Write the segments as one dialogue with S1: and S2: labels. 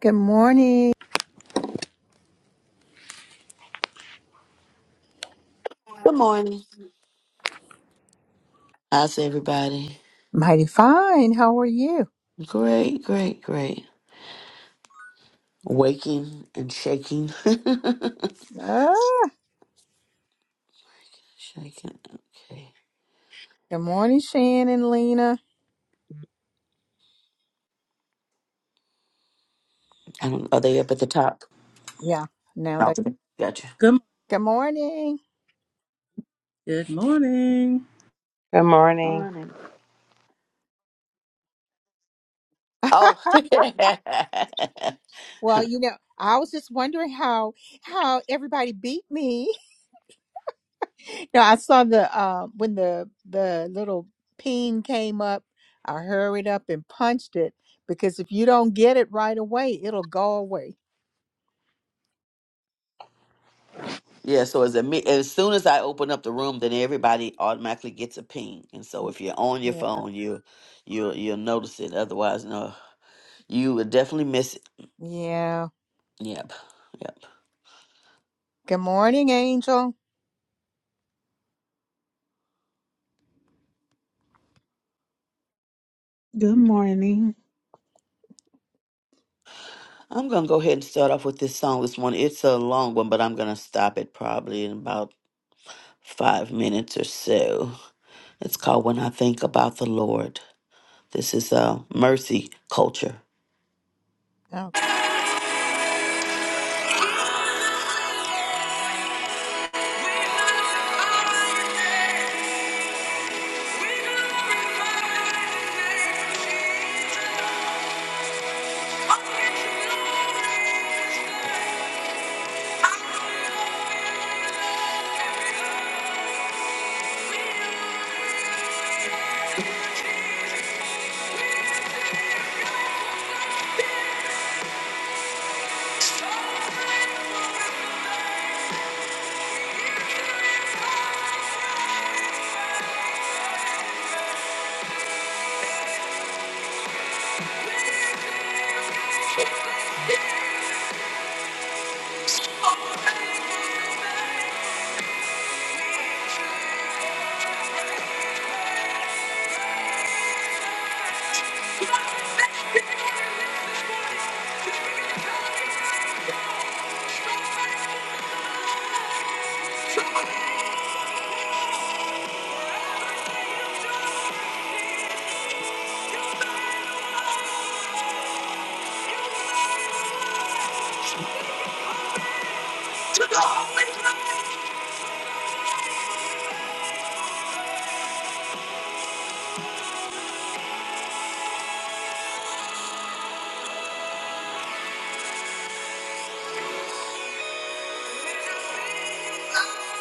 S1: Good morning.
S2: Good morning. How's everybody?
S1: Mighty fine. How are you?
S2: Great, great, great. Waking and shaking.
S1: Oh,
S2: shaking. Okay.
S1: good morning, Shannon, Lena.
S2: I don't, are they up at the top?
S1: Yeah. Now
S2: Oh,
S1: that
S2: gotcha.
S3: Good
S1: good morning.
S3: good morning.
S4: Good morning.
S2: Morning. Oh.
S1: Well, you know, I was just wondering how how everybody beat me. No, I saw the uh, when the the little ping came up. I hurried up and punched it because if you don't get it right away, it'll go away.
S2: yeah, so as, a, me- as soon as I open up the room, then everybody automatically gets a ping. And so
S1: Mm,
S2: if you're on your
S1: Yeah.
S2: phone, you, you, you'll notice it. Otherwise, no, you will definitely miss it.
S1: Yeah.
S2: Yep. Yep.
S1: Good morning, Angel.
S5: Good morning.
S2: I'm going to go ahead and start off with this song this morning. It's a long one, but I'm going to stop it probably in about five minutes or so. It's called When I Think About the Lord. This is uh, Mercy Culture.
S1: Okay.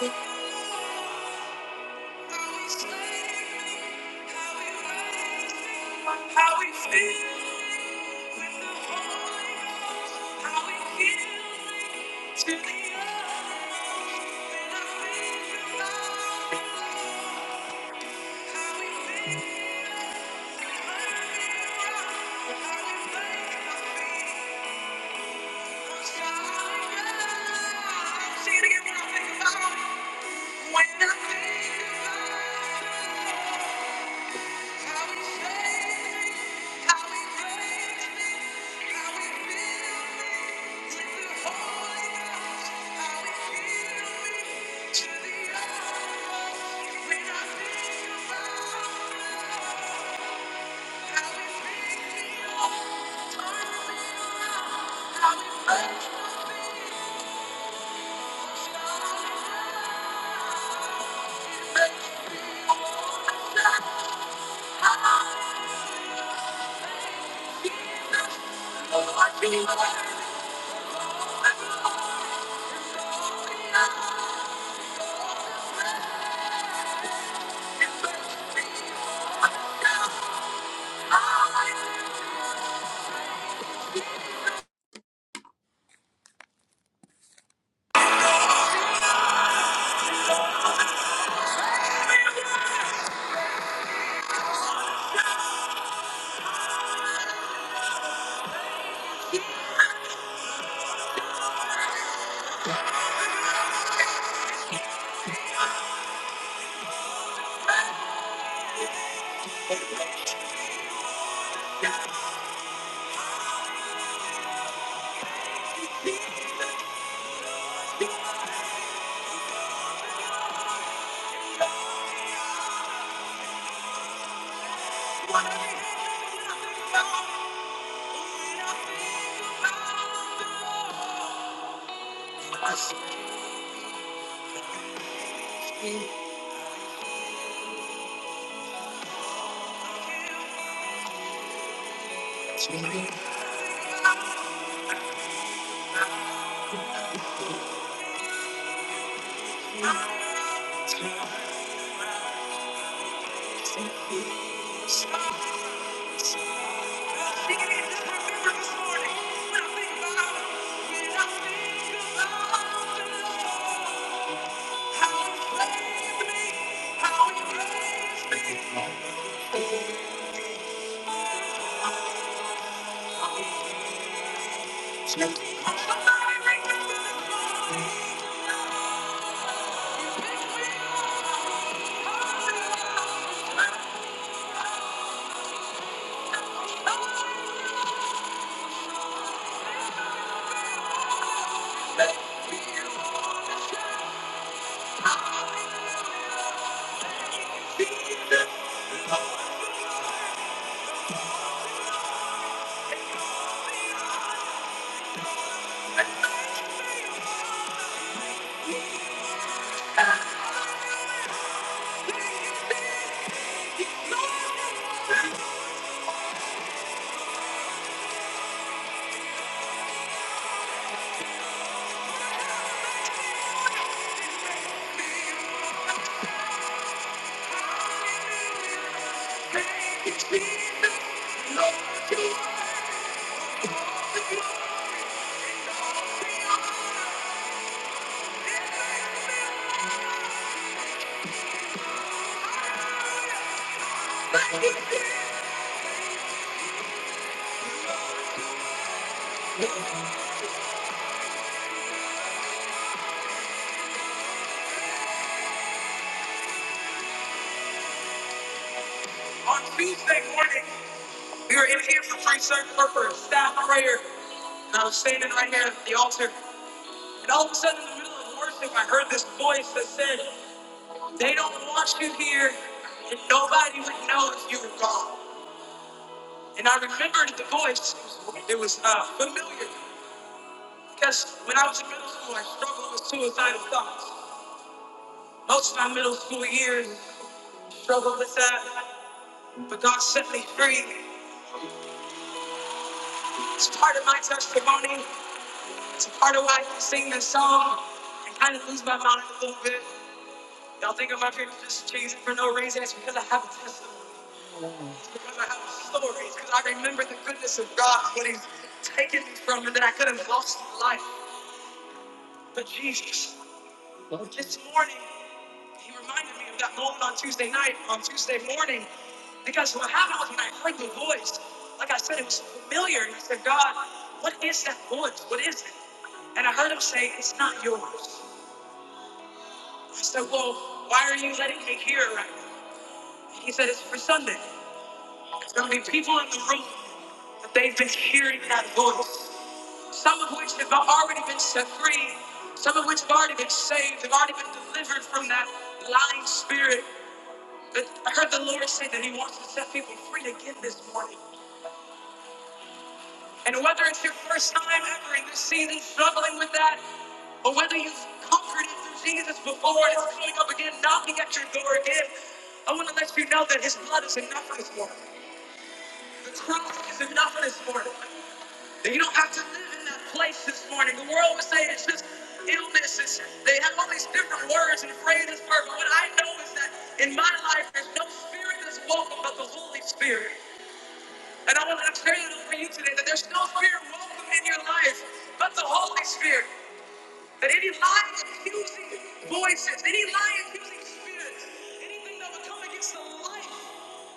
S2: How we feel with the Holy Ghost, how we feel to the Sing it again when I think about it. When I think about it. Thank you. Thank you. On Tuesday morning, we were in here for free circular for a staff prayer, and I was standing right here at the altar, and all of a sudden, in the middle of worship, I heard this voice that said. They don't want you here, and nobody would know if you were gone. And I remembered the voice. It was uh, familiar because when I was in middle school, I struggled with suicidal thoughts. Most of my middle school years struggled with that, but God set me free. It's part of my testimony. It's a part of why I can sing this song and kind of lose my mind a little bit. Y'all think I'm up here just cheesing for no reason? It's because I have a testimony. because I have stories, because I remember the goodness of God, what He's taken me from, and that I could have lost my life. But Jesus, this morning, He reminded me of that moment on Tuesday night, on Tuesday morning, because what happened was when I heard the voice, like I said, it was familiar, and I said, God, what is that voice? What is it? And I heard Him say, It's not yours. I said, Well, why are you letting me hear it right now? He said, It's for Sunday. There's going to be people in the room that they've been hearing that voice. some of which have already been set free, some of which have already been saved, have already been delivered from that lying spirit. But I heard the Lord say that He wants to set people free again this morning. And whether it's your first time ever in this season struggling with that, or whether you've conquered it through Jesus before and it's coming up again, knocking at your door again, I want to let you know that His blood is enough this morning. The cross is enough this morning. And you don't have to live in that place this morning. The world would say it's just illness. It's, they have all these different words and phrases for it. But what I know is that in my life, there's no spirit that's welcome but the Holy Spirit. And I want to declare that over you today that there's no spirit welcome in your life but the Holy Spirit. That any lying, accusing voices, any lying, accusing spirits, anything that would come against the life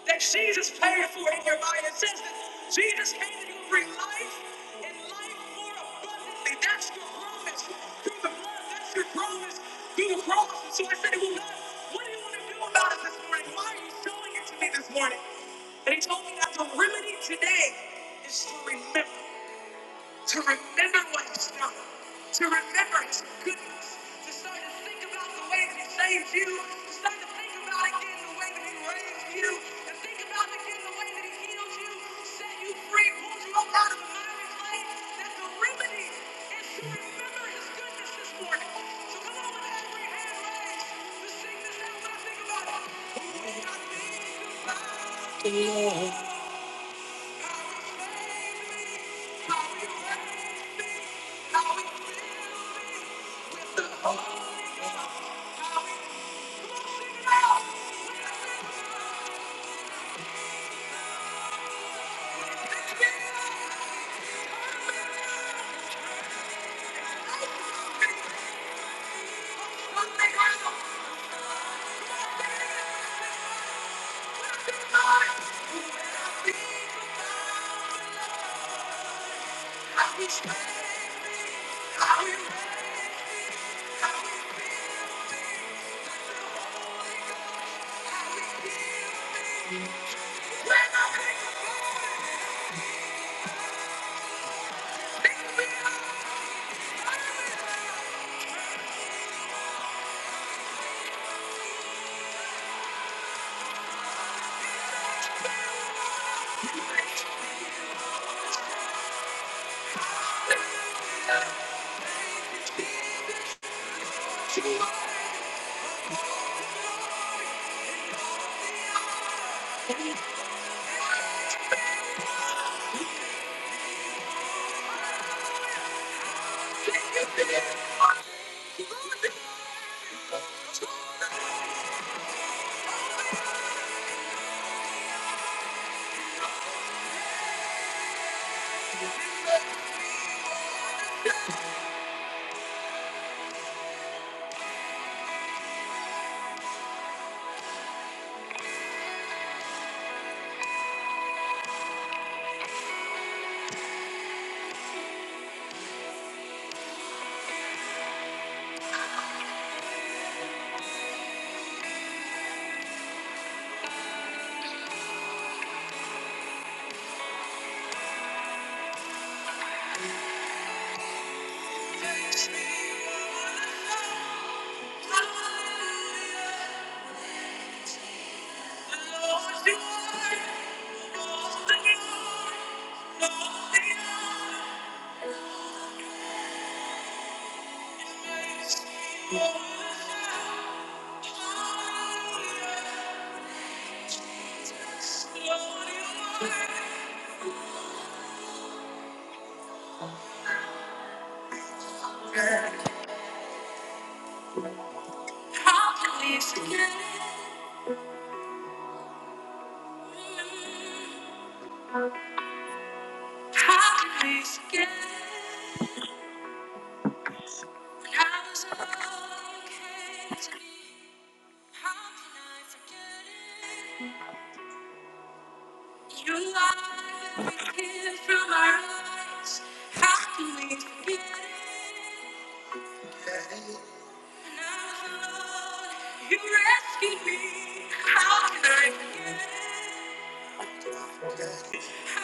S2: that Jesus paid for in your mind, it says that Jesus came that He would bring life and life more abundantly. That's your promise through the blood. That's your promise through the cross. And so I said, Well, God, what do you want to do about it this morning? Why are you showing it to me this morning? And He told me that the remedy today is to remember to remember what he's done, to remember his goodness, to start to think about the way that he saved you, to start to think about again the way that he raised you, to think about again the way that he healed you, set you free, pulled you up out of the miry clay, that the remedy is to remember his goodness this morning. So come on with every hand raised, to sing this out when I think about it. Who will to be I'll when Thank you. How can we forget? How could we forget when I was alone, came to me? How can I forget it? You lied every tear from our eyes. How can we forget it? When I was alone, you rescued me. How can I forget it? Darkest hour.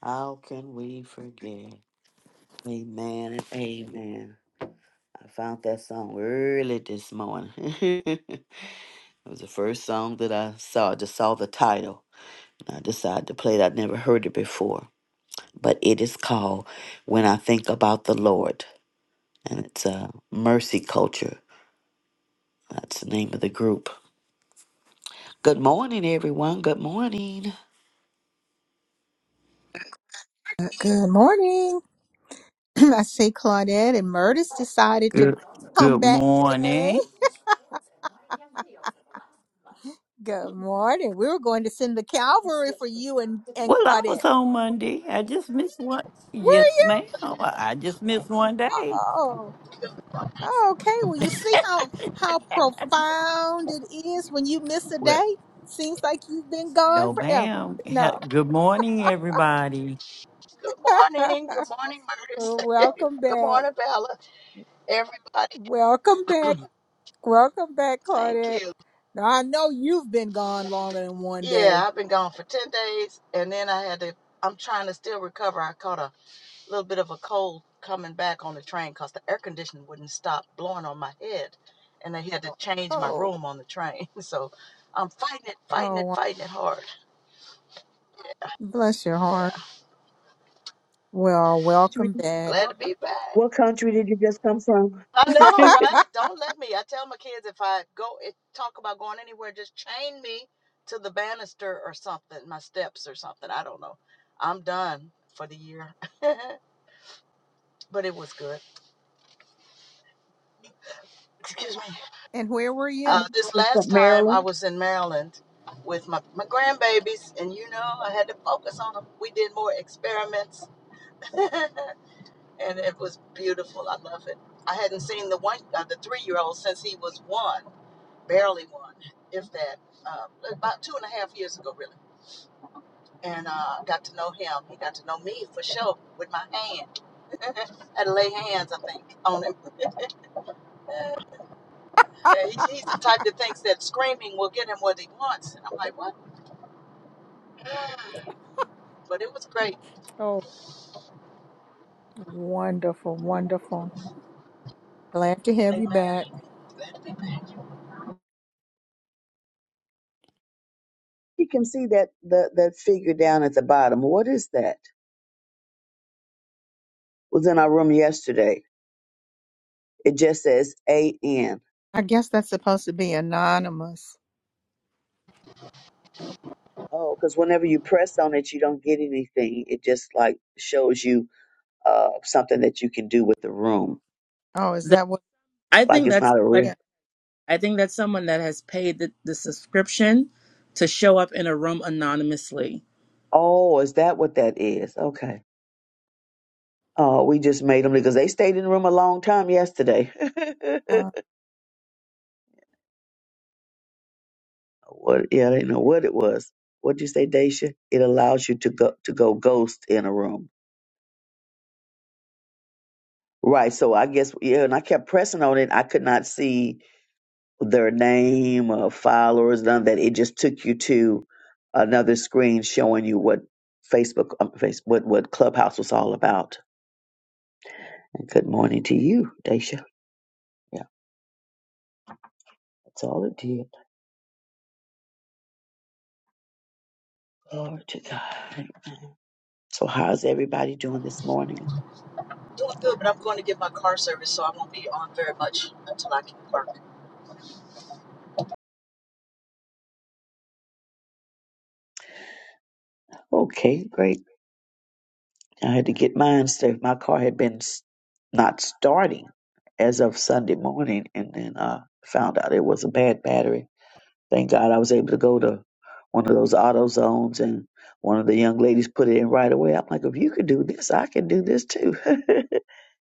S2: How can we forget? Amen and amen. I found that song early this morning. it was the first song that I saw. I just saw the title. and I decided to play it. I'd never heard it before. But it is called When I Think About the Lord. And it's uh, Mercy Culture. That's the name of the group. Good morning, everyone. Good morning.
S1: Uh, Good morning. I see Claudette and Murtis decided to
S6: Good
S1: come
S6: good
S1: back today.
S6: morning.
S1: Good morning. We were going to send the cavalry for you and, and
S6: Well, I
S1: Claudette.
S6: was on Monday. I just missed one.
S1: Where are
S6: Yes,
S1: you?
S6: ma'am. Well, I just missed one day.
S1: Oh, oh, okay. Well, you see how how profound it is when you miss a
S6: Well,
S1: day. Seems like you've been gone
S6: no,
S1: forever.
S6: ma'am. Ha-
S1: No.
S6: Good morning, everybody.
S7: morning. Good morning, Murders.
S1: Well, Welcome
S7: Good
S1: back.
S7: morning, Bella. Everybody.
S1: Welcome back. Welcome back,
S7: Thank
S1: Claudette.
S7: you.
S1: Now, I know you've been gone longer than one
S7: Yeah,
S1: day.
S7: I've been gone for 10 days and then I had to, I'm trying to still recover. I caught a little bit of a cold coming back on the train because the air conditioning wouldn't stop blowing on my head. And they had to change my
S1: Oh,
S7: room on the train. So I'm fighting it, fighting
S1: oh,
S7: it,
S1: wow.
S7: fighting it hard.
S1: bless your heart.
S7: Yeah.
S1: Well,
S8: country,
S1: welcome back.
S7: Glad to be back.
S8: what country did you just come from?
S7: I know, right? Don't let me. I tell my kids if I go if, talk about going anywhere, just chain me to the banister or something, my steps or something. I don't know. I'm done for the year, but it was good. Excuse me.
S1: and where were you?
S7: Uh,
S8: Somebody
S7: this
S8: from
S7: last time I
S8: Maryland.
S7: was in Maryland with my my grandbabies, and you know I had to focus on them. We did more experiments, and it was beautiful. I love it. I hadn't seen the one, uh, the three year old since he was one barely one, if that, uh, about two and a half years ago, really. And uh, got to know him. He got to know me for sure with my hand. I had to lay hands, I think, on him. Uh, yeah, he, he's the type that thinks that screaming will get him what he wants. And I'm like, what? But it was great.
S1: Oh, wonderful, wonderful. Glad to have you
S7: Amen.
S1: back.
S7: Glad to be back.
S8: You can see that the that figure down at the bottom. What is that? Was in our room yesterday. It just says A N.
S1: I guess that's supposed to be anonymous.
S8: Oh, because whenever you press on it, you don't get anything. It just like shows you uh something that you can do with the room.
S1: Oh, is
S3: That
S1: that what?
S3: I
S8: Like
S3: think
S8: it's
S3: that's
S8: not a real.
S3: somebody
S1: Yeah.
S3: I think that's someone that has paid the, the subscription to show up in a room anonymously.
S8: Oh, is that what that is? Okay. Oh, we just made them because they stayed in the room a long time yesterday.
S1: Uh,
S8: what yeah, I didn't know what it was. What did you say, Daisha? It allows you to go to go ghost in a room. Right. So I guess yeah, and I kept pressing on it. I could not see their name or followers, none of that. It just took you to another screen showing you what Facebook um, face what, what Clubhouse was all about. And good morning to you, Daisha. Yeah, that's all it did. Glory to God. So how's everybody doing this morning?
S7: Doing good, but I'm going to get my car serviced, so I won't be on very much until I can park.
S8: Okay, great. I had to get mine saved. My car had been s- not starting as of Sunday morning, and then uh, found out it was a bad battery. Thank God I was able to go to one of those auto zones, and one of the young ladies put it in right away. I'm like, if you could do this, I can do this too.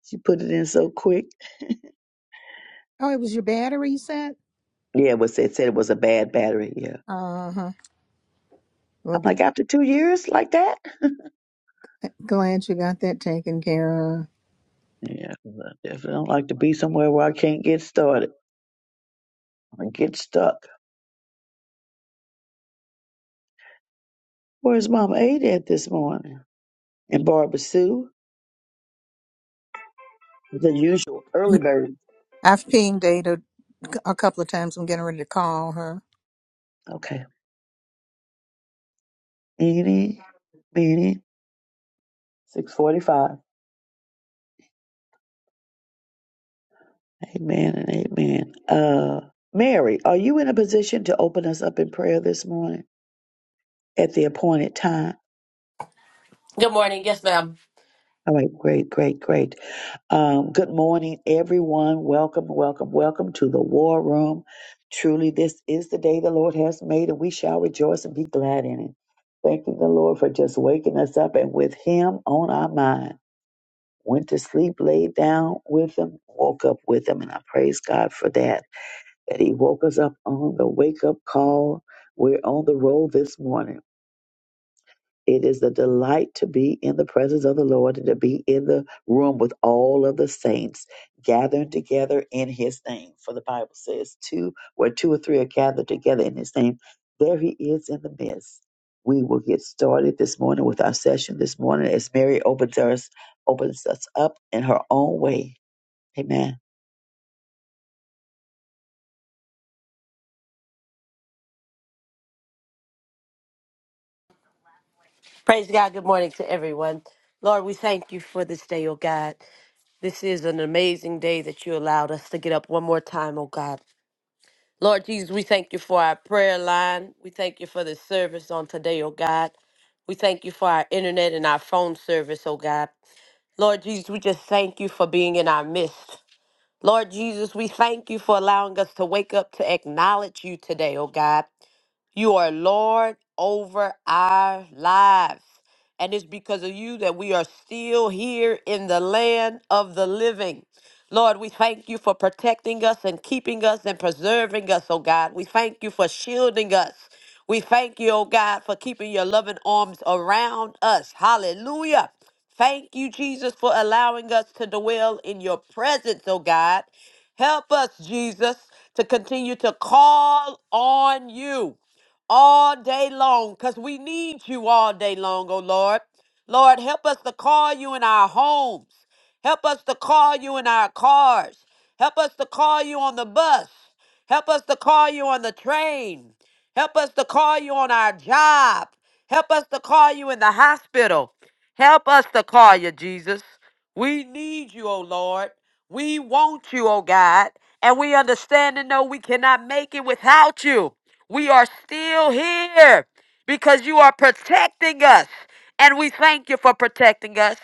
S8: she put it in so quick.
S1: oh, it was your battery you said?
S8: Yeah, it was it said it was a bad battery. Yeah,
S1: Uh huh. Well,
S8: I'm
S1: g-
S8: like, after two years like that.
S1: glad you got that taken care of.
S8: Yeah, 'cause I definitely don't like to be somewhere where I can't get started or get stuck. Where's Mama Ada at this morning? and Barbara Sue, the usual early bird.
S1: I've pinged Ada a couple of times. I'm getting ready to call her.
S8: Okay. Eeny, meeny, 645. Amen and amen. Uh, Mary, are you in a position to open us up in prayer this morning at the appointed time?
S9: Good morning. Yes, ma'am.
S8: All right, great, great, great. Um, good morning, everyone. Welcome, welcome, welcome to the War Room. Truly, this is the day the Lord has made, and we shall rejoice and be glad in it. Thanking the Lord for just waking us up and with Him on our mind. went to sleep, laid down with him, woke up with him. And I praise God for that, that he woke us up on the wake up call. We're on the roll this morning. It is a delight to be in the presence of the Lord and to be in the room with all of the saints gathering together in his name. For the Bible says, two where two or three are gathered together in his name, there he is in the midst. We will get started this morning with our session this morning as Mary opens us opens us up in her own way. Amen.
S9: Praise God. Good morning to everyone. Lord, we thank you for this day, oh God. This is an amazing day that you allowed us to get up one more time, oh God. Lord Jesus, we thank you for our prayer line. We thank you for the service on today, oh God. We thank you for our internet and our phone service, oh God. Lord Jesus, we just thank you for being in our midst. Lord Jesus, we thank you for allowing us to wake up to acknowledge you today, oh God. You are Lord over our lives. And it's because of you that we are still here in the land of the living. Lord, we thank you for protecting us and keeping us and preserving us, oh God. We thank you for shielding us. We thank you, oh God, for keeping your loving arms around us. Hallelujah. Thank you, Jesus, for allowing us to dwell in your presence, oh God. Help us, Jesus, to continue to call on you all day long because we need you all day long, oh Lord. Lord, help us to call you in our homes. Help us to call you in our cars. Help us to call you on the bus. Help us to call you on the train. Help us to call you on our job. Help us to call you in the hospital. Help us to call you, Jesus. We need you, O Lord. We want you, O God. And we understand and know we cannot make it without you. We are still here because you are protecting us. And we thank you for protecting us.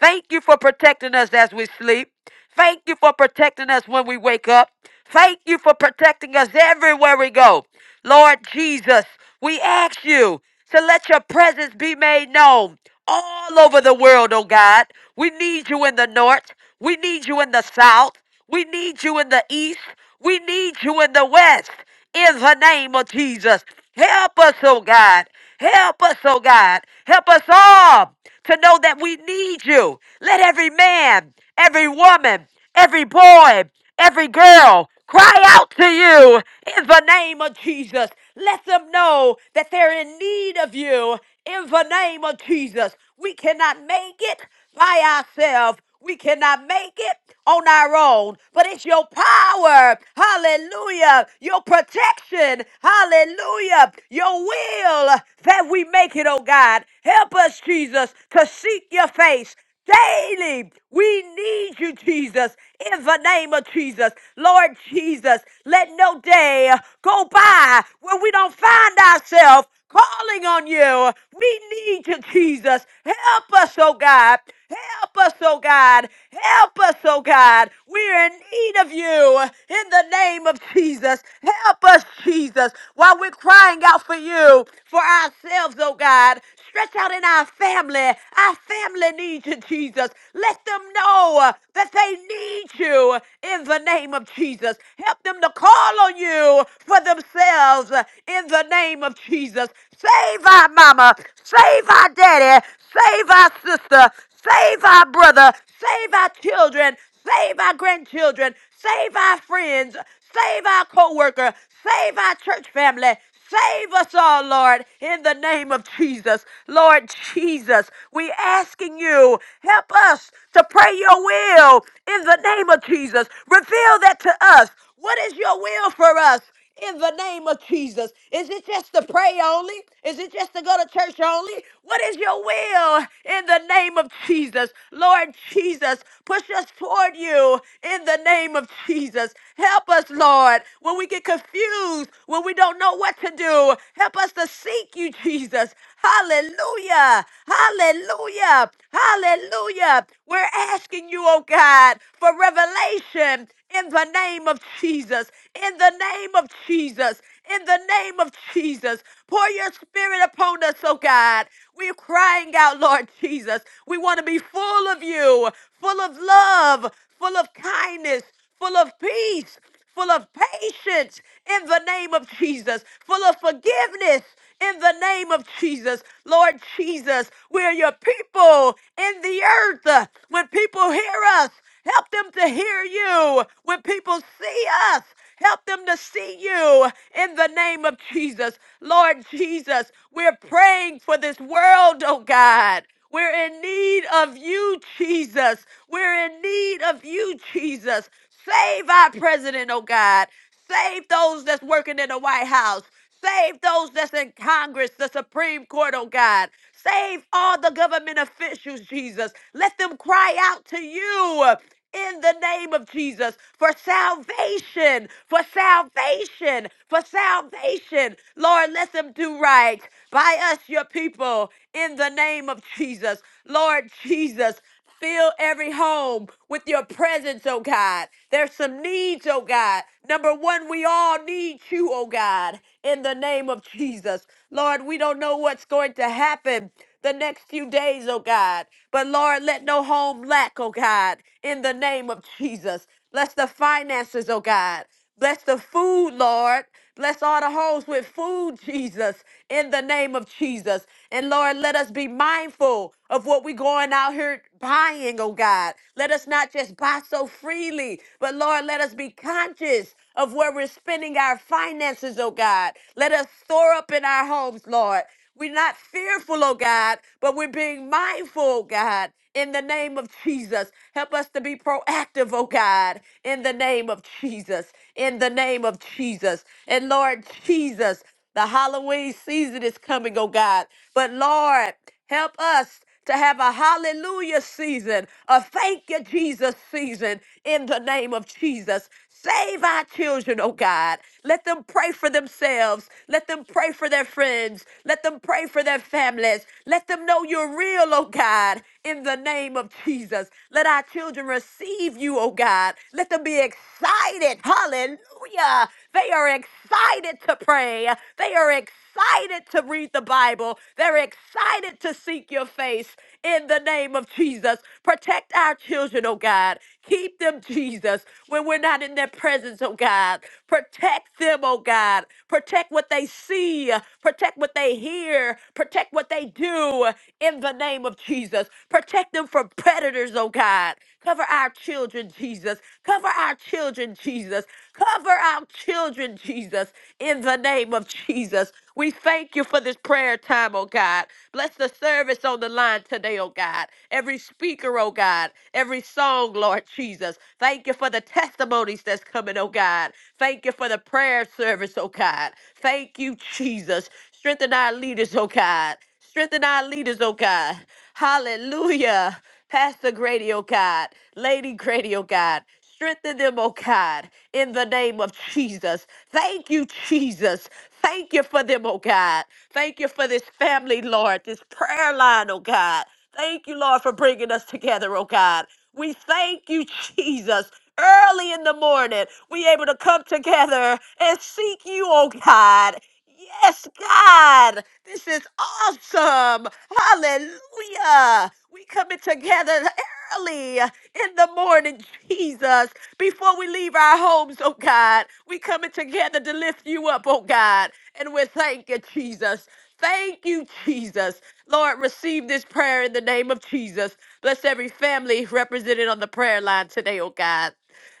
S9: Thank you for protecting us as we sleep. Thank you for protecting us when we wake up. Thank you for protecting us everywhere we go. Lord Jesus, we ask you to let your presence be made known all over the world, oh God. We need you in the north. We need you in the south. We need you in the east. We need you in the west in the name of Jesus. Help us, oh God. Help us, oh God. Help us all to know that we need you. Let every man, every woman, every boy, every girl cry out to you in the name of Jesus. Let them know that they're in need of you in the name of Jesus. We cannot make it by ourselves. We cannot make it on our own, but it's your power. Hallelujah. Your protection. Hallelujah. Your will that we make it, oh God. Help us, Jesus, to seek your face daily. We need you, Jesus, in the name of Jesus. Lord Jesus, let no day go by where we don't find ourselves calling on you. We need you, Jesus. Help us, oh God. Help us, oh God. Help us, oh God. We're in need of you in the name of Jesus. Help us, Jesus, while we're crying out for you, for ourselves, oh God. Stretch out in our family, our family their needs to Jesus. Let them know uh, that they need you in the name of Jesus. Help them to call on you for themselves uh, in the name of Jesus. Save our mama. Save our daddy. Save our sister. Save our brother. Save our children. Save our grandchildren. Save our friends. Save our coworker. Save our church family. Save us all, Lord, in the name of Jesus. Lord Jesus, we asking you, help us to pray your will in the name of Jesus. Reveal that to us. What is your will for us? in the name of Jesus. Is it just to pray only? Is it just to go to church only? What is your will in the name of Jesus? Lord Jesus, push us toward you in the name of Jesus. Help us, Lord, when we get confused, when we don't know what to do. Help us to seek you, Jesus. Hallelujah. Hallelujah. Hallelujah. We're asking you, oh God, for revelation in the name of Jesus, in the name of Jesus, in the name of Jesus. Pour your spirit upon us, oh God. We're crying out, Lord Jesus. We want to be full of you, full of love, full of kindness, full of peace, full of patience in the name of Jesus, full of forgiveness in the name of Jesus. Lord Jesus, we're your people in the earth. When people hear us, Help them to hear you when people see us. Help them to see you in the name of Jesus. Lord Jesus, we're praying for this world, oh God. We're in need of you, Jesus. We're in need of you, Jesus. Save our president, oh God. Save those that's working in the White House. Save those that's in Congress, the Supreme Court, oh God. Save all the government officials, Jesus. Let them cry out to you in the name of Jesus for salvation, for salvation, for salvation. Lord, let them do right by us, your people, in the name of Jesus. Lord Jesus, Fill every home with your presence, oh God. There's some needs, oh God. Number one, we all need you, oh God, in the name of Jesus. Lord, we don't know what's going to happen the next few days, oh God. But Lord, let no home lack, oh God, in the name of Jesus. Bless the finances, oh God. Bless the food, Lord. Bless all the homes with food, Jesus, in the name of Jesus. And Lord, let us be mindful of what we're going out here buying, oh God. Let us not just buy so freely, but Lord, let us be conscious of where we're spending our finances, oh God. Let us store up in our homes, Lord. We're not fearful, oh God, but we're being mindful, oh God, in the name of Jesus. Help us to be proactive, oh God, in the name of Jesus, in the name of Jesus. And Lord Jesus, the Halloween season is coming, oh God. But Lord, help us to have a hallelujah season, a thank you, Jesus season, in the name of Jesus. Save our children, oh God. Let them pray for themselves. Let them pray for their friends. Let them pray for their families. Let them know you're real, oh God, in the name of Jesus. Let our children receive you, oh God. Let them be excited. Hallelujah. They are excited to pray. They are excited to read the Bible. They're excited to seek your face in the name of Jesus. Protect our children, oh God. Keep them, Jesus, when we're not in their presence, oh God. Protect them, oh God. Protect what they see, protect what they hear, protect what they do in the name of Jesus. Protect them from predators, oh God. Cover our children, Jesus. Cover our children, Jesus. Cover our children, Jesus, in the name of Jesus. We thank you for this prayer time, oh God. Bless the service on the line today, oh God. Every speaker, oh God. Every song, Lord Jesus. Thank you for the testimonies that's coming, oh God. Thank you for the prayer service, oh God. Thank you, Jesus. Strengthen our leaders, oh God. Strengthen our leaders, oh God. Hallelujah. Pastor Grady, oh God. Lady Grady, oh God. Strengthen them, oh God, in the name of Jesus. Thank you, Jesus. Thank you for them, oh God. Thank you for this family, Lord, this prayer line, oh God. Thank you, Lord, for bringing us together, oh God. We thank you, Jesus. Early in the morning, we able to come together and seek you, oh God. Yes, God, this is awesome. Hallelujah. We coming together early in the morning, Jesus, before we leave our homes, oh God. We coming together to lift you up, oh God. And we thank you, Jesus. Thank you, Jesus. Lord, receive this prayer in the name of Jesus. Bless every family represented on the prayer line today, oh God.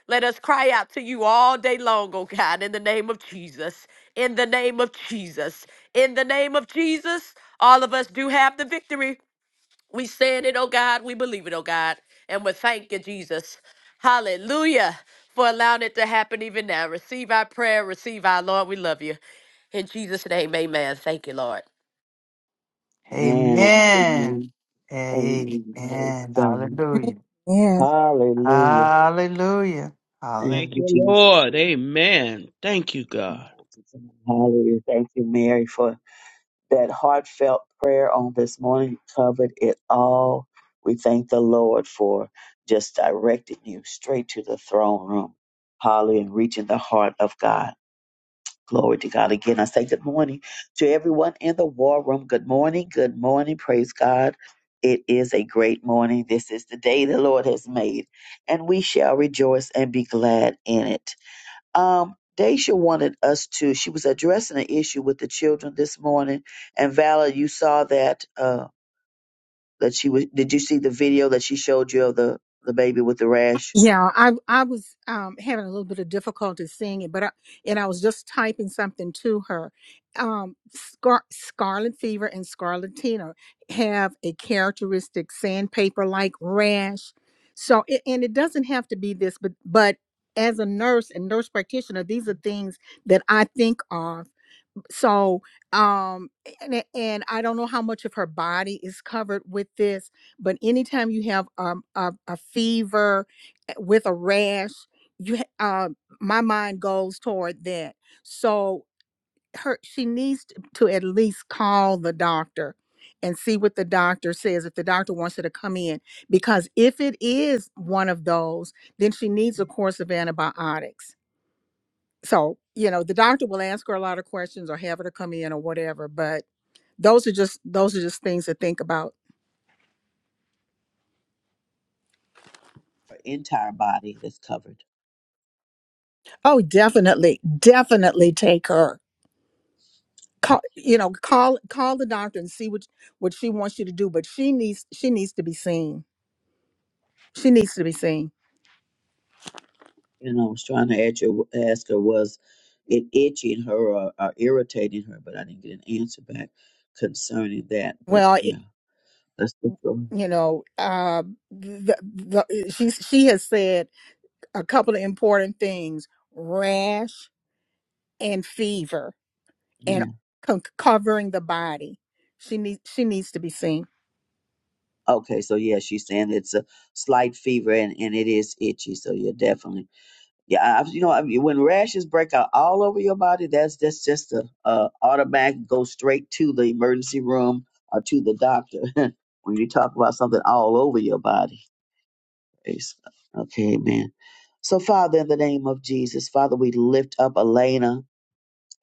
S9: Let us cry out to you all day long, oh God, in the name of Jesus. In the name of Jesus. In the name of Jesus, all of us do have the victory. We said it, oh God. We believe it, oh God. And we thank you, Jesus. Hallelujah for allowing it to happen even now. Receive our prayer. Receive our Lord. We love you. In Jesus' name, amen. Thank you, Lord.
S8: Amen.
S10: Amen.
S8: Amen.
S10: Amen.
S8: Amen. Praise God.
S10: Hallelujah.
S1: Yes.
S8: Hallelujah.
S10: Hallelujah.
S8: Thank
S11: Thank
S10: Hallelujah.
S8: you,
S11: you,
S8: Jesus.
S11: Lord. Amen. Thank you, God.
S8: Hallelujah. Thank you, Mary, for that heartfelt prayer on this morning. You covered it all. We thank the Lord for just directing you straight to the throne room. Hallelujah. And reaching the heart of God. Glory to God. Again, I say good morning to everyone in the war room. Good morning. Good morning. Praise God. It is a great morning. This is the day the Lord has made, and we shall rejoice and be glad in it. Um, Daisha wanted us to, she was addressing an issue with the children this morning. And Vala, you saw that, uh, that she was, did you see the video that she showed you of the, the baby with the rash?
S1: Yeah, I I was um, having a little bit of difficulty seeing it, but I, and I was just typing something to her. Um, Scar- scarlet fever and scarlatina have a characteristic sandpaper-like rash. So, it, and it doesn't have to be this, but but as a nurse and nurse practitioner, these are things that I think of so um and, and i don't know how much of her body is covered with this but anytime you have um, a, a fever eh, with a rash you ha- uh, my mind goes toward that so her she needs t- to at least call the doctor and see what the doctor says if the doctor wants her to come in because if it is one of those then she needs a course of antibiotics so you know the doctor will ask her a lot of questions or have her to come in or whatever but those are just those are just things to think about
S8: Her entire body that's covered.
S1: oh definitely definitely take her call you know call call the doctor and see what what she wants you to do but she needs she needs to be seen she needs to be seen
S8: You know, I was trying to ask her, ask her was it itching her or, or irritating her, but I didn't get an answer back concerning that. But
S1: well it,
S8: yeah, that's the story.
S1: you know uh the, the, she she has said a couple of important things rash and fever and
S8: Yeah.
S1: co- covering the body. She needs she needs to be seen.
S8: Okay. So yeah, she's saying it's a slight fever and, and it is itchy. So yeah, definitely. Yeah, I, you know, I mean, when rashes break out all over your body, that's that's just a uh, automatic go straight to the emergency room or to the doctor. when you talk about something all over your body, Praise God. okay, man. So, Father, in the name of Jesus, Father, we lift up Elena.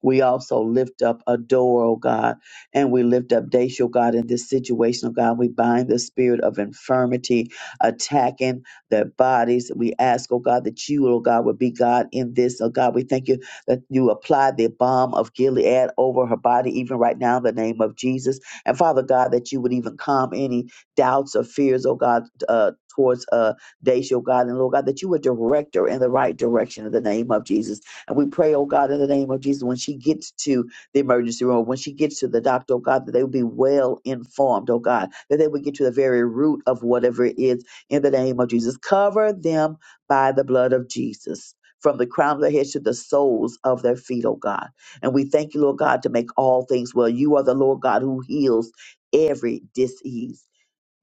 S8: We also lift up Adore, oh God, and we lift up Daisha, oh God, in this situation, oh God. We bind the spirit of infirmity attacking their bodies. We ask, oh God, that you, oh God, would be God in this. Oh God, we thank you that you apply the balm of Gilead over her body, even right now, in the name of Jesus. And Father God, that you would even calm any doubts or fears, oh God, uh, towards uh, Daisha, oh God, and Lord God, that you would direct her in the right direction in the name of Jesus and we pray, oh God, in the name of Jesus, when she gets to the emergency room, when she gets to the doctor, oh God, that they will be well informed, oh God, that they would get to the very root of whatever it is in the name of Jesus. Cover them by the blood of Jesus. From the crown of their heads to the soles of their feet, oh God. And we thank you, Lord God, to make all things well. You are the Lord God who heals every disease.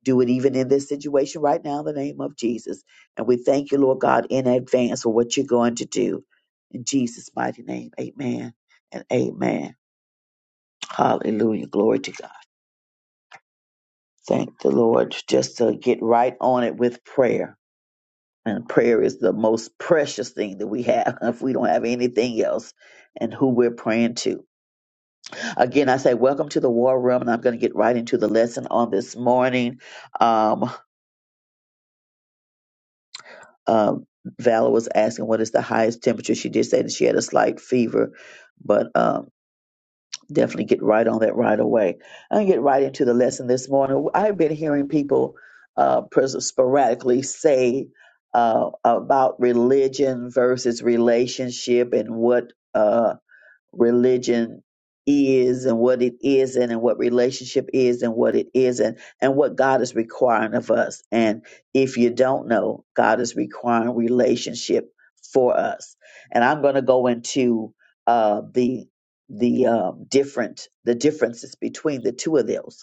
S8: Do it even in this situation right now in the name of Jesus. And we thank you, Lord God, in advance for what you're going to do. In Jesus' mighty name, amen and amen. Hallelujah. Glory to God. Thank the Lord just to get right on it with prayer. And prayer is the most precious thing that we have if we don't have anything else and who we're praying to. Again, I say welcome to the war room, and I'm going to get right into the lesson on this morning. Um, um, Valor was asking what is the highest temperature. She did say that she had a slight fever, but um, definitely get right on that right away. I'm gonna get right into the lesson this morning. I've been hearing people uh, pres- sporadically say uh, about religion versus relationship and what. Uh, religion is and what it isn't and what relationship is and what it isn't and what God is requiring of us. And if you don't know, God is requiring relationship for us. And I'm going to go into uh, the the um, different the differences between the two of those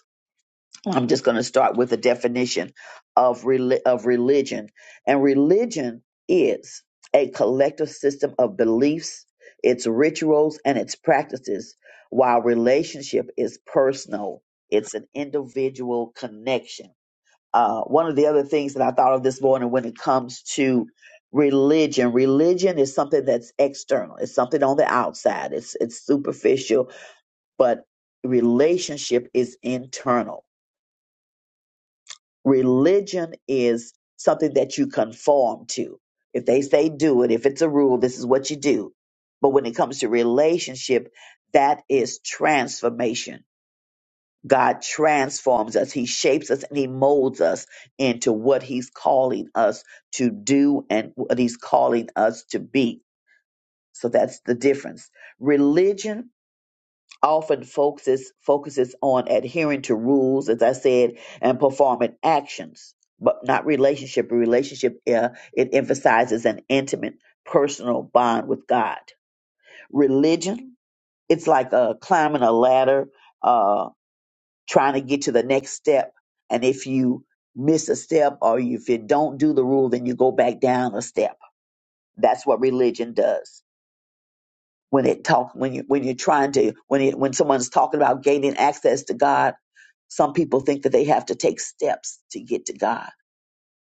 S8: I'm just going to start with a definition of reli- of religion. And religion is a collective system of beliefs, its rituals and its practices, while relationship is personal. It's an individual connection. Uh, one of the other things that I thought of this morning when it comes to religion, religion is something that's external. It's something on the outside. It's it's superficial, but relationship is internal Religion is something that you conform to. If they say do it, if it's a rule, this is what you do. But when it comes to relationship, that is transformation. God transforms us, He shapes us, and He molds us into what He's calling us to do and what He's calling us to be. So that's the difference. Religion often focuses focuses on adhering to rules, as I said, and performing actions, but not relationship. Relationship uh, it emphasizes an intimate, personal bond with God. Religion it's like uh, climbing a ladder, uh, trying to get to the next step, and if you miss a step or if you don't do the rule, then you go back down a step. That's what religion does when it talk when you when you're trying to when it when someone's talking about gaining access to God, some people think that they have to take steps to get to God.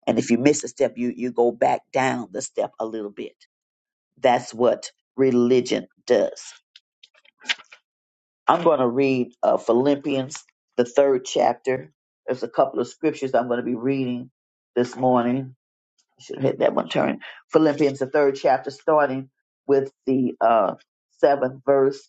S8: And if you miss a step, you you go back down the step a little bit. That's what religion does. I'm going to read uh, Philippians the third chapter. There's a couple of scriptures I'm going to be reading this morning. I should have had that one turned. Philippians the third chapter, starting with the uh, seventh verse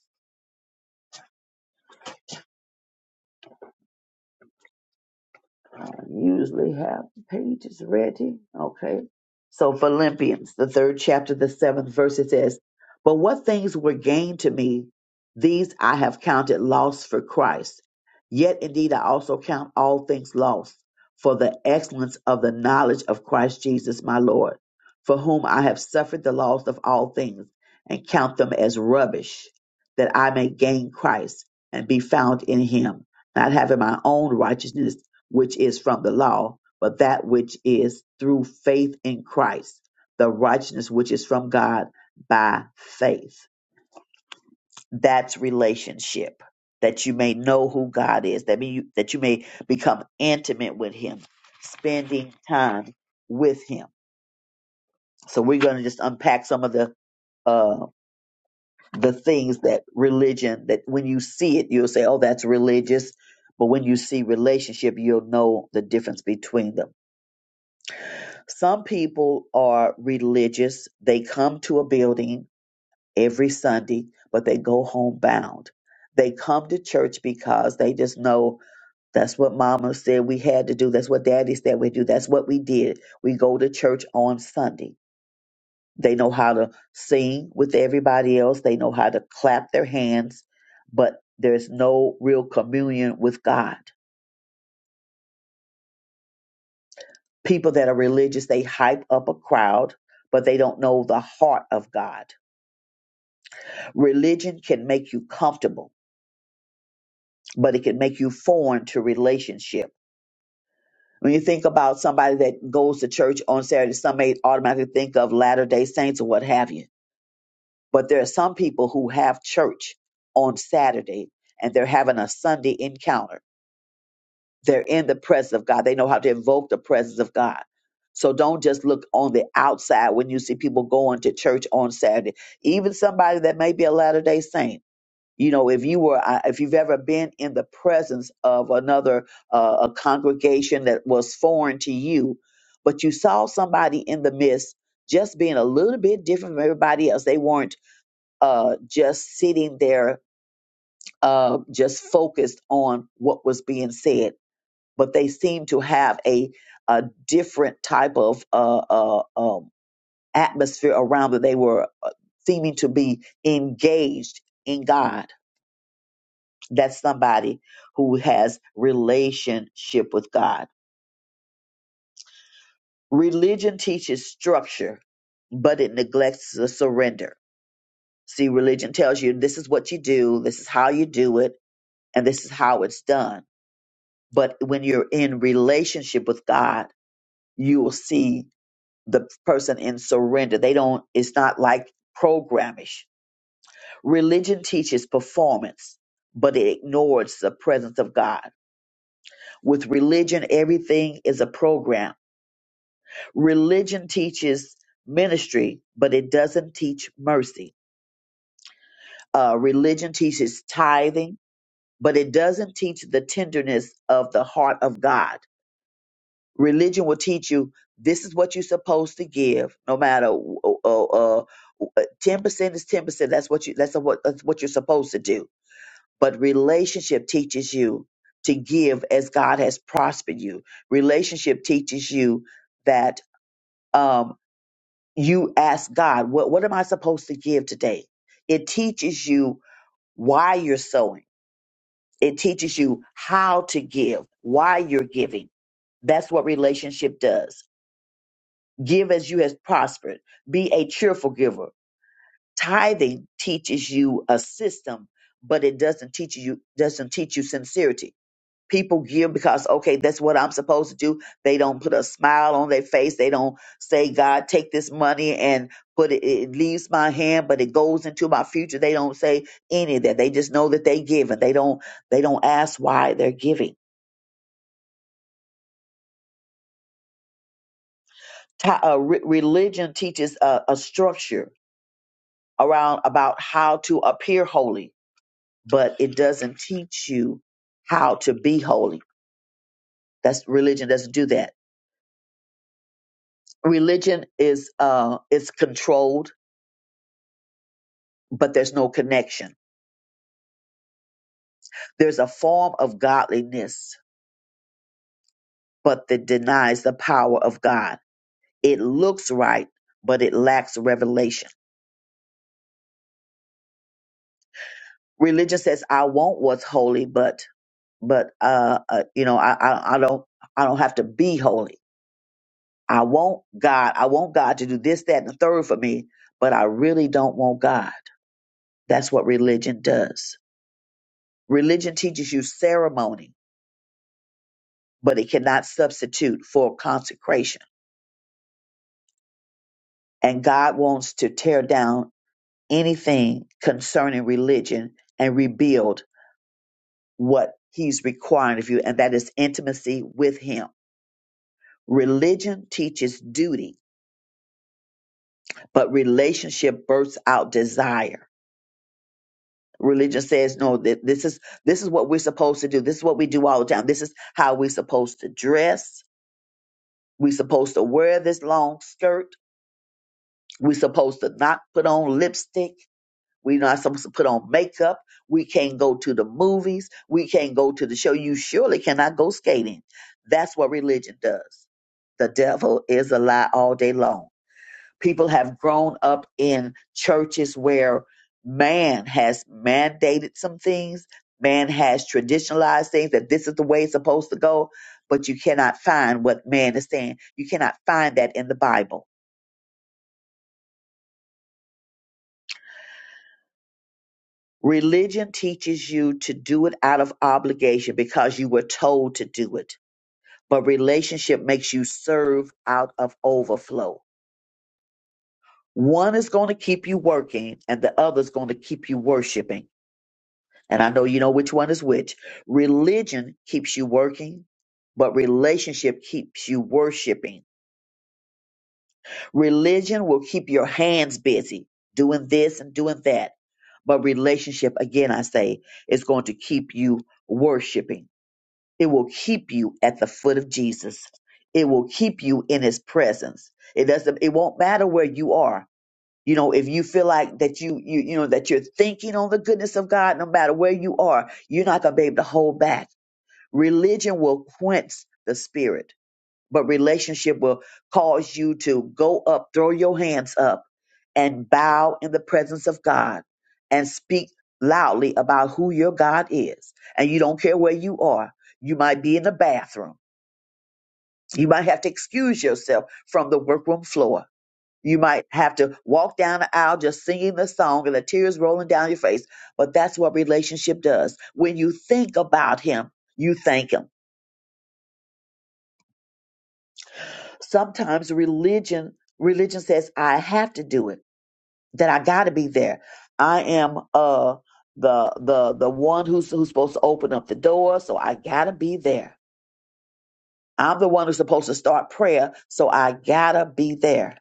S8: usually have the pages ready. Okay. So Philippians, the third chapter, the seventh verse, it says, But what things were gained to me, these I have counted loss for Christ. Yet indeed I also count all things lost for the excellence of the knowledge of Christ Jesus my Lord, for whom I have suffered the loss of all things, and count them as rubbish, that I may gain Christ and be found in him, not having my own righteousness which is from the law, but that which is through faith in Christ, the righteousness which is from God by faith. That's relationship. That you may know who God is. That mean you, that you may become intimate with Him, spending time with Him. So we're going to just unpack some of the uh, the things that religion. That when you see it, you'll say, "Oh, that's religious," but when you see relationship, you'll know the difference between them. Some people are religious. They come to a building every Sunday, but they go home bound. They come to church because they just know that's what mama said we had to do. That's what daddy said we do. That's what we did. We go to church on Sunday. They know how to sing with everybody else, they know how to clap their hands, but there's no real communion with God. People that are religious, they hype up a crowd, but they don't know the heart of God Religion can make you comfortable, but it can make you foreign to relationship. When you think about somebody that goes to church on Saturday, some may automatically think of Latter day Saints or what have you. But there are some people who have church on Saturday and they're having a Sunday encounter. They're in the presence of God, they know how to invoke the presence of God. So don't just look on the outside when you see people going to church on Saturday. Even somebody that may be a Latter day Saint you know if you were I- if you've ever been in the presence of another uh, a congregation that was foreign to you but you saw somebody in the midst just being a little bit different from everybody else they weren't uh, just sitting there uh, just focused on what was being said but they seemed to have a, a different type of uh, uh, um, atmosphere around that they were uh, seeming to be engaged in god That's somebody who has relationship with God. Religion teaches structure, but it neglects the surrender. See, religion tells you this is what you do, this is how you do it, and this is how it's done. But when you're in relationship with God, you will see the person in surrender. They don't, it's not like programish. Religion teaches performance, but it ignores the presence of God. With religion, everything is a program Religion teaches ministry, but it doesn't teach mercy. Uh, religion teaches tithing, but it doesn't teach the tenderness of the heart of God. Religion will teach you this is what you're supposed to give, no matter uh, uh, ten percent is ten percent. That's what you. That's what that's what you're supposed to do. But relationship teaches you to give as God has prospered you. Relationship teaches you that. um, you ask God, what, what am I supposed to give today? It teaches you why you're sowing. It teaches you how to give, why you're giving. That's what relationship does. Give as you has prospered. Be a cheerful giver. Tithing teaches you a system, but it doesn't teach you doesn't teach you sincerity. people give because okay that's what i'm supposed to do they don't put a smile on their face they don't say god take this money and put it it leaves my hand but it goes into my future they don't say any of that they just know that they give and they don't they don't ask why they're giving Ti- uh, re- religion teaches a, a structure around about how to appear holy but it doesn't teach you how to be holy that's religion doesn't do that religion is uh is controlled but there's no connection. There's a form of godliness, but that denies the power of God. It looks right, but it lacks revelation. Religion says, "I want what's holy, but but uh, uh you know, I, I I don't I don't have to be holy. I want God. I want God to do this, that, and the third for me, but I really don't want God." That's what religion does. Religion teaches you ceremony, but it cannot substitute for consecration And God wants to tear down anything concerning religion and rebuild what He's requiring of you, and that is intimacy with Him. Religion teaches duty, but relationship births out desire. Religion says, no, th- this is this is what we're supposed to do. This is what we do all the time. This is how we're supposed to dress. We're supposed to wear this long skirt. We're supposed to not put on lipstick. We're not supposed to put on makeup. We can't go to the movies. We can't go to the show. You surely cannot go skating. That's what religion does. The devil is a lie all day long. People have grown up in churches where man has mandated some things, man has traditionalized things that this is the way it's supposed to go, but you cannot find what man is saying. You cannot find that in the Bible Religion teaches you to do it out of obligation because you were told to do it. But relationship makes you serve out of overflow. One is going to keep you working and the other is going to keep you worshiping. And I know you know which one is which. Religion keeps you working, but relationship keeps you worshiping. Religion will keep your hands busy doing this and doing that. But relationship, again, I say, is going to keep you worshiping. It will keep you at the foot of Jesus. It will keep you in his presence. It doesn't it won't matter where you are. You know, if you feel like that you you you know that you're thinking on the goodness of God no matter where you are, you're not going to be able to hold back. Religion will quench the spirit but relationship will cause you to go up, throw your hands up, and bow in the presence of God and speak loudly about who your God is. And you don't care where you are. You might be in the bathroom. You might have to excuse yourself from the workroom floor. You might have to walk down the aisle just singing the song and the tears rolling down your face. But that's what relationship does. When you think about Him, you thank Him. Sometimes religion religion says I have to do it that I got to be there. I am uh the the the one who's who's supposed to open up the door, so I got to be there. I'm the one who's supposed to start prayer, so I got to be there.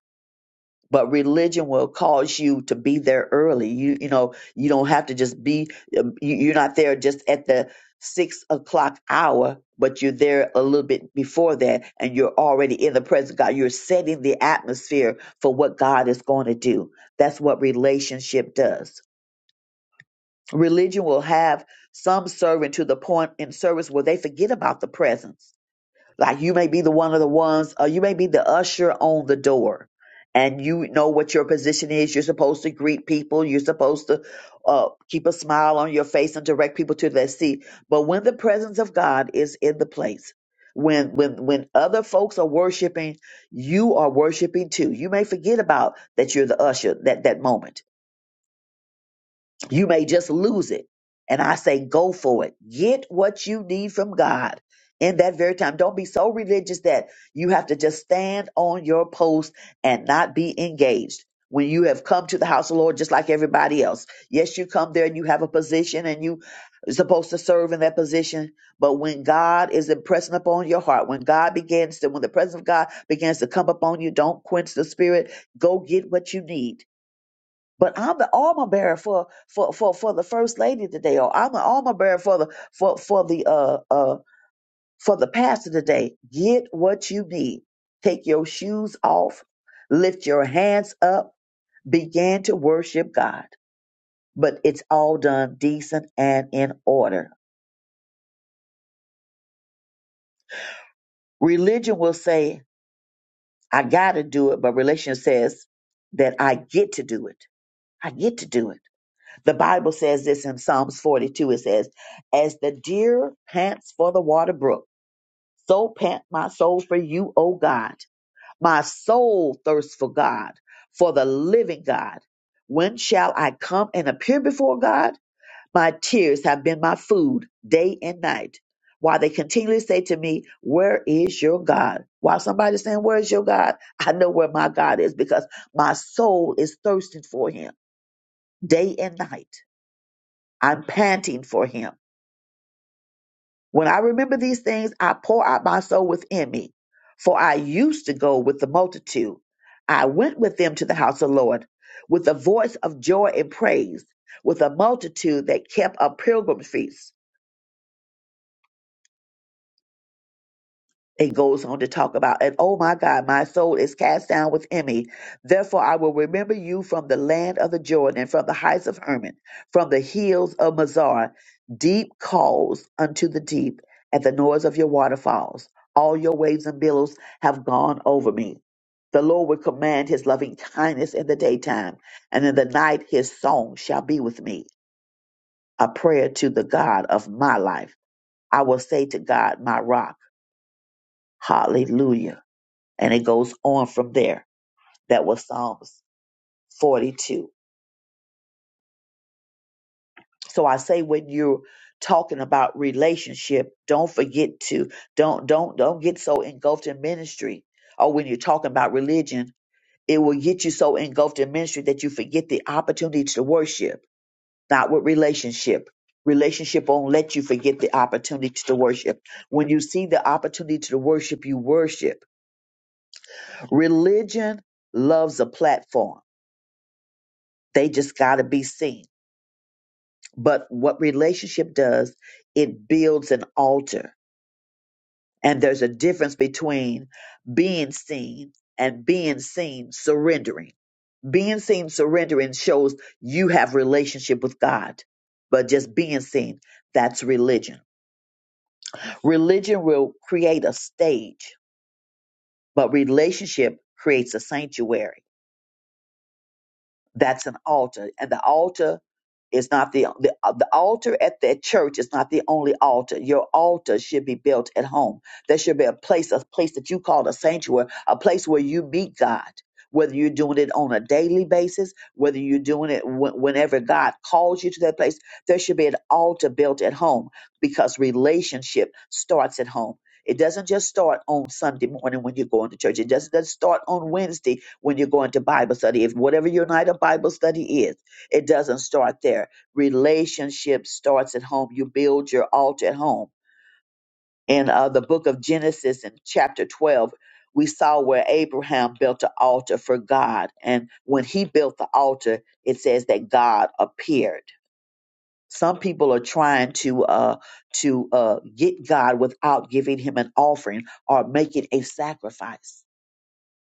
S8: But religion will cause you to be there early. You you know you don't have to just be. um, You, you're not there just at the six o'clock hour, but you're there a little bit before that, and you're already in the presence of God. You're setting the atmosphere for what God is going to do. That's what relationship does religion will have some serving to the point in service where they forget about the presence. Like you may be the one of the ones, or you may be the usher on the door, and you know what your position is. You're supposed to greet people. You're supposed to uh, keep a smile on your face and direct people to their seat. But when the presence of God is in the place, when when when other folks are worshiping, you are worshiping too. You may forget about that you're the usher that that moment you may just lose it. And I say, go for it. Get what you need from God in that very time. Don't be so religious that you have to just stand on your post and not be engaged. When you have come to the house of the Lord, just like everybody else. Yes, you come there and you have a position and you are supposed to serve in that position. But when God is impressing upon your heart, when God begins to, when the presence of God begins to come upon you, don't quench the spirit. Go get what you need but I'm the armor bearer for for for for the first lady today, or I'm the armor bearer for the for for the uh uh for the pastor today. Get what you need. Take your shoes off, lift your hands up, begin to worship God. But it's all done decent and in order. Religion will say, I gotta do it, but religion says that I get to do it. I get to do it. The Bible says this in Psalms 42. It says, As the deer pants for the water brook, so pant my soul for you, O God. My soul thirsts for God, for the living God. When shall I come and appear before God? My tears have been my food day and night. While they continually say to me, 'Where is your God? While somebody's saying, Where is your God? I know where my God is because my soul is thirsting for him day and night. I'm panting for him. When I remember these things, I pour out my soul within me. For I used to go with the multitude. I went with them to the house of the Lord with a voice of joy and praise, with a multitude that kept a pilgrim feast. it goes on to talk about, and oh my God, my soul is cast down within me. Therefore, I will remember you from the land of the Jordan, from the heights of Hermon, from the hills of Mazar. Deep calls unto the deep at the noise of your waterfalls. All your waves and billows have gone over me. The Lord will command his loving kindness in the daytime, and in the night his song shall be with me. A prayer to the God of my life. I will say to God, my rock, Hallelujah and it goes on from there. That was Psalms 42. So I say when you're talking about relationship, don't forget to don't don't don't get so engulfed in ministry. Or when you're talking about religion, it will get you so engulfed in ministry that you forget the opportunity to worship. Not with relationship. Relationship won't let you forget the opportunity to worship. When you see the opportunity to worship, you worship. Religion loves a platform. They just got to be seen But what relationship does, it builds an altar. And there's a difference between being seen and being seen surrendering. Being seen surrendering shows you have relationship with God. But just being seen, that's religion. Religion will create a stage, but relationship creates a sanctuary That's an altar, and the altar is not the the, uh, the altar at that church is not the only altar. Your altar should be built at home. There should be a place, a place that you call a sanctuary, a place where you meet God. Whether you're doing it on a daily basis, whether you're doing it wh- whenever God calls you to that place, there should be an altar built at home because relationship starts at home. It doesn't just start on Sunday morning when you're going to church. It doesn't just start on Wednesday when you're going to Bible study. If whatever your night of Bible study is, it doesn't start there. Relationship starts at home. You build your altar at home. In uh, the book of Genesis, in chapter 12, we saw where Abraham built an altar for God. And when he built the altar, it says that God appeared some people are trying to uh, to uh, get God without giving Him an offering or making a sacrifice.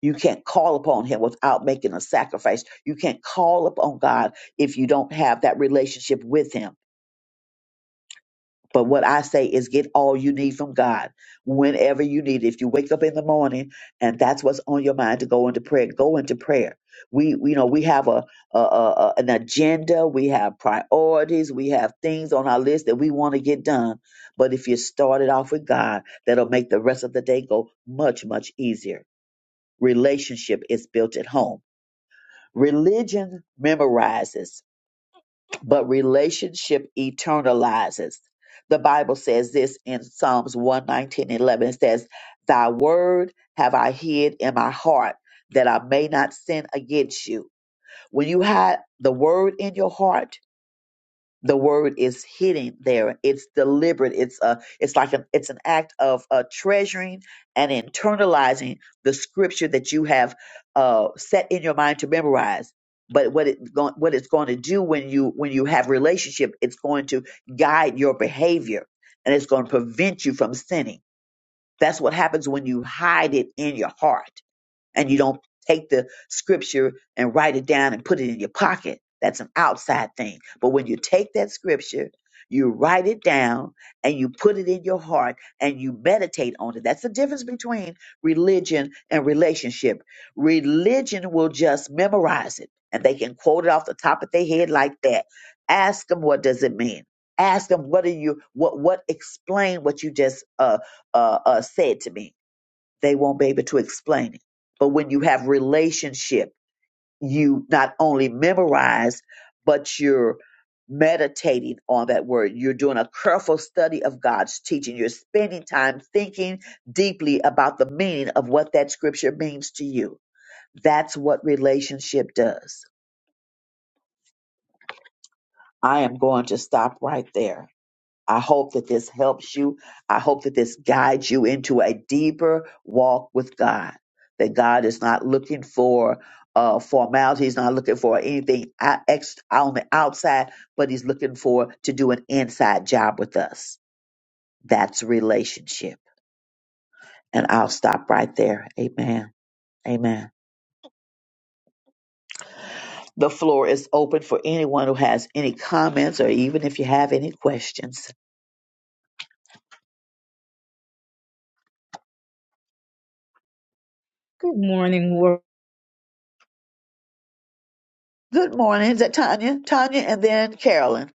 S8: You can't call upon Him without making a sacrifice. You can't call upon God if you don't have that relationship with Him. But what I say is get all you need from God whenever you need it. If you wake up in the morning and that's what's on your mind to go into prayer, go into prayer. We, we- you know, we have a, a, a a- an agenda, we have priorities, we have things on our list that we want to get done. But if you start it off with God, that'll make the rest of the day go much, much easier. Relationship is built at home. Religion memorizes but relationship eternalizes. The Bible says this in Psalms one nineteen eleven. It says, Thy word have I hid in my heart that I may not sin against you. When you hide the word in your heart, the word is hidden there it's deliberate it's a it's like a, it's an act of uh, treasuring and internalizing the scripture that you have uh, set in your mind to memorize but what it go, what it's going to do when you when you have relationship it's going to guide your behavior and it's going to prevent you from sinning that's what happens when you hide it in your heart and you don't take the scripture and write it down and put it in your pocket. That's an outside thing. But when you take that scripture, you write it down and you put it in your heart and you meditate on it. That's the difference between religion and relationship. Religion will just memorize it and they can quote it off the top of their head like that. Ask them what does it mean. Ask them what are you what what explain what you just uh uh, uh said to me they won't be able to explain it. But when you have relationship, you not only memorize, but you're meditating on that word. You're doing a careful study of God's teaching. You're spending time thinking deeply about the meaning of what that scripture means to you. That's what relationship does. I am going to stop right there. I hope that this helps you. I hope that this guides you into a deeper walk with God. That God is not looking for uh, formality. He's not looking for anything out- ex- on the outside, but he's looking for to do an inside job with us. That's relationship. And I'll stop right there. Amen. Amen. The floor is open for anyone who has any comments or even if you have any questions.
S12: Good morning, world.
S8: Good morning. Is that Tanya? Tanya and then Carolyn.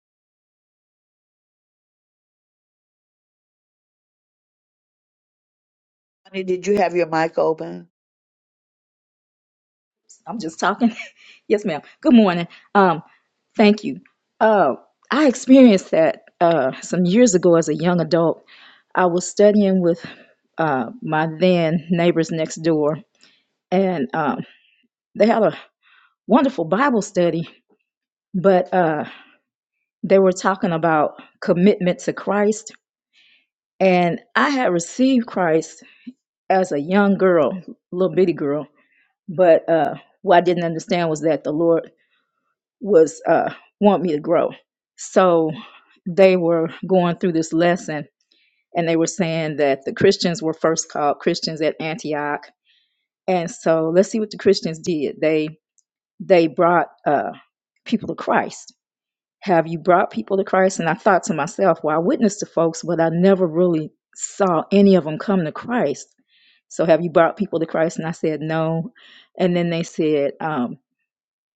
S8: Tanya, did you have your mic open?
S12: I'm just talking. Yes, ma'am. Good morning. Um, thank you. Uh, I experienced that uh, some years ago as a young adult. I was studying with uh, my then neighbors next door, and um, they had a wonderful Bible study, but uh, they were talking about commitment to Christ. And I had received Christ as a young girl, little bitty girl, but uh, what I didn't understand was that the Lord was uh, want me to grow. So they were going through this lesson and they were saying that the Christians were first called Christians at Antioch. And so let's see what the Christians did. They they brought uh, people to Christ. Have you brought people to Christ? And I thought to myself, well, I witnessed to folks, but I never really saw any of them come to Christ. So have you brought people to Christ? And I said no. And then they said, um,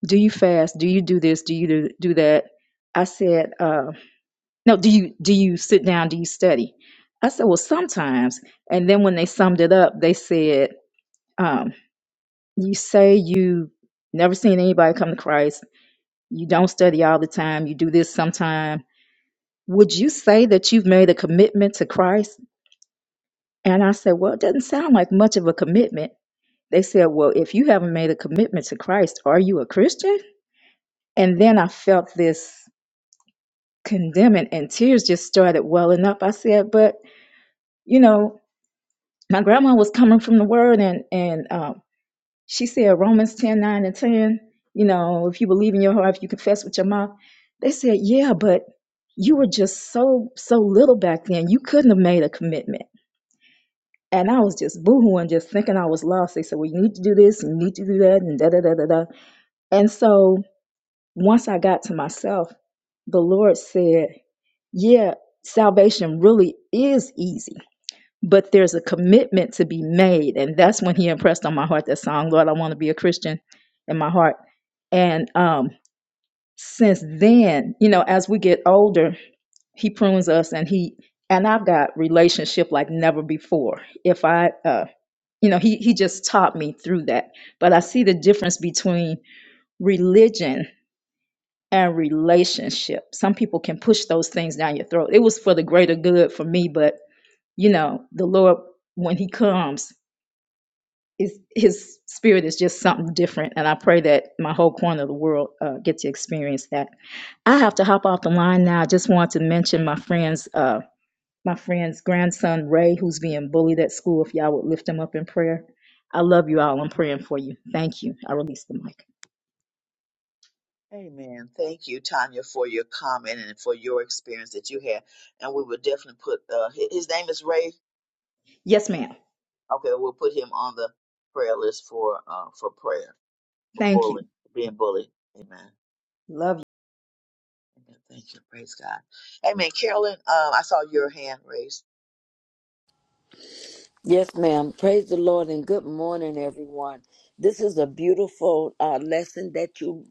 S12: do you fast do you do this do you do do that i said uh, no do you do you sit down do you study i said well sometimes and then when they summed it up they said um, you say you never seen anybody come to christ you don't study all the time you do this sometime would you say that you've made a commitment to christ and i said well it doesn't sound like much of a commitment they said well if you haven't made a commitment to christ are you a christian and then i felt this condemning and tears just started welling up. I said, but you know, my grandma was coming from the word and, and, um, she said Romans 10 9 and 10, you know, if you believe in your heart, if you confess with your mouth, they said, yeah, but you were just so, so little back then. You couldn't have made a commitment. And I was just boohooing, just thinking I was lost. They said, well, you need to do this and you need to do that and da, da, da, da, da. And so once I got to myself, the Lord said, yeah, salvation really is easy, but there's a commitment to be made. And that's when he impressed on my heart that song, Lord, I want to be a Christian in my heart. And um, since then, you know, as we get older, he prunes us and he, and I've got relationship like never before. If I, uh, you know, he, he just taught me through that. But I see the difference between religion and relationship. Some people can push those things down your throat. It was for the greater good for me, but you know, the Lord, when He comes, is His Spirit is just something different. And I pray that my whole corner of the world uh, get to experience that. I have to hop off the line now. I just want to mention my friend's uh, my friend's grandson Ray, who's being bullied at school. If y'all would lift him up in prayer, I love you all. I'm praying for you. Thank you. I release the mic.
S8: Amen. Thank you, Tanya, for your comment and for your experience that you had. And we will definitely put uh, his, his name is Ray.
S12: Yes, ma'am.
S8: Okay, we'll put him on the prayer list for uh, for prayer for
S12: Thank you.
S8: bullying, being bullied. Amen.
S12: Love you.
S8: Amen. Thank you. Praise God. Amen. Carolyn, um, I saw your hand raised.
S13: Yes, ma'am. Praise the Lord and good morning, everyone. This is a beautiful uh, lesson that you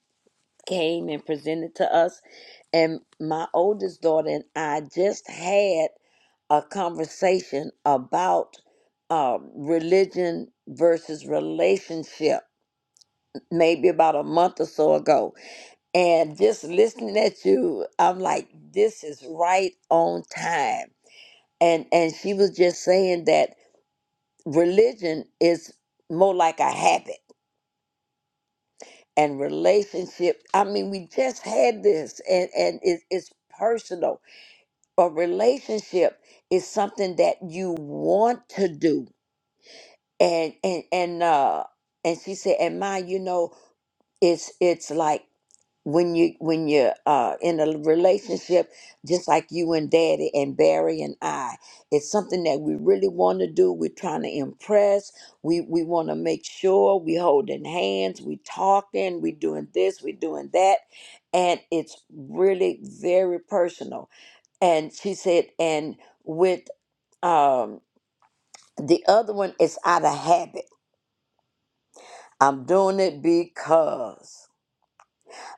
S13: came and presented to us. And my oldest daughter and I just had a conversation about uh, religion versus relationship, maybe about a month or so ago. And just listening at you, I'm like, this is right on time. And and she was just saying that religion is more like a habit and relationship i mean we just had this and and it, it's personal a relationship is something that you want to do and and and uh and she said and mine you know it's it's like when you when you're uh, in a relationship just like you and daddy and barry and i it's something that we really want to do we're trying to impress we we want to make sure we holding hands we talking we doing this we doing that and it's really very personal and she said and with um the other one it's out of habit i'm doing it because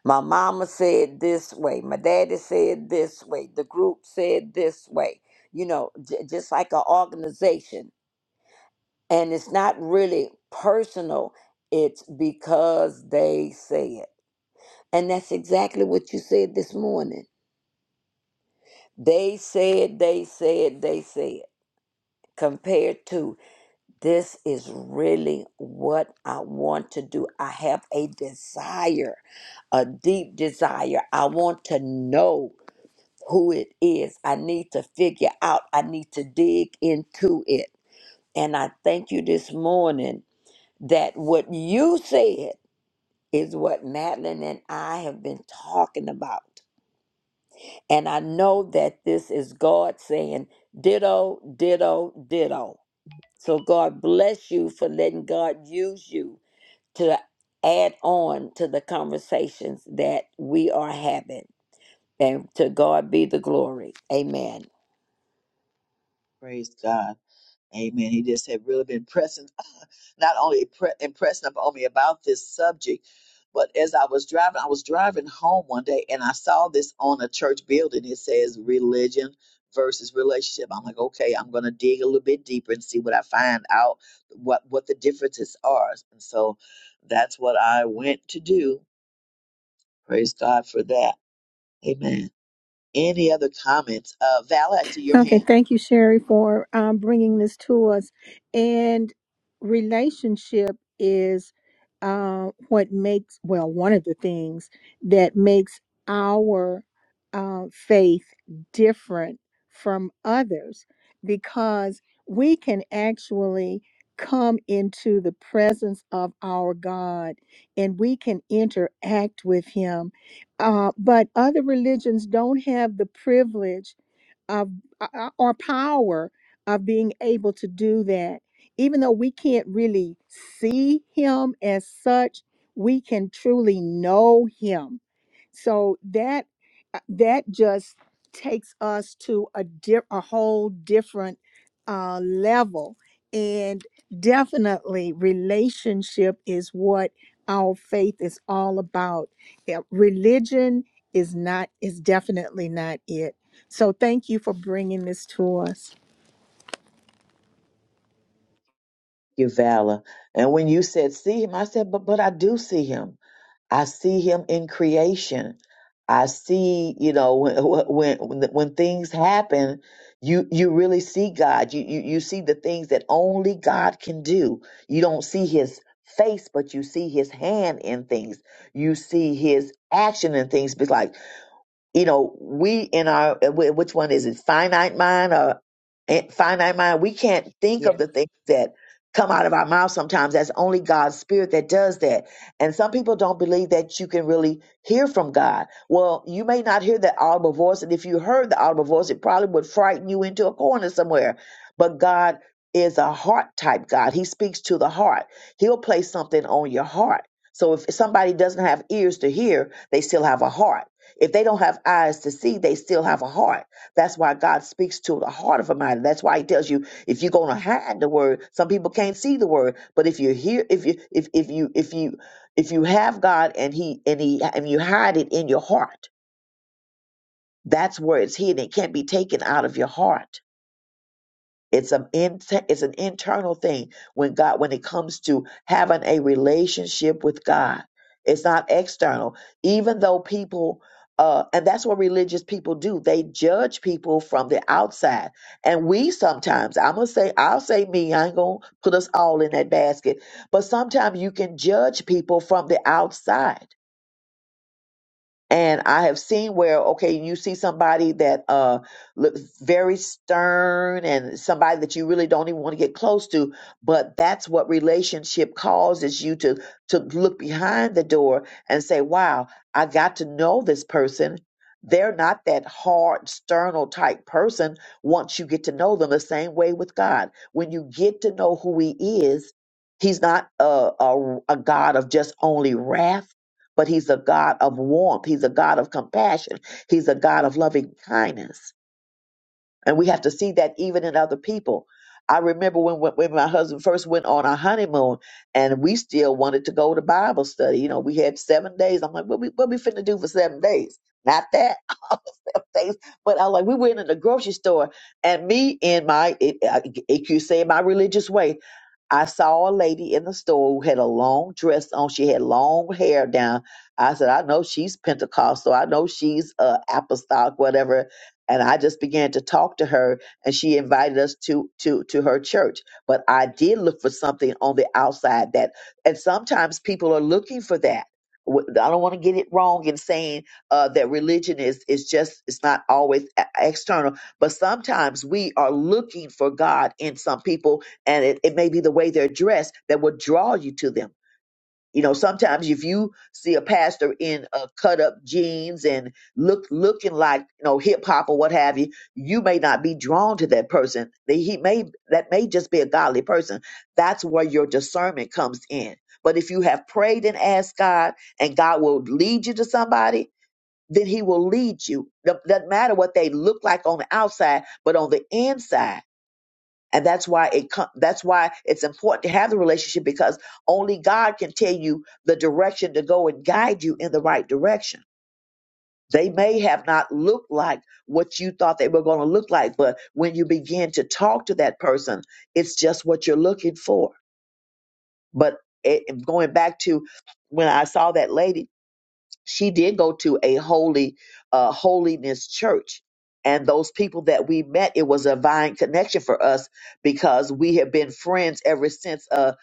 S13: My mama said this way. My daddy said this way. The group said this way. You know, j- just like an organization. And it's not really personal, it's because they say it. And that's exactly what you said this morning. They said, they said, they said, compared to this is really what I want to do. I have a desire, a deep desire. I want to know. who it is. I need to figure out, I need to dig into it. And I thank you this morning that what you said is what Madeline and I have been talking about. And I know that this is God saying, ditto, ditto, ditto. So God bless you for letting God use you to add on to the conversations that we are having. And to God be the glory. Amen.
S8: Praise God. Amen. He just had really been pressing, not only pre- impressing upon me about this subject, but as I was driving, I was driving home one day and I saw this on a church building. It says religion versus relationship. I'm like, okay, I'm going to dig a little bit deeper and see what I find out, what, what the differences are. And so that's what I went to do. Praise God for that. Amen. Any other comments? Uh, Val, I see your
S1: Okay,
S8: hand.
S1: thank you, Sherry, for um, bringing this to us. And relationship is uh, what makes, well, one of the things that makes our uh, faith different from others because we can actually come into the presence of our God and we can interact with Him. Uh, but other religions don't have the privilege of uh, or power of being able to do that even though we can't really see him as such we can truly know him so that uh, that just takes us to a di- a whole different uh, level and definitely relationship is what our faith is all about Yeah, religion is not is definitely not it so thank you for bringing this to us
S8: your valor. And when you said see him, I said, but but I do see him. I see him in creation. I see, you know, when when when when things happen, you you really see God. You you you see the things that only God can do. You don't see his face, but you see his hand in things. You see his action in things. Be like you know, we in our uh, wh- which one is it, finite mind or in- finite mind? We can't think of the things that come out of our mouth. Sometimes that's only God's spirit that does that. And some people don't believe that you can really hear from God. Well, you may not hear that audible voice, and if you heard the audible voice, it probably would frighten you into a corner somewhere. But God is a heart type God. He speaks to the heart. He'll place something on your heart. So if somebody doesn't have ears to hear, they still have a heart if they don't have eyes to see, they still have a heart. That's why God speaks to the heart of a man. That's why He tells you if you're going to hide the word, some people can't see the word. But if you hear, if you if if you if you if you have God and He and He and you hide it in your heart, that's where it's hidden. It can't be taken out of your heart. It's an inter- it's an internal thing when God when it comes to having a relationship with God. It's not external. Even though people uh, and that's what religious people do. They judge people from the outside. And we sometimes, I'm gonna say, I'll say me, I ain't gonna put us all in that basket, but sometimes you can judge people from the outside and I have seen where, okay, you see somebody that uh, looks very stern and somebody that you really don't even want to get close to, but that's what relationship causes you to to look behind the door and say, wow, I got to know this person. They're not that hard, sternal type person once you get to know them the same way with God. When you get to know who he is, he's not a, a, a God of just only wrath but he's a God of warmth. He's a God of compassion. He's a God of loving kindness. And we have to see that even in other people. I remember when, when when my husband first went on our honeymoon, and we still wanted to go to Bible study. You know, we had seven days. I'm like, what we what we finna do for seven days? Not that seven days, but I like we went in the grocery store, and me in my it, it, it, you say my religious way, I saw a lady in the store who had a long dress on. She had long hair down. I said, I know she's Pentecostal. I know she's uh, apostolic, whatever and I just began to talk to her and she invited us to to to her church but I did look for something on the outside that and sometimes people are looking for that W- I don't want to get it wrong in saying uh, that religion is is just it's not always e- external, but sometimes we are looking for God in some people, and it, it may be the way they're dressed that will draw you to them you know, sometimes if you see a pastor in a cut up jeans and look looking like you know hip hop or what have you, you may not be drawn to that person. That He may that may just be a godly person. That's where your discernment comes in. But if you have prayed and asked God, and God will lead you to somebody, then He will lead you. Doesn't matter what they look like on the outside, but on the inside and that's why it com- that's why it's important to have the relationship because only God can tell you the direction to go and guide you in the right direction. They may have not looked like what you thought they were going to look like, but when you begin to talk to that person, it's just what you're looking for. But it, going back to when I saw that lady she did go to a holy uh holiness church and those people that we met it was a divine connection for us because we have been friends ever since uh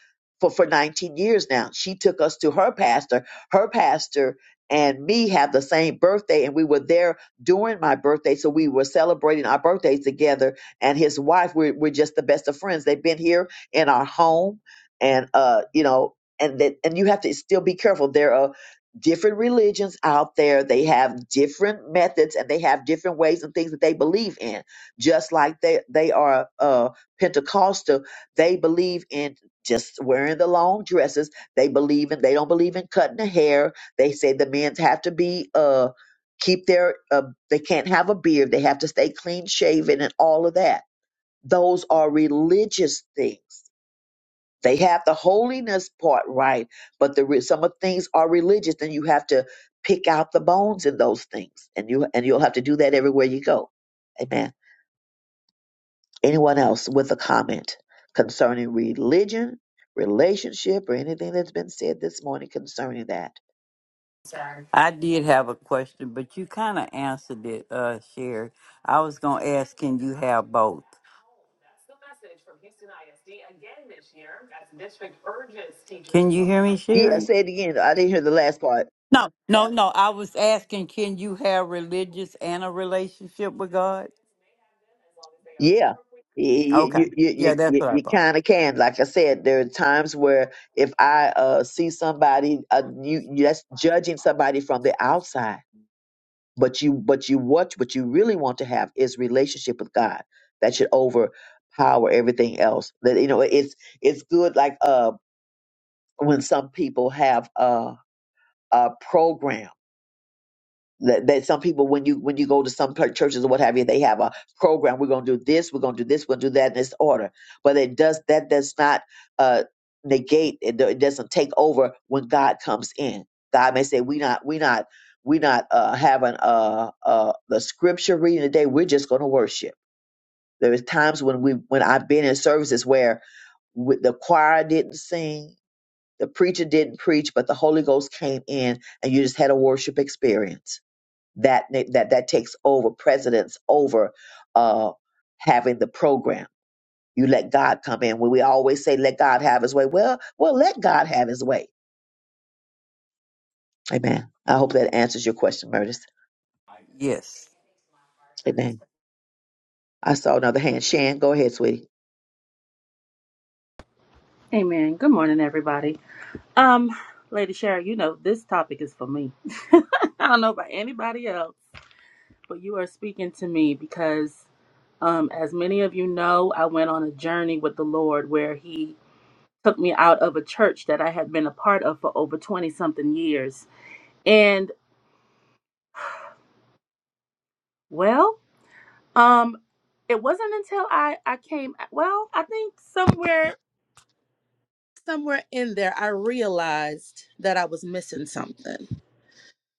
S8: for for 19 years now she took us to her pastor her pastor and me have the same birthday and we were there during my birthday so we were celebrating our birthdays together and his wife we're, we're just the best of friends they've been here in our home and uh you know and that and you have to still be careful there different religions out there. They have different methods and they have different ways and things that they believe in. Just like they, they are uh, Pentecostal, they believe in just wearing the long dresses. They believe in, they don't believe in cutting the hair. They say the men have to be, uh, keep their, uh, they can't have a beard. They have to stay clean shaven and all of that. Those are religious things they have the holiness part right, but the re- some of things are religious, and you have to pick out the bones in those things, and you and you'll have to do that everywhere you go. Amen. Anyone else with a comment concerning religion, relationship, or anything that's been said this morning concerning that?
S6: I did have a question, but you kind of answered it, uh, Sherry. I was going to ask, can you have both? Can you hear me,
S8: Yeah,
S6: Sherry?
S8: say it again. I didn't hear the last part.
S6: No, no, no. I was asking, can you have religious and a relationship with God?
S8: Yeah. You
S6: Okay.
S8: you
S6: Yeah,
S8: you
S6: that's
S8: you,
S6: what I
S8: you
S6: thought.
S8: kind of can. Like I said, there are times where if I uh, see somebody, uh, you, you- that's judging somebody from the outside but you but you what what you really want to have is relationship with God that should overpower everything else that you know it's it's good like uh when some people have uh a program that, that some people when you when you go to some pla- churches or what have you they have a program we're going to do this we're going to do this we're going to do that in this order but it does that does not uh negate it, do- it doesn't take over when god comes in god may say we not we not we not uh having uh uh the scripture reading today we're just going to worship there is times when we when i've been in services where with the choir didn't sing the preacher didn't preach but the holy ghost came in and you just had a worship experience that that that takes over precedence over uh having the program you let god come in when we always say let god have his way well well let god have his way amen i hope that answers your question Murtis.
S6: Yes.
S8: amen i saw another hand shan go ahead sweetie
S3: Amen. Good morning, everybody. Um, Lady Sharon, you know this topic is for me. I don't know about anybody else, but you are speaking to me because, um, as many of you know, I went on a journey with the Lord where He took me out of a church that I had been a part of for over twenty something years, and well. Um, it wasn't until I I came well, I think somewhere somewhere in there I realized that I was missing something.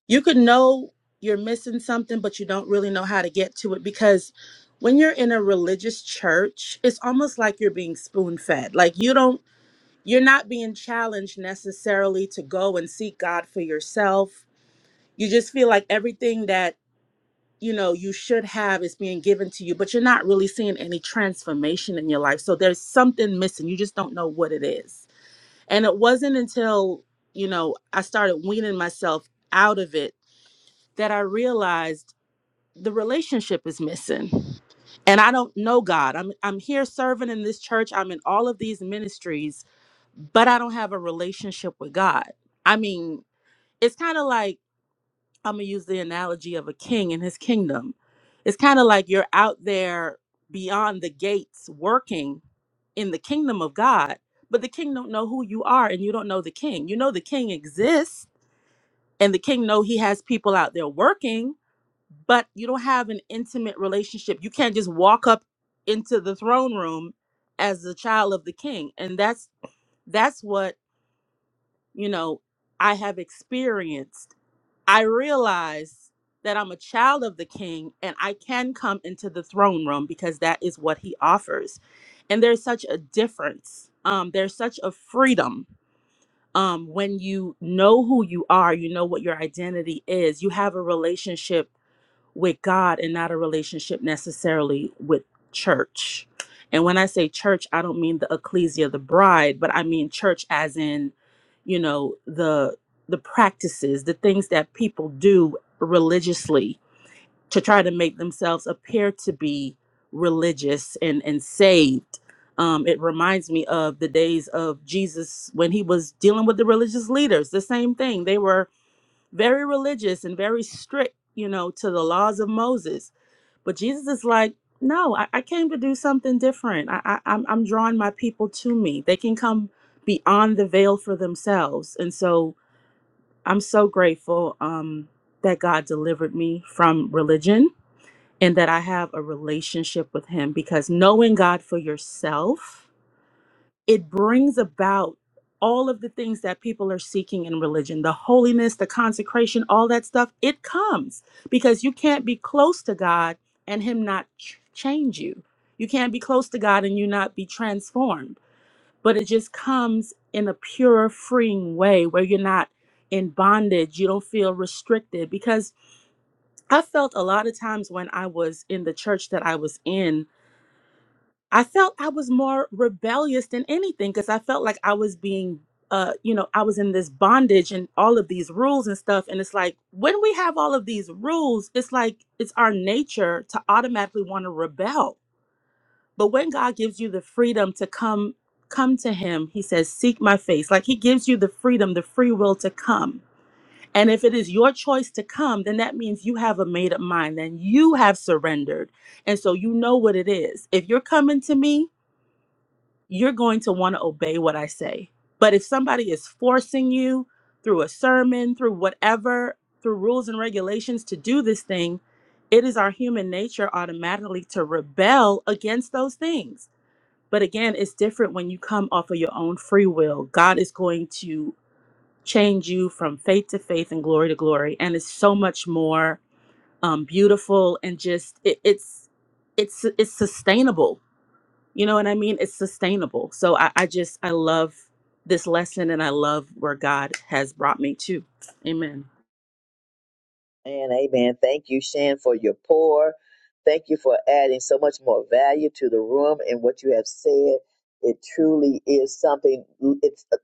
S3: You could know you're missing something, but you don't really know how to get to it because when you're in a religious church, it's almost like you're being spoon fed. Like you don't you're not being challenged necessarily to go and seek God for yourself. You just feel like everything that you know you should have is being given to you but you're not really seeing any transformation in your life so there's something missing you just don't know what it is and it wasn't until you know i started weaning myself out of it that i realized the relationship is missing and i don't know god i'm i'm here serving in this church i'm in all of these ministries but i don't have a relationship with god i mean it's kind of like I'm gonna use the analogy of a king and his kingdom. It's kind of like you're out there beyond the gates working in the kingdom of God, but the king don't know who you are and you don't know the king. You know the king exists and the king know he has people out there working, but you don't have an intimate relationship. You can't just walk up into the throne room as the child of the king. And that's that's what, you know, I have experienced I realize that I'm a child of the king and I can come into the throne room because that is what he offers. And there's such a difference. Um, there's such a freedom um, when you know who you are, you know what your identity is, you have a relationship with God and not a relationship necessarily with church. And when I say church, I don't mean the ecclesia, the bride, but I mean church as in, you know, the the practices, the things that people do religiously to try to make themselves appear to be religious and and saved. Um, it reminds me of the days of Jesus when he was dealing with the religious leaders. The same thing; they were very religious and very strict, you know, to the laws of Moses. But Jesus is like, no, I, I came to do something different. I, I, I'm, I'm drawing my people to me. They can come beyond the veil for themselves. And so I'm so grateful um, that God delivered me from religion and that I have a relationship with Him because knowing God for yourself it brings about all of the things that people are seeking in religion the holiness the consecration all that stuff it comes because you can't be close to god and him not ch- change you you can't be close to god and you not be transformed but it just comes in a pure freeing way where you're not in bondage you don't feel restricted because i felt a lot of times when i was in the church that i was in I felt I was more rebellious than anything because I felt like I was being, uh, you know, I was in this bondage and all of these rules and stuff. And it's like when we have all of these rules, it's like it's our nature to automatically want to rebel. But when God gives you the freedom to come, come to Him, He says, "Seek My face." Like He gives you the freedom, the free will to come. And if it is your choice to come, then that means you have a made up mind, then you have surrendered. And so you know what it is. If you're coming to me, you're going to want to obey what I say. But if somebody is forcing you through a sermon, through whatever, through rules and regulations to do this thing, it is our human nature automatically to rebel against those things. But again, it's different when you come off of your own free will. God is going to change you from faith to faith and glory to glory. And it's so much more um, beautiful and just it, it's it's it's sustainable you know what I mean? It's sustainable. So I, I just, I love this lesson and I love where God has brought me to. Amen.
S8: And amen. Thank you, Shan, for your pour. Thank you for adding so much more value to the room and what you have said. It truly is something. It's uh,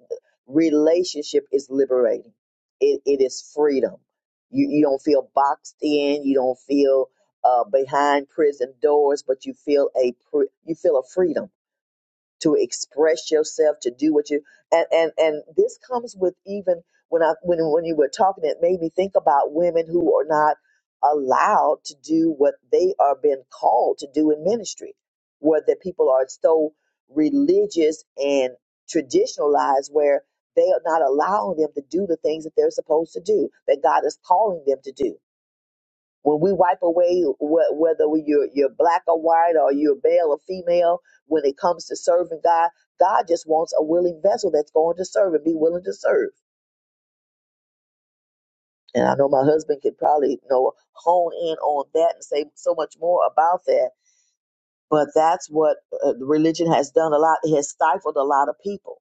S8: relationship is liberating. It it is freedom. You you don't feel boxed in. You don't feel uh, behind prison doors, but you feel a pre, you feel a freedom to express yourself, to do what you and and and this comes with even when I when when you were talking, it made me think about women who are not allowed to do what they are being called to do in ministry, where the people are so religious and traditionalized, where they are not allowing them to do the things that they're supposed to do, that God is calling them to do when we wipe away wh- whether we- you're you're black or white or you're male or female, when it comes to serving God, God just wants a willing vessel that's going to serve and be willing to serve. And I know my husband could probably you know hone in on that and say so much more about that. But that's what uh, religion has done a lot. It has stifled a lot of people.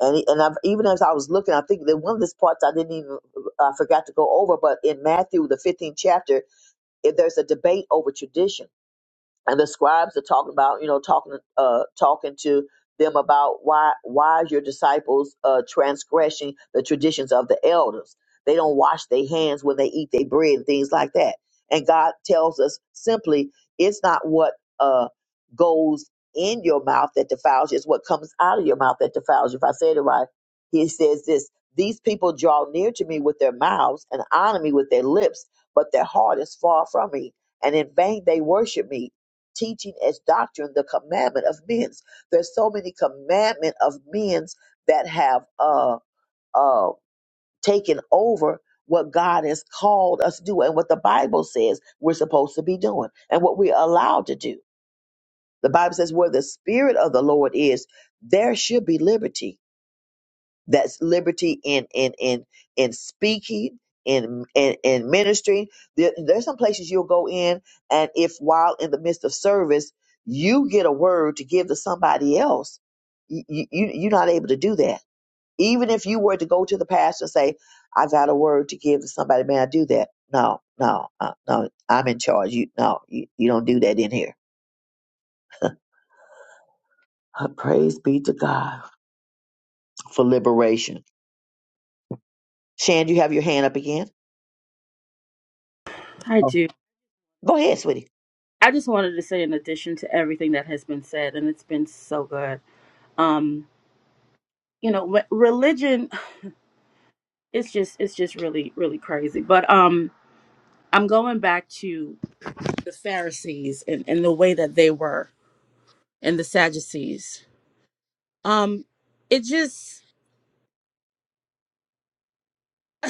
S8: And, and I've, even as I was looking, I think that one of these parts I didn't even, I forgot to go over, but in Matthew, the 15th chapter, if there's a debate over tradition and the scribes are talking about you know talking uh talking to them about why why is your disciples uh transgressing the traditions of the elders they don't wash their hands when they eat their bread and things like that and god tells us simply it's not what uh goes in your mouth that defiles you it's what comes out of your mouth that defiles you if i said it right he says this these people draw near to me with their mouths and honor me with their lips but their heart is far from me and in vain they worship me teaching as doctrine the commandment of men. There's so many commandment of men's that have uh uh taken over what God has called us to do and what the Bible says we're supposed to be doing and what we're allowed to do. The Bible says where the spirit of the Lord is, there should be liberty that's liberty in in in in speaking, in in, in ministry. There, there's some places you'll go in, and if while in the midst of service you get a word to give to somebody else, you, you you're not able to do that. Even if you were to go to the pastor and say, "I got a word to give to somebody," may I do that? No, no, uh, no. I'm in charge. You no, you, you don't do that in here. Uh, Praise be to God for liberation. Shan, you have your hand up again.
S3: I
S8: Oh.
S3: do.
S8: Go ahead, sweetie.
S3: I just wanted to say, in addition to everything that has been said, and it's been so good. Um, you know, re- religion it's just, it's just really, really crazy. But um, I'm going back to the Pharisees and, and the way that they were, and the Sadducees. Um, it just,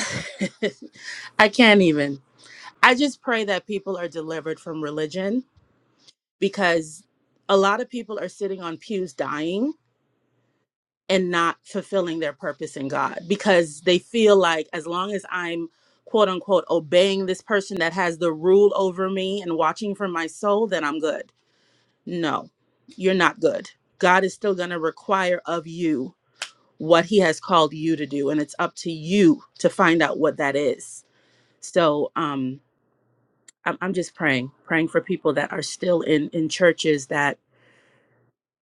S3: I can't even. I just pray that people are delivered from religion because a lot of people are sitting on pews dying and not fulfilling their purpose in God because they feel like as long as I'm quote unquote obeying this person that has the rule over me and watching for my soul, then I'm good. No, you're not good. God is still going to require of you what he has called you to do and it's up to you to find out what that is. So, um I'm, I'm just praying, praying for people that are still in in churches that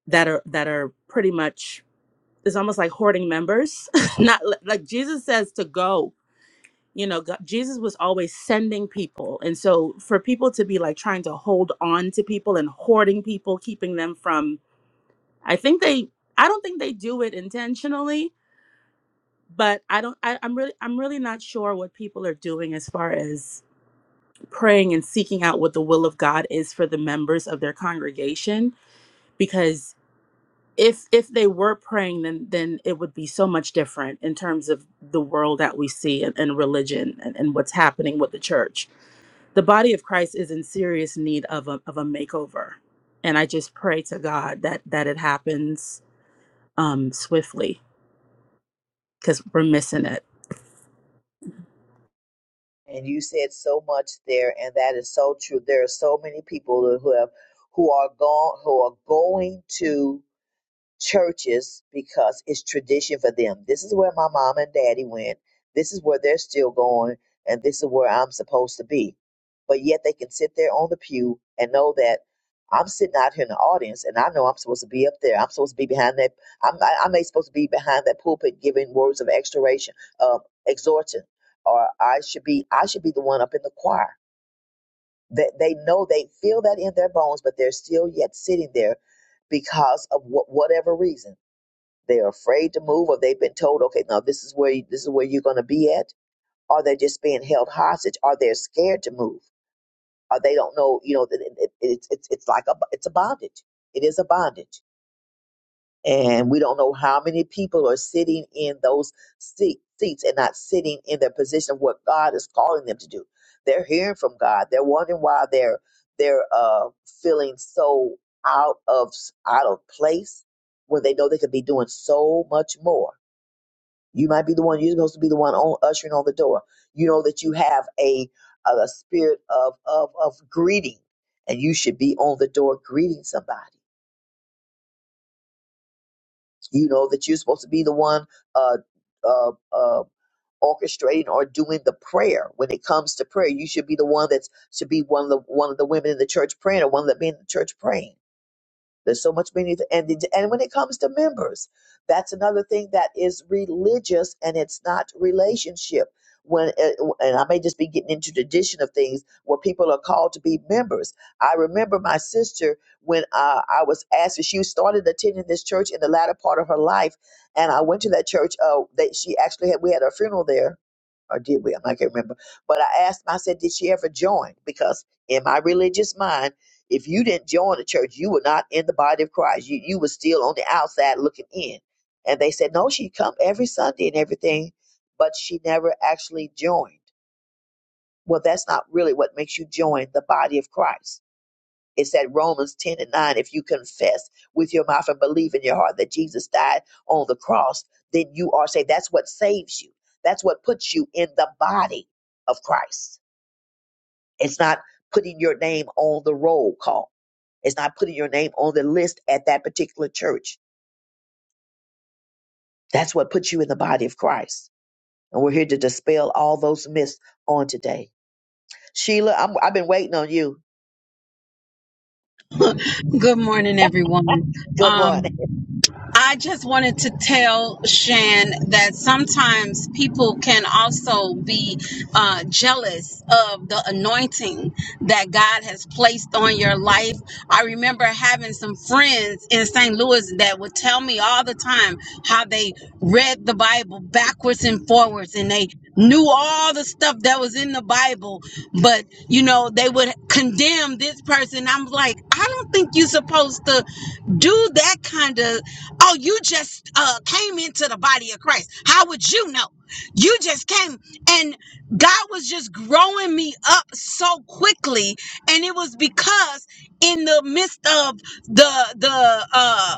S3: that are that are pretty much it's almost like hoarding members. Not li- like Jesus says to go. You know, God, Jesus was always sending people, and so for people to be like trying to hold on to people and hoarding people, keeping them from. I think they. I don't think they do it intentionally, but I don't. I, I'm really. I'm really not sure what people are doing as far as praying and seeking out what the will of God is for the members of their congregation because if if they were praying then then it would be so much different in terms of the world that we see and, and religion and, and what's happening with the church the body of christ is in serious need of a, of a makeover and i just pray to god that that it happens um swiftly because we're missing it
S8: And you said so much there, and that is so true. There are so many people who have who are gone who are going to churches because it's tradition for them. This is where my mom and daddy went. This is where they're still going, and this is where I'm supposed to be. But yet they can sit there on the pew and know that I'm sitting out here in the audience, and I know I'm supposed to be up there. I'm supposed to be behind that. I'm I, I may supposed to be behind that pulpit giving words of exhortation, uh, exhortation, or I should be I should be the one up in the choir. That they know they feel that in their bones, but they're still yet sitting there because of wh- whatever reason they're afraid to move, or they've been told, okay, now this is where you, this is where you're going to be at, or they're just being held hostage, or they're scared to move, or they don't know. You know, that it, it, it's it's it's like a it's a bondage. It is a bondage, and we don't know how many people are sitting in those seat, seats and not sitting in their position of what God is calling them to do. They're hearing from God. They're wondering why they're they're uh, feeling so out of out of place when they know they could be doing so much more you might be the one. You're supposed to be the one on, ushering on the door. You know that you have a a, a spirit of, of of greeting, and you should be on the door greeting somebody. You know that you're supposed to be the one uh, uh, uh, orchestrating or doing the prayer. When it comes to prayer, you should be the one that's should be one of the one of the women in the church praying, or one of the men in the church praying There's so much beneath, it. and the, and when it comes to members, that's another thing that is religious and it's not relationship. When uh, and I may just be getting into tradition of things where people are called to be members. I remember my sister when uh, I was asked if she started attending this church in the latter part of her life, and I went to that church. Uh, that she actually had we had her funeral there, or did we? i can't remember. But I asked. I said, did she ever join? Because in my religious mind. If you didn't join the church, you were not in the body of Christ. You you were still on the outside looking in. And they said, no, she come every Sunday and everything, but she never actually joined. Well, that's not really what makes you join the body of Christ. It's that Romans 10 and 9. If you confess with your mouth and believe in your heart that Jesus died on the cross, then you are saved. That's what saves you. That's what puts you in the body of Christ it's not putting your name on the roll call. It's not putting your name on the list at that particular church. That's what puts you in the body of Christ. And we're here to dispel all those myths on today. Sheila, I'm, I've been waiting on you.
S14: Good morning, everyone.
S8: Good
S14: Um,
S8: morning.
S14: I just wanted to tell Shan that sometimes people can also be uh, jealous of the anointing that God has placed on your life. I remember having some friends in St. Louis that would tell me all the time how they read the Bible backwards and forwards and they knew all the stuff that was in the Bible, but you know, they would condemn this person. I'm like, I don't think you're supposed to do that kind of Oh, you just uh, came into the body of Christ. How would you know? You just came, and God was just growing me up so quickly, and it was because in the midst of the the uh,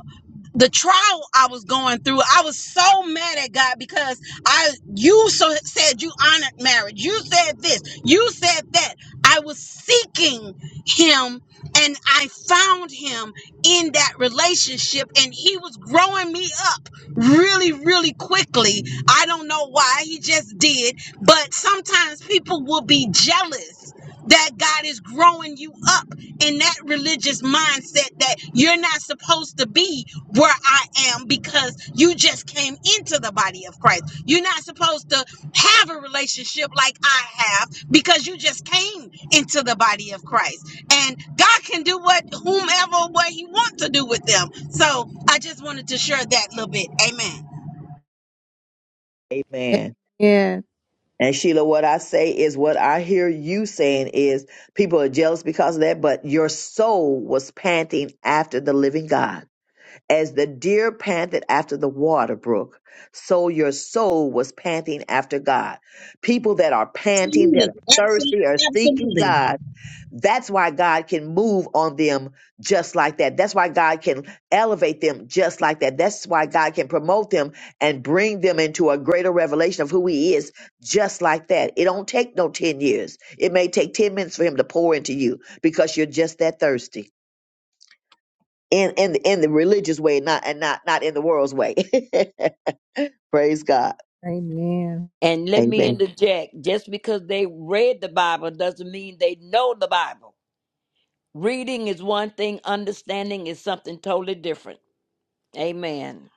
S14: the trial I was going through, I was so mad at God because I you so said you honored marriage. You said this, you said that. I was seeking him and I found him in that relationship and he was growing me up really really quickly. I don't know why, he just did, but sometimes people will be jealous that God is growing you up in that religious mindset that you're not supposed to be where I am because you just came into the body of Christ. You're not supposed to have a relationship like I have because you just came into the body of Christ. And God can do what whomever what he wants to do with them. So I just wanted to share that little bit. Amen.
S8: Amen.
S1: yeah
S8: And Sheila, what I say is what I hear you saying is people are jealous because of that, but your soul was panting after the living God. As the deer panted after the water brook, so your soul was panting after God. People that are panting, that
S14: Absolutely.
S8: are
S14: Absolutely.
S8: thirsty, are seeking
S14: Absolutely.
S8: God. That's why God can move on them just like that. That's why God can elevate them just like that. That's why God can promote them and bring them into a greater revelation of who He is just like that. It don't take no 10 years. It may take 10 minutes for Him to pour into you because you're just that thirsty in in the, in the religious way, not and not not in the world's way. Praise God.
S1: amen
S13: And let me
S8: Amen.
S13: interject just because they read the Bible doesn't mean they know the Bible. Reading is one thing, understanding is something totally different. Amen.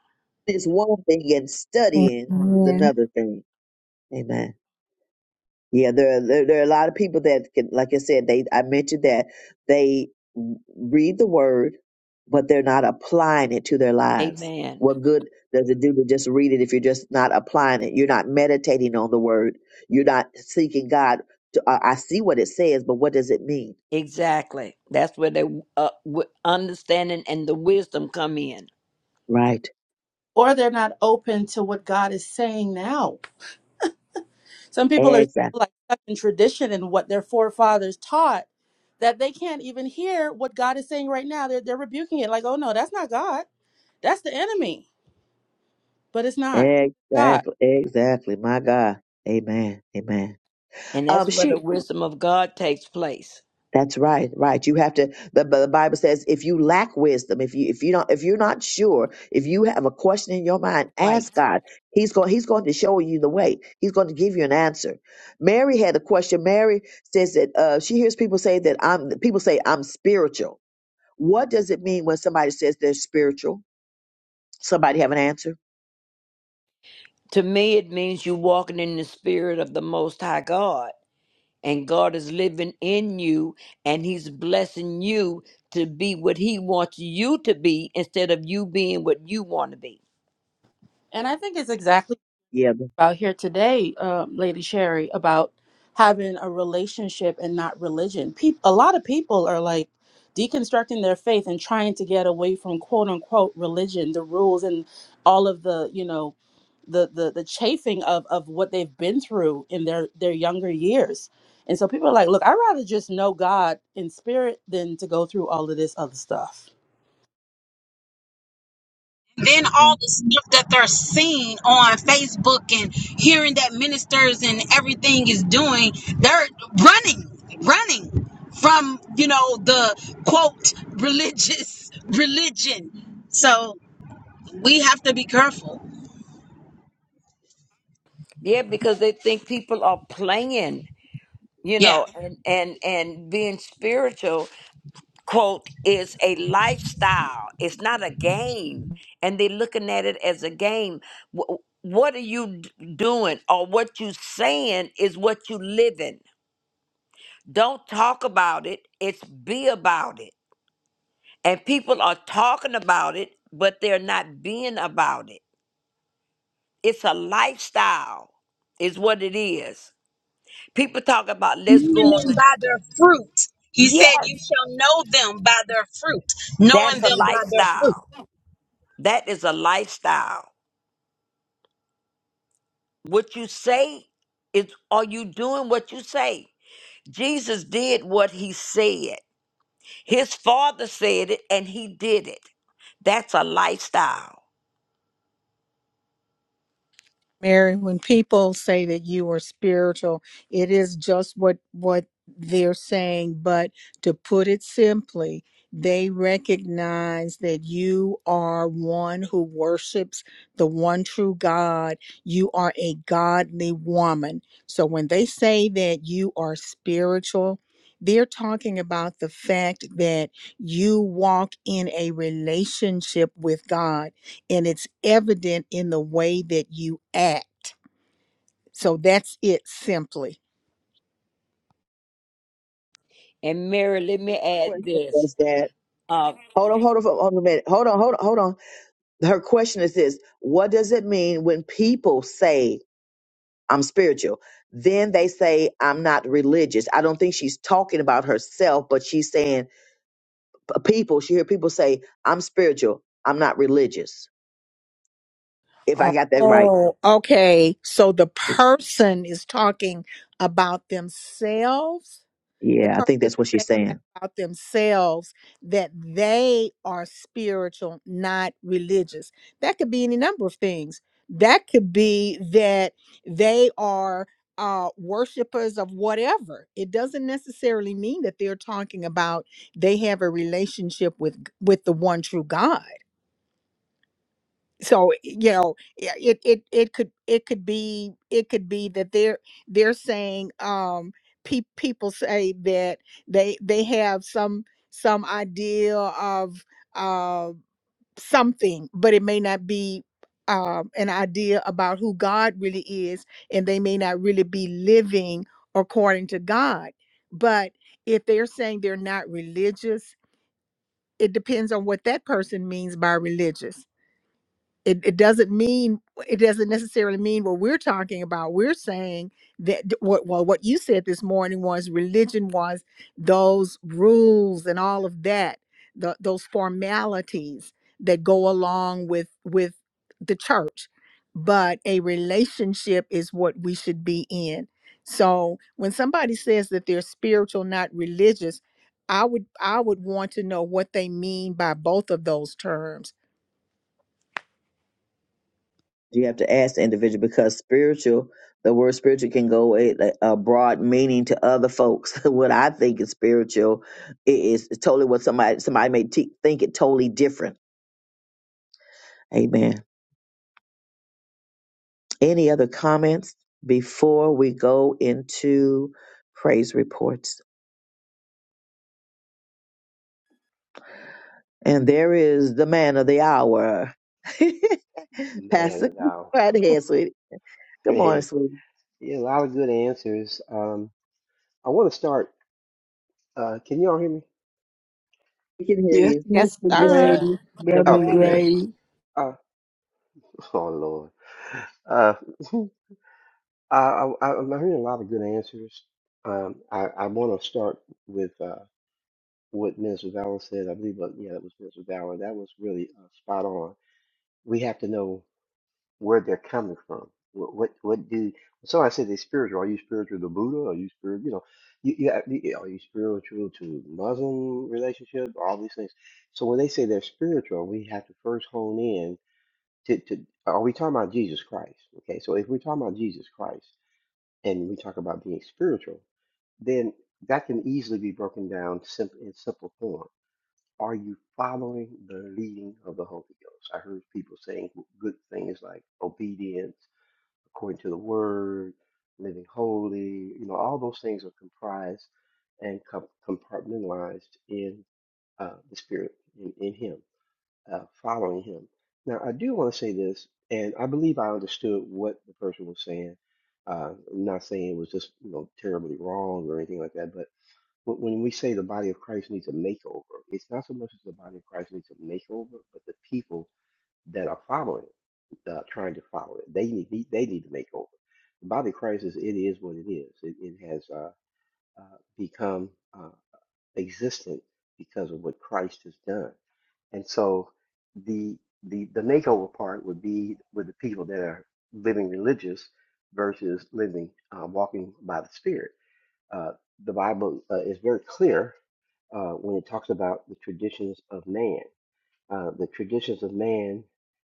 S8: It's one thing, and studying is
S1: amen
S8: another thing. Amen. Yeah, there are, there, there are a lot of people that can, like I said, they I mentioned that they read the word, but they're not applying it to their lives.
S13: Amen.
S8: What good does it do to just read it if you're just not applying it? You're not meditating on the word. You're not seeking God. To, I I see what it says, but what does it mean?
S13: Exactly. That's where the uh, w- understanding and the wisdom come in.
S8: Right.
S3: Or they're not open to what God is saying now. Some people are so,
S8: Exactly.
S3: like stuck in tradition and what their forefathers taught that they can't even hear what God is saying right now. They're they're rebuking it like, oh no, that's not God. That's the enemy. But it's not God.
S8: Exactly, exactly. My God. Amen. Amen.
S13: And
S8: Um
S13: that's where
S8: she
S13: the wisdom of God takes place.
S8: that's right, right. You have to the, the Bible says if you lack wisdom, if you if you don't if you're not sure, if you have a question in your mind,
S13: Right.
S8: ask God. He's going he's going to show you the way. He's going to give you an answer. Mary had a question. Mary says that uh she hears people say that I'm people say I'm spiritual. What does it mean when somebody says they're spiritual? Somebody have an answer?
S13: To me, it means you walking in the spirit of the Most High God, and God is living in you, and He's blessing you to be what He wants you to be instead of you being what you want to be.
S3: And I think it's exactly
S8: Yeah.
S3: about here today, um, Lady Sherry, about having a relationship and not religion. Peop a lot of people are like deconstructing their faith and trying to get away from quote unquote religion, the rules and all of the you know the the the chafing of of what they've been through in their their younger years and so people are like look i'd rather just know god in spirit than to go through all of this other stuff
S14: then
S8: Amen.
S14: all the stuff that they're seeing on Facebook and hearing that ministers and everything is doing, they're running, running from, you know, the quote religious religion. So we have to be careful.
S13: Yeah, because they think people are playing, you
S14: Yeah.
S13: know, and and and being spiritual quote is a lifestyle. It's not a game, and they're looking at it as a game. Wh- What are you d- doing, or what you saying is what you living Don't talk about it, it's be about it. And people are talking about it, but they're not being about it. It's a lifestyle, is what it is. People talk about let's go on
S14: Knowing them
S13: the
S14: by their fruit. He said,
S13: Yes,
S14: You shall know them by their fruit. Knowing
S13: that's a
S14: them by their fruit.
S13: lifestyle. That is a lifestyle. What you say is are you doing what you say? Jesus did what he said. His father said it and he did it. That's a lifestyle.
S1: Mary, when people say that you are spiritual, it is just what what they're saying, but to put it simply, they recognize that you are one who worships the one true God. You are a godly woman. So when they say that you are spiritual, they're talking about the fact that you walk in a relationship with God and it's evident in the way that you act. So that's it simply.
S13: And Mary, let me add
S8: Question
S13: this.
S8: was that
S13: Uh,
S8: Hold on, hold on, hold on a minute. Hold on, hold on, hold on. Her question is this What does it mean when people say, I'm spiritual? Then they say, I'm not religious. I don't think she's talking about herself, but she's saying, p- people, she hear people say, I'm spiritual, I'm not religious. If I got that right.
S1: Oh, okay. So the person is talking about themselves the
S8: Yeah, I
S1: person
S8: think
S1: is
S8: that's what she's
S1: saying that
S8: saying.
S1: about themselves that they are spiritual not religious that could be any number of things that could be that they are uh worshipers of whatever it doesn't necessarily mean that they're talking about they have a relationship with with the one true god so you know yeah, it it it could it could be it could be that they're they're saying um pe- people say that they they have some some idea of uh something but it may not be um an idea about who God really is and they may not really be living according to God but if they're saying they're not religious it depends on what that person means by religious it, it doesn't mean it doesn't necessarily mean what we're talking about we're saying that th- what well what you said this morning was religion was those rules and all of that the, those formalities that go along with with the church but a relationship is what we should be in so when somebody says that they're spiritual not religious i would i would want to know what they mean by both of those terms
S8: You have to ask the individual because spiritual, the word spiritual can go a, a broad meaning to other folks. what I think is spiritual i- is totally what somebody somebody may te- think it totally different. Amen. Any other comments before we go into praise reports? And there is the man of the hour,
S2: Man,
S8: Pastor.
S2: and
S8: Go
S2: now,
S8: right ahead, sweetie. Come on,
S2: hey,
S8: sweetie.
S2: yeah, a lot of good answers. Um, I want to start. Uh, can y'all hear me?
S8: We can hear
S15: Yes,
S8: you.
S1: Yes,
S15: Mr.
S13: yes,
S1: sir.
S13: sir.
S15: Grady,
S13: Good
S15: Reverend
S2: Okay,
S13: morning.
S2: good.
S15: Grady.
S2: Uh, oh Lord. Uh, I, I, I'm hearing a lot of good answers. Um, I, I want to start with uh, what Minister Valen said. I believe, uh, yeah, that was Minister Valen. That was really uh, spot on. We have to know where they're coming from. What, what, what do? So I said they're spiritual. Are you spiritual to Buddha? Are you spiritual? You know, you, you, have- you- are you spiritual to Muslim relationship? All these things. So when they say they're spiritual, we have to first hone in to, to are we talking about Jesus Christ? Okay, so if we're talking about Jesus Christ and we talk about being spiritual, then that can easily be broken down simple, in simple form. Are you following the leading of the Holy Ghost? I heard people saying g- good things like obedience, according to the word, living holy. You know, all those things are comprised and com- compartmentalized in uh, the Spirit, in, in Him uh, following him. Now, I do want to say this, and I believe I understood what the person was saying. Uh, I'm not saying it was just you know terribly wrong or anything like that, but wh- when we say the body of Christ needs a makeover, it's not so much as the body of Christ needs a makeover, but the people that are following it, uh, trying to follow it, they need they they need to make over. The body of Christ is it is what it is. It, it has uh, uh, become uh, existent because of what Christ has done. And so the the the makeover part would be with the people that are living religious versus living uh, walking by the Spirit. Uh, the Bible uh, is very clear uh, when it talks about the traditions of man. Uh, the traditions of man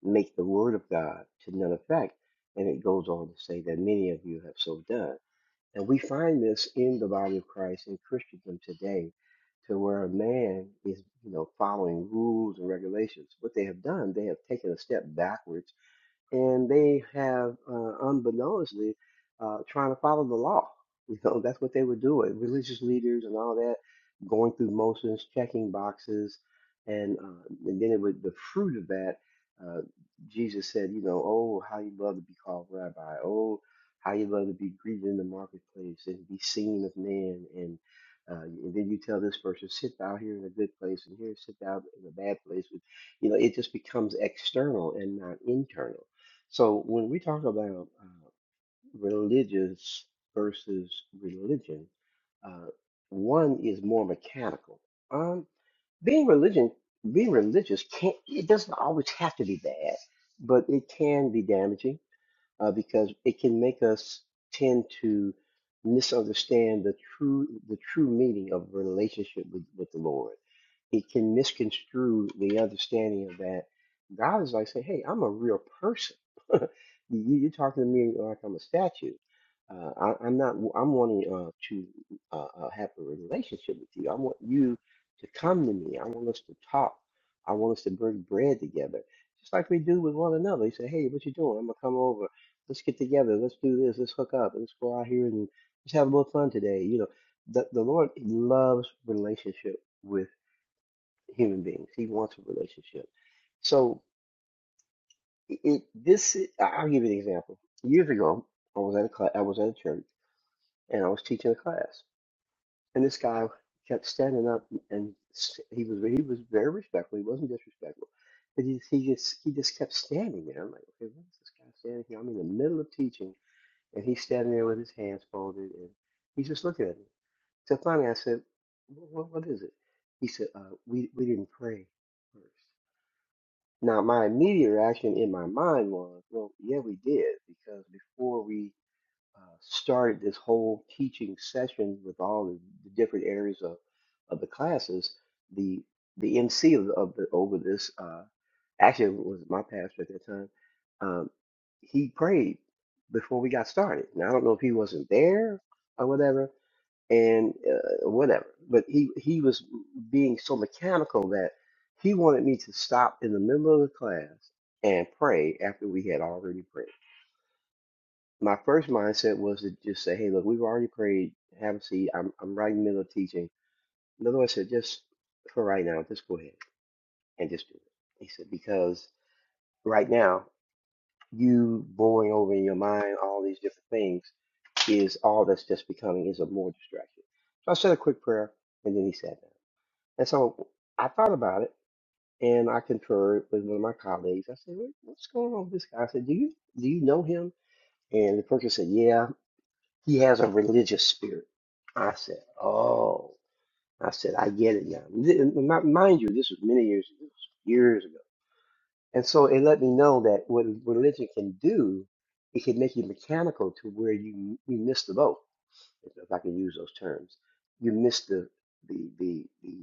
S2: make the word of God to none effect, and it goes on to say that many of you have so done. And we find this in the body of Christ in Christendom today, to where a man is, you know, following rules and regulations. What they have done, they have taken a step backwards and they have, uh, unbeknownstly, uh, trying to follow the law. You know, that's what they were doing. Religious leaders and all that, going through motions, checking boxes, and uh, and then it would the fruit of that. Uh, Jesus said, you know, oh how you love to be called rabbi, oh how you love to be greeted in the marketplace and be seen of man, and uh, and then you tell this person, sit down here in a good place, and here sit down in a bad place. You know, it just becomes external and not internal so when we talk about uh, religious versus religion, uh, one is more mechanical. Um, being religion, being religious can't, it doesn't always have to be bad, but it can be damaging uh, because it can make us tend to misunderstand the true the true meaning of relationship with, with the Lord. It can misconstrue the understanding of that God is like saying, "Hey, I'm a real person. you, you're talking to me like I'm a statue. Uh, I, I'm not. I'm wanting uh, to uh, uh, have a relationship with you. I want you to come to me. I want us to talk. I want us to break bread together." Just like we do with one another. He said, Hey, what you doing? I'm gonna come over let's get together, let's do this, let's hook up, let's go out here and just have a little fun today. You know, the the Lord loves relationship with human beings. He wants a relationship. So it, this i- I'll give you an example. Years ago, I was at a class, I was at a church, and I was teaching a class, and this guy kept standing up and s- he was he was very respectful. He wasn't disrespectful. But he, he just he just kept standing there. I'm like, okay, what is this guy standing here? I'm in the middle of teaching And he's standing there with his hands folded, and he's just looking at me. So finally, I said, "What, what is it?" He said, uh, "We we didn't pray first. Now, my immediate reaction in my mind was, "Well, yeah, we did, because before we." uh, started this whole teaching session with all the, the different areas of, of the classes, the the MC of, of the over this uh, actually it was my pastor at that time. Um, he prayed before we got started. Now I don't know if he wasn't there or whatever, and uh, whatever. But he he was being so mechanical that he wanted me to stop in the middle of the class and pray after we had already prayed my first mindset was to just say, hey, look, we've already prayed. Have a seat. I'm, I'm right in the middle of teaching. Another one said, just for right now, just go ahead and just do it. He said, because right now, you boring over in your mind all these different things is all that's just becoming is a more distraction. So I said a quick prayer, and then he sat down. And so I thought about it, and I conferred with one of my colleagues. I said, "What- what's going on with this guy? I said, do you do you know him? And the person said, yeah. He has a religious spirit. I said, oh. I said, I get it now. Th- m- Mind you, this was many years, this was years ago. And so it let me know that what religion can do, it can make you mechanical to where you you miss the boat, if if I can use those terms. You miss the the the the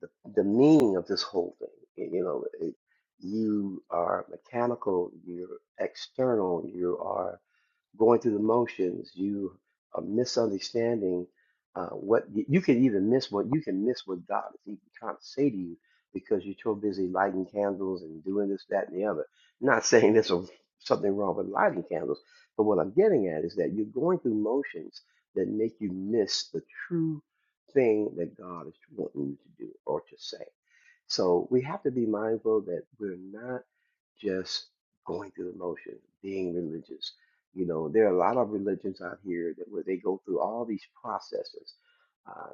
S2: the, the meaning of this whole thing. You know, it, you are mechanical, you're external, you are going through the motions, you are misunderstanding uh, what you, you can even miss what you can miss what God is even trying to say to you because you're so busy lighting candles and doing this, that, and the other. Not saying there's a, something wrong with lighting candles, but what I'm getting at is that you're going through motions that make you miss the true thing that God is wanting you to do or to say. So we have to be mindful that we're not just going through the motions, being religious. You know, there are a lot of religions out here that where they go through all these processes, um,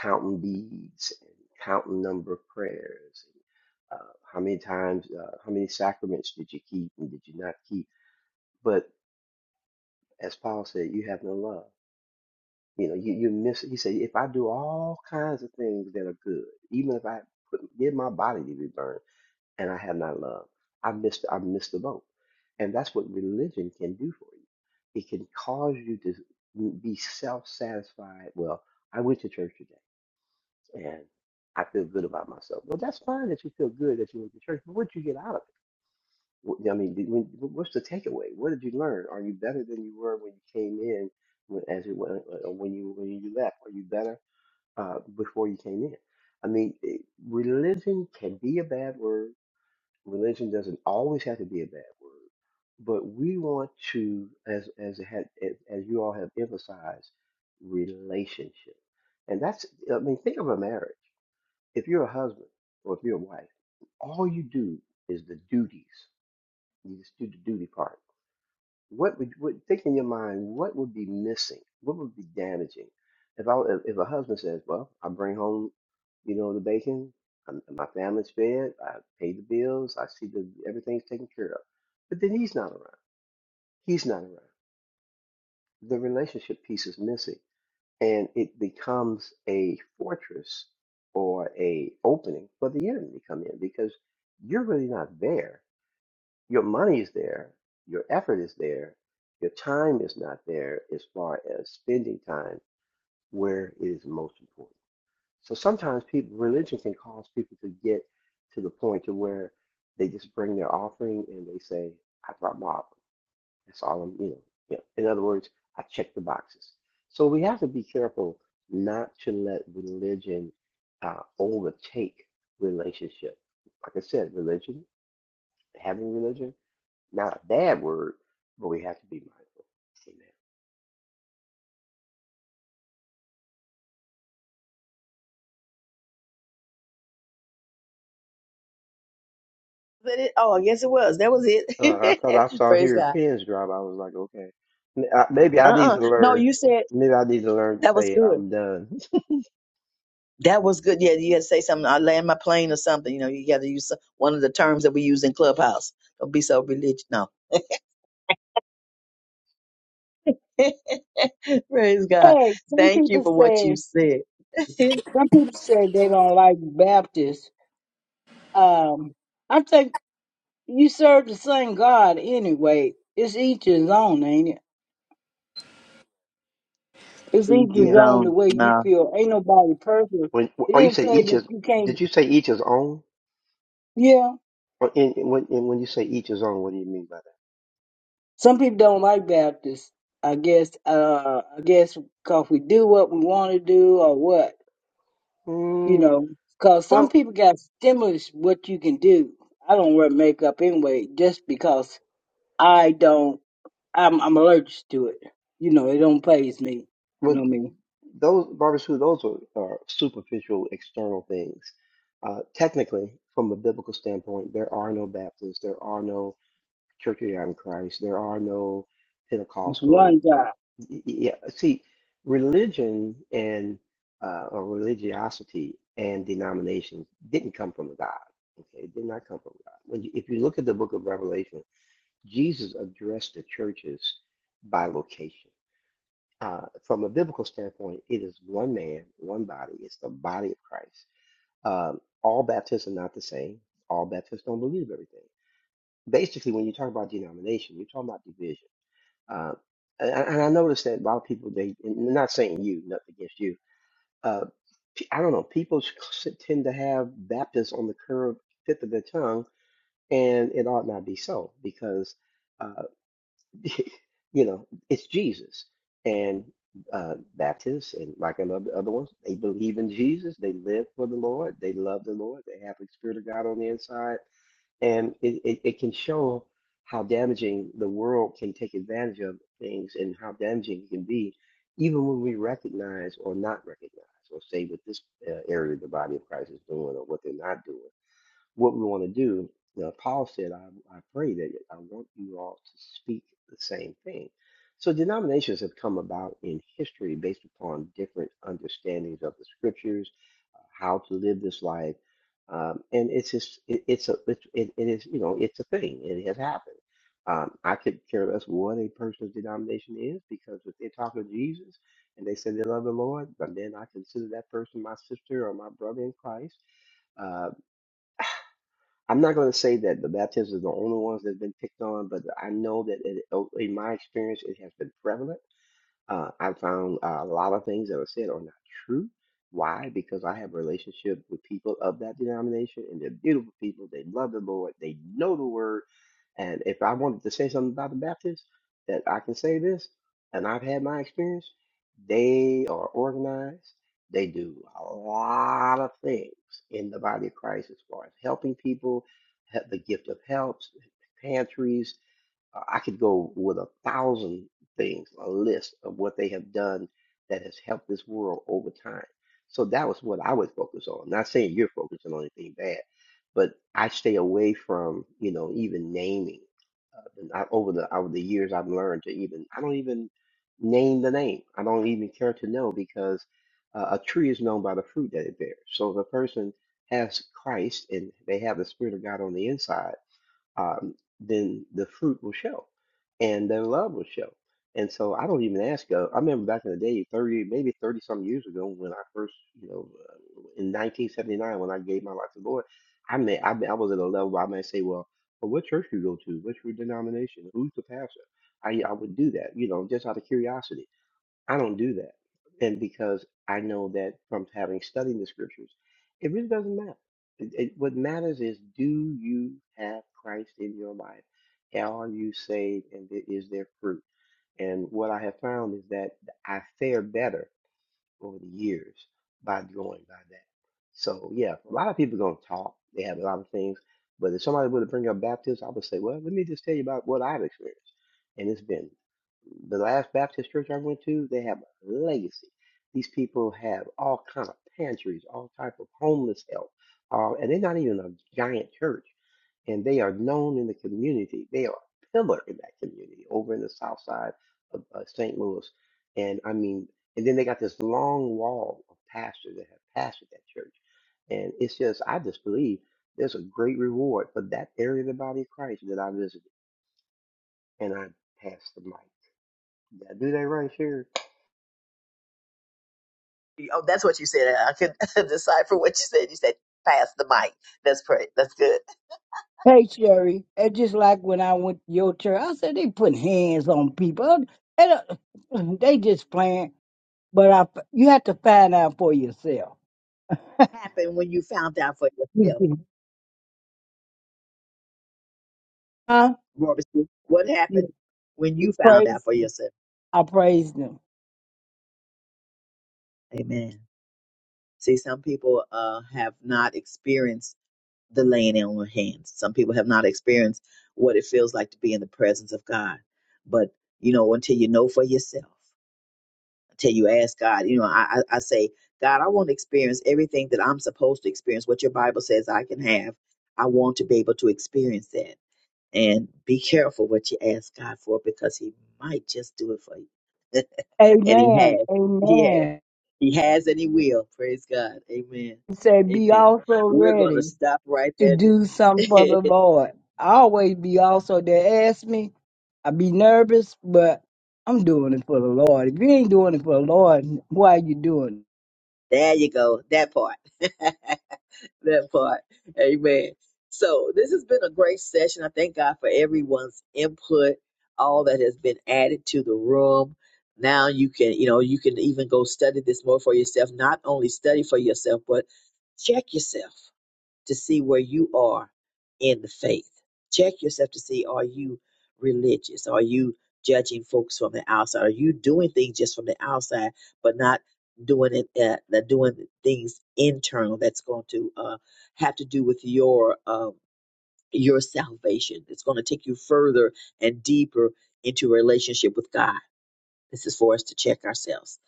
S2: counting beads and counting number of prayers, and, uh, how many times, uh, how many sacraments did you keep and did you not keep? But as Paul said, you have no love. You know, you, you miss, he said, if I do all kinds of things that are good, even if I put, give my body to be burned and I have not love, I missed, I missed the boat. And that's what religion can do for you. It can cause you to be self-satisfied. Well, I went to church today and I feel good about myself. Well, that's fine that you feel good that you went to church, but what did you get out of it? Wh- I mean, did- when, what's the takeaway? What did you learn? Are you better than you were when you came in when- as it went, or when you when you left? Are you better? uh, before you came in. I mean, it, religion can be a bad word. Religion doesn't always have to be a bad word, but we want to, as as it had, as, as you all have emphasized, relationship, and that's. I mean, think of a marriage. If you're a husband or if you're a wife, all you do is the duties. You just do the duty part what would, would think in your mind? What would be missing? What would be damaging? If I if if a husband says, "Well, I bring home, you know, the bacon, and my family's fed, I pay the bills, I see that everything's taken care of," but then he's not around. He's not around. The relationship piece is missing, and it becomes a fortress or a opening for the enemy to come in because you're really not there your money is there, your effort is there, your time is not there as far as spending time where it is most important. So sometimes people religion can cause people to get to the point to where they just bring their offering and they say, I brought my offering. That's all I'm, you know. yeah." In other words, I checked the boxes. So we have to be careful not to let religion uh, overtake relationship. Like I said, religion, having religion not a bad word, but we have to be mindful.
S8: Was that it? Oh, yes, it was. That was
S2: Amen. Uh, I
S8: it.
S2: thought I saw
S8: praise
S2: hearing
S8: God.
S2: pins drop. I was like, okay, M- I- maybe I need
S8: Uh-uh.
S2: to
S8: No,
S2: learn.
S8: you said
S2: Maybe I need to learn to
S8: that was
S2: say
S8: good.
S2: I'm done.
S8: That was good. Yeah, you had to say something. I land my plane or something. You know, you got to use some- one of the terms that we use in Clubhouse. Don't be so religious. No. Praise God.
S15: Hey, some
S8: Thank you
S15: people
S8: for what you
S15: say
S8: said.
S15: some people say they don't like Baptists. Um, I think you serve the same God anyway. It's each his own, ain't it? It's each his
S2: Yes.
S15: own the
S8: Zone.
S15: way you
S8: No.
S15: feel. Ain't nobody perfect.
S2: When
S15: It
S2: or you
S15: didn't
S2: say
S15: say
S2: each
S15: that
S2: is
S15: you can't.
S2: did you say each is own?
S15: Yeah,
S2: Or in, in- when in, when you say each is own, what do you mean by that?
S15: some people don't like Baptists. I guess. Uh, I guess because we do what we want to do or what. you
S2: Mm,
S15: know, cause some
S2: well,
S15: people got stimulus what you can do. I don't wear makeup anyway, just because I don't. I'm I'm allergic to it. You know, it don't phase me. You know
S2: with
S15: what I mean?
S2: those barbecue, those are, are superficial external things. Uh, technically, from a biblical standpoint, there are no Baptists, there are no Church of the God Christ. There are no
S15: It's
S2: Pentecostal.
S15: one job.
S2: Yeah, see, religion and uh, or religiosity and denominations didn't come from God. Okay, it did not come from God. When you, if you look at the Book of Revelation, Jesus addressed the churches by location. Uh, from a biblical standpoint, it is one man, one body. It's the body of Christ. Um, all Baptists are not the same. All Baptists don't believe everything basically when you talk about denomination, you're talking about division. Uh, and, and I noticed that a lot of people, they and I'm not saying you, nothing against you. Uh, pe- I don't know. People s- tend to have Baptists on the curve, tip of their tongue, and it ought not be so because, uh, you know, it's Jesus and uh, Baptists and like I love the other ones. They believe in Jesus. They live for the Lord. They love the Lord. They have the Spirit of God on the inside and it, it, it can show how damaging the world can take advantage of things and how damaging it can be, even when we recognize or not recognize, or say what this uh, area of the body of Christ is doing or what they're not doing what we want to do. Now, Paul said, I, I pray that I want you all to speak the same thing. So, denominations have come about in history based upon different understandings of the scriptures, uh, how to live this life. Um, and it's just, it, it's a, it, it, it is, you know, it's a thing. It has happened. Um, I could care less what a person's denomination is because if they're talking to Jesus and they say they love the Lord, then I consider that person my sister or my brother in Christ uh, I'm not going to say that the Baptists are the only ones that have been picked on, but I know that it, in my experience, it has been prevalent. Uh, I found uh, a lot of things that are said are not true. Why? Because I have a relationship with people of that denomination, and they're beautiful people. They love the Lord. They know the word. And if I wanted to say something about the Baptists, that I can say this, and I've had my experience, they are organized. They do a lot of things in the body of Christ as far as helping people, he- the gift of helps, pantries, uh, I could go with a thousand things, a list of what they have done that has helped this world over time. So that was what I would focus on. Not saying you're focusing on anything bad, but I stay away from, you know, even naming. Uh, and I, over the over the years, I've learned to even I don't even name the name. I don't even care to know because uh, a tree is known by the fruit that it bears. So if a person has Christ and they have the Spirit of God on the inside um, then the fruit will show, and then love will show. And so I don't even ask. Uh, I remember back in the day, thirty, maybe thirty some years ago, when I first, you know, uh, in 1979, when I gave my life to the Lord, I may, I, may- I was at a level where I might say, well, well, what church do you go to? What's your denomination? Who's the pastor? I, I would do that, you know, just out of curiosity. I don't do that. And because I know that from having studied the scriptures, it really doesn't matter. It, it, what matters is do you have Christ in your life? Are you saved? And i- is there fruit? And what I have found is that I fare better over the years by going by that. So yeah, a lot of people gonna talk. They have a lot of things, but if somebody were to bring up baptism, I would say, well, let me just tell you about what I've experienced. And it's been the last Baptist church I went to. They have a legacy. These people have all kind of pantries, all type of homeless help, uh, and they're not even a giant church and they are known in the community. They are a pillar in that community over in the south side of uh, St. Louis. And I mean, and then they got this long wall of pastors that have pastored that church. And it's just, I just believe there's a great reward for that area of the body of Christ that I visited. And I passed the mic. Did I do that right here?
S8: Oh, that's what you said. I could decipher what you said. You said pass the mic. That's pray. That's good.
S15: Hey Sherry, it's just like when I went to your church. I said they put hands on people. And, uh, they just playing. But I, you have to find out for yourself.
S8: What happened when you found out for yourself,
S15: Mhm. Huh?
S8: Robinson? What happened
S15: You
S8: when you found out
S15: praise.
S8: for yourself?
S15: I praise them.
S8: Amen. See, some people uh, have not experienced the laying on of hands. Some people have not experienced what it feels like to be in the presence of God. But you know, until you know for yourself, until you ask God, you know, I, I, I say, God, I want to experience everything that I'm supposed to experience. What your Bible says I can have, I want to be able to experience that. And be careful what you ask God for because He might just do it for you, and He has.
S15: Amen.
S8: He has.
S15: Amen.
S8: He has and he will. Praise God. Amen.
S15: say, be
S8: Amen.
S15: also
S8: We're going to
S15: ready
S8: stop right
S15: to
S8: there.
S15: do something for the Lord. I always be also there. ask me. I be nervous, but I'm doing it for the Lord. If you ain't doing it for the Lord, why are you doing it?
S8: there you go. That part. that part. Amen. So this has been a great session. I thank God for everyone's input, all that has been added to the room. Now you can, you know, you can even go study this more for yourself. Not only study for yourself, but check yourself to see where you are in the faith. Check yourself to see are you religious? Are you judging folks from the outside? Are you doing things just from the outside, but not doing it, uh, not doing things internal that's going to uh, have to do with your um, your salvation? It's going to take you further and deeper into a relationship with God. This is for us to check ourselves.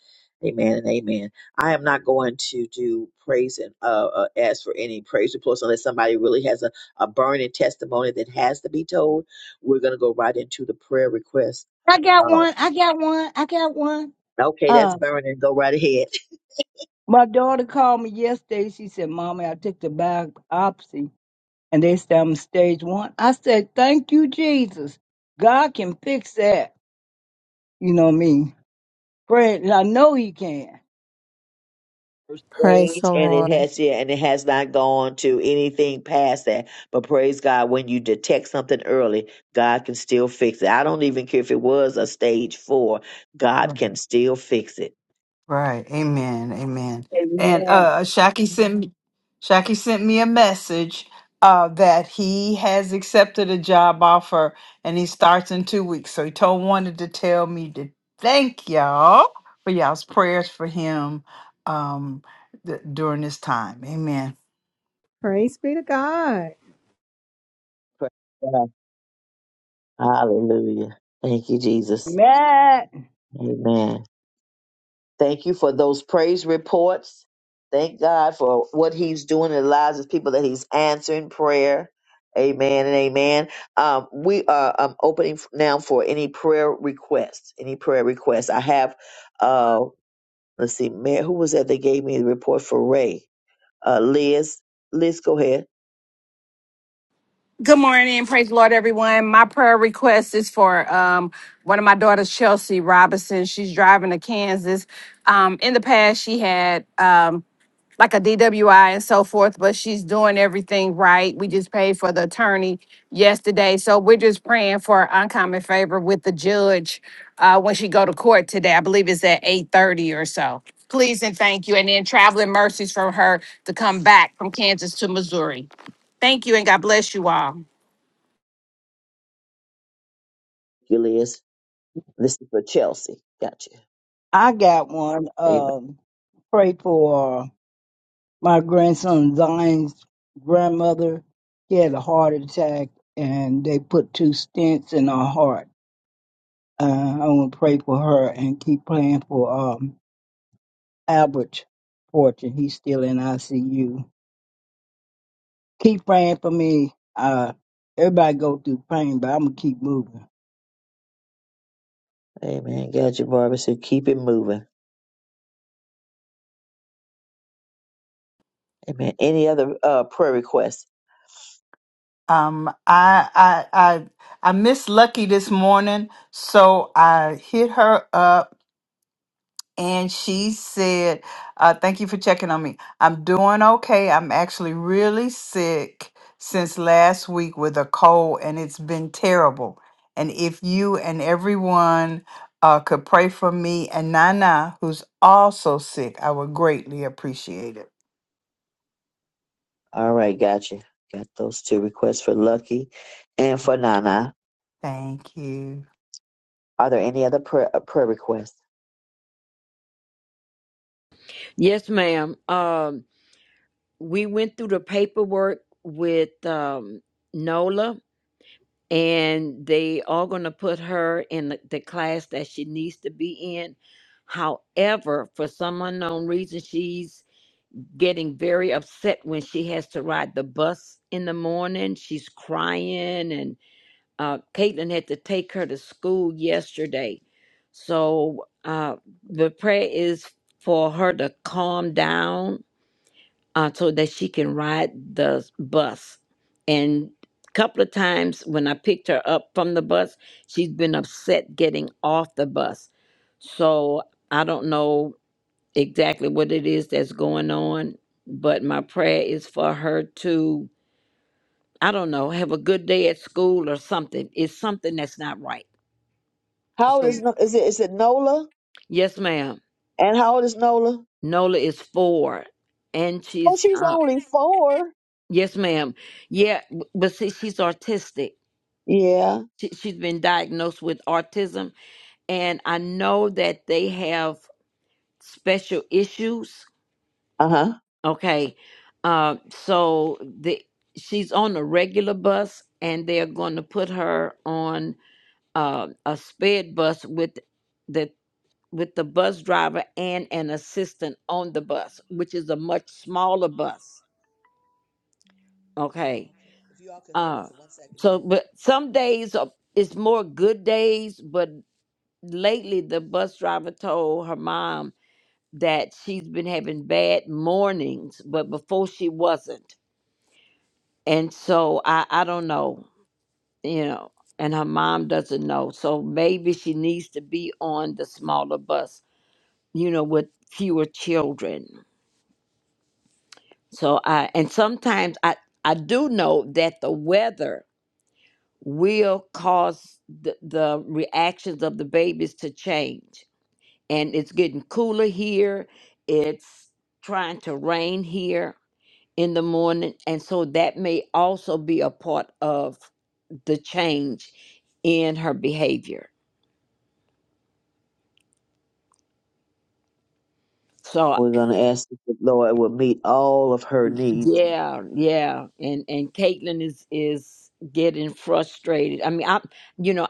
S8: Amen and amen. I am not going to do praise and uh, uh, ask for any praise reports unless somebody really has a, a burning testimony that has to be told. We're going to go right into the prayer request.
S15: I got
S8: Oh,
S15: one. I got one. I got one.
S8: okay, that's
S15: Uh,
S8: burning. Go right ahead.
S15: my daughter called me yesterday. She said, Mommy, I took the biopsy and they said I'm stage one. I said, Thank you, Jesus. God can fix that. You know me. Pray. I know He can.
S1: Praise
S8: Stage
S1: the
S8: and it
S1: Lord.
S8: has yeah, and it has not gone to anything past that. But praise God, when you detect something early, God can still fix it. I don't even care if it was a stage four. God can still fix it.
S10: Right. Amen. Amen. And
S15: Amen.
S10: uh Shaki sent me Shaki sent me a message uh that he has accepted a job offer and he starts in two weeks. So he told wanted to tell me to thank y'all for y'all's prayers for him um th- during this time. Amen.
S1: Praise be to God.
S8: Praise God. Hallelujah. Thank you, Jesus.
S15: Matt,
S8: Amen. Thank you for those praise reports. Thank God for what He's doing in the lives of people that He's answering prayer. Amen and amen. Um, we are um, opening f- now for any prayer requests. Any prayer requests? I have. Uh, let's see, Mary, who was that? They gave me the report for Ray. Uh, Liz, Liz, go ahead.
S16: Good morning. Praise the Lord, everyone. My prayer request is for um, one of my daughters, Chelsea Robinson. She's driving to Kansas. Um, in the past, she had um, like a DWI and so forth, but she's doing everything right. We just paid for the attorney yesterday. So we're just praying for uncommon favor with the judge uh, when she go to court today. I believe it's at 8.30 or so. Please and thank you. And then traveling mercies for her to come back from Kansas to Missouri. Thank you and God bless you all.
S8: You, Liz. This is for Chelsea. Gotcha.
S15: I got one.
S8: Amen.
S15: Um, pray for my grandson Zion's grandmother. She had a heart attack, and they put two stents in her heart. Uh, I want to pray for her and keep praying for um Albert Fortune. He's still in ICU. Keep praying for me. Uh, everybody go through pain, but I'm gonna keep moving.
S8: Amen. Gotcha, Barbara. So keep it moving. Amen. Any other uh, prayer requests?
S10: Um, I I I I missed Lucky this morning, so I hit her up and she said, uh, "Thank you for checking on me. I'm doing okay. I'm actually really sick since last week with a cold, and it's been terrible. And if you and everyone uh, could pray for me and Nana, who's also sick, I would greatly appreciate it.
S8: All right, gotcha. Got those two requests for Lucky and for Nana.
S10: Thank you."
S8: Are there any other prayer, uh, prayer requests?
S13: Yes, ma'am. Um, we went through the paperwork with um, Nola, and they are going to put her in the, the class that she needs to be in. However, for some unknown reason, she's getting very upset when she has to ride the bus in the morning. She's crying and Uh, Caitlin had to take her to school yesterday. So uh, the prayer is for her to calm down uh, so that she can ride the bus. And a couple of times when I picked her up from the bus, she's been upset getting off the bus. So I don't know exactly what it is that's going on, but my prayer is for her to, I don't know, have a good day at school or something. It's something that's not right.
S8: How old
S13: So
S8: is No- is it? Is it Nola?
S13: yes, ma'am.
S8: And how old is Nola?
S13: Nola is four, and
S8: Oh,
S13: she's
S8: she's
S13: uh,
S8: only four.
S13: yes, ma'am. Yeah, b- but see, she's autistic.
S8: Yeah.
S13: She, she's been diagnosed with autism, and I know that they have special issues.
S8: Uh huh.
S13: Okay, uh, so the she's on a regular bus, and they're going to put her on uh, a sped bus with. that with the bus driver and an assistant on the bus, which is a much smaller bus. Okay. Uh so but some days are- it's more good days, but lately the bus driver told her mom that she's been having bad mornings, but before she wasn't. And so I I don't know, you know, and her mom doesn't know. So maybe she needs to be on the smaller bus, you know, with fewer children. So I and sometimes I I do know that the weather will cause the, the reactions of the babies to change. And it's getting cooler here. It's trying to rain here in the morning and so that may also be a part of the change in her behavior. So
S8: We're gonna ask that the Lord will meet all of her needs
S13: yeah, yeah, and and Caitlin is is getting frustrated. I mean, I am you know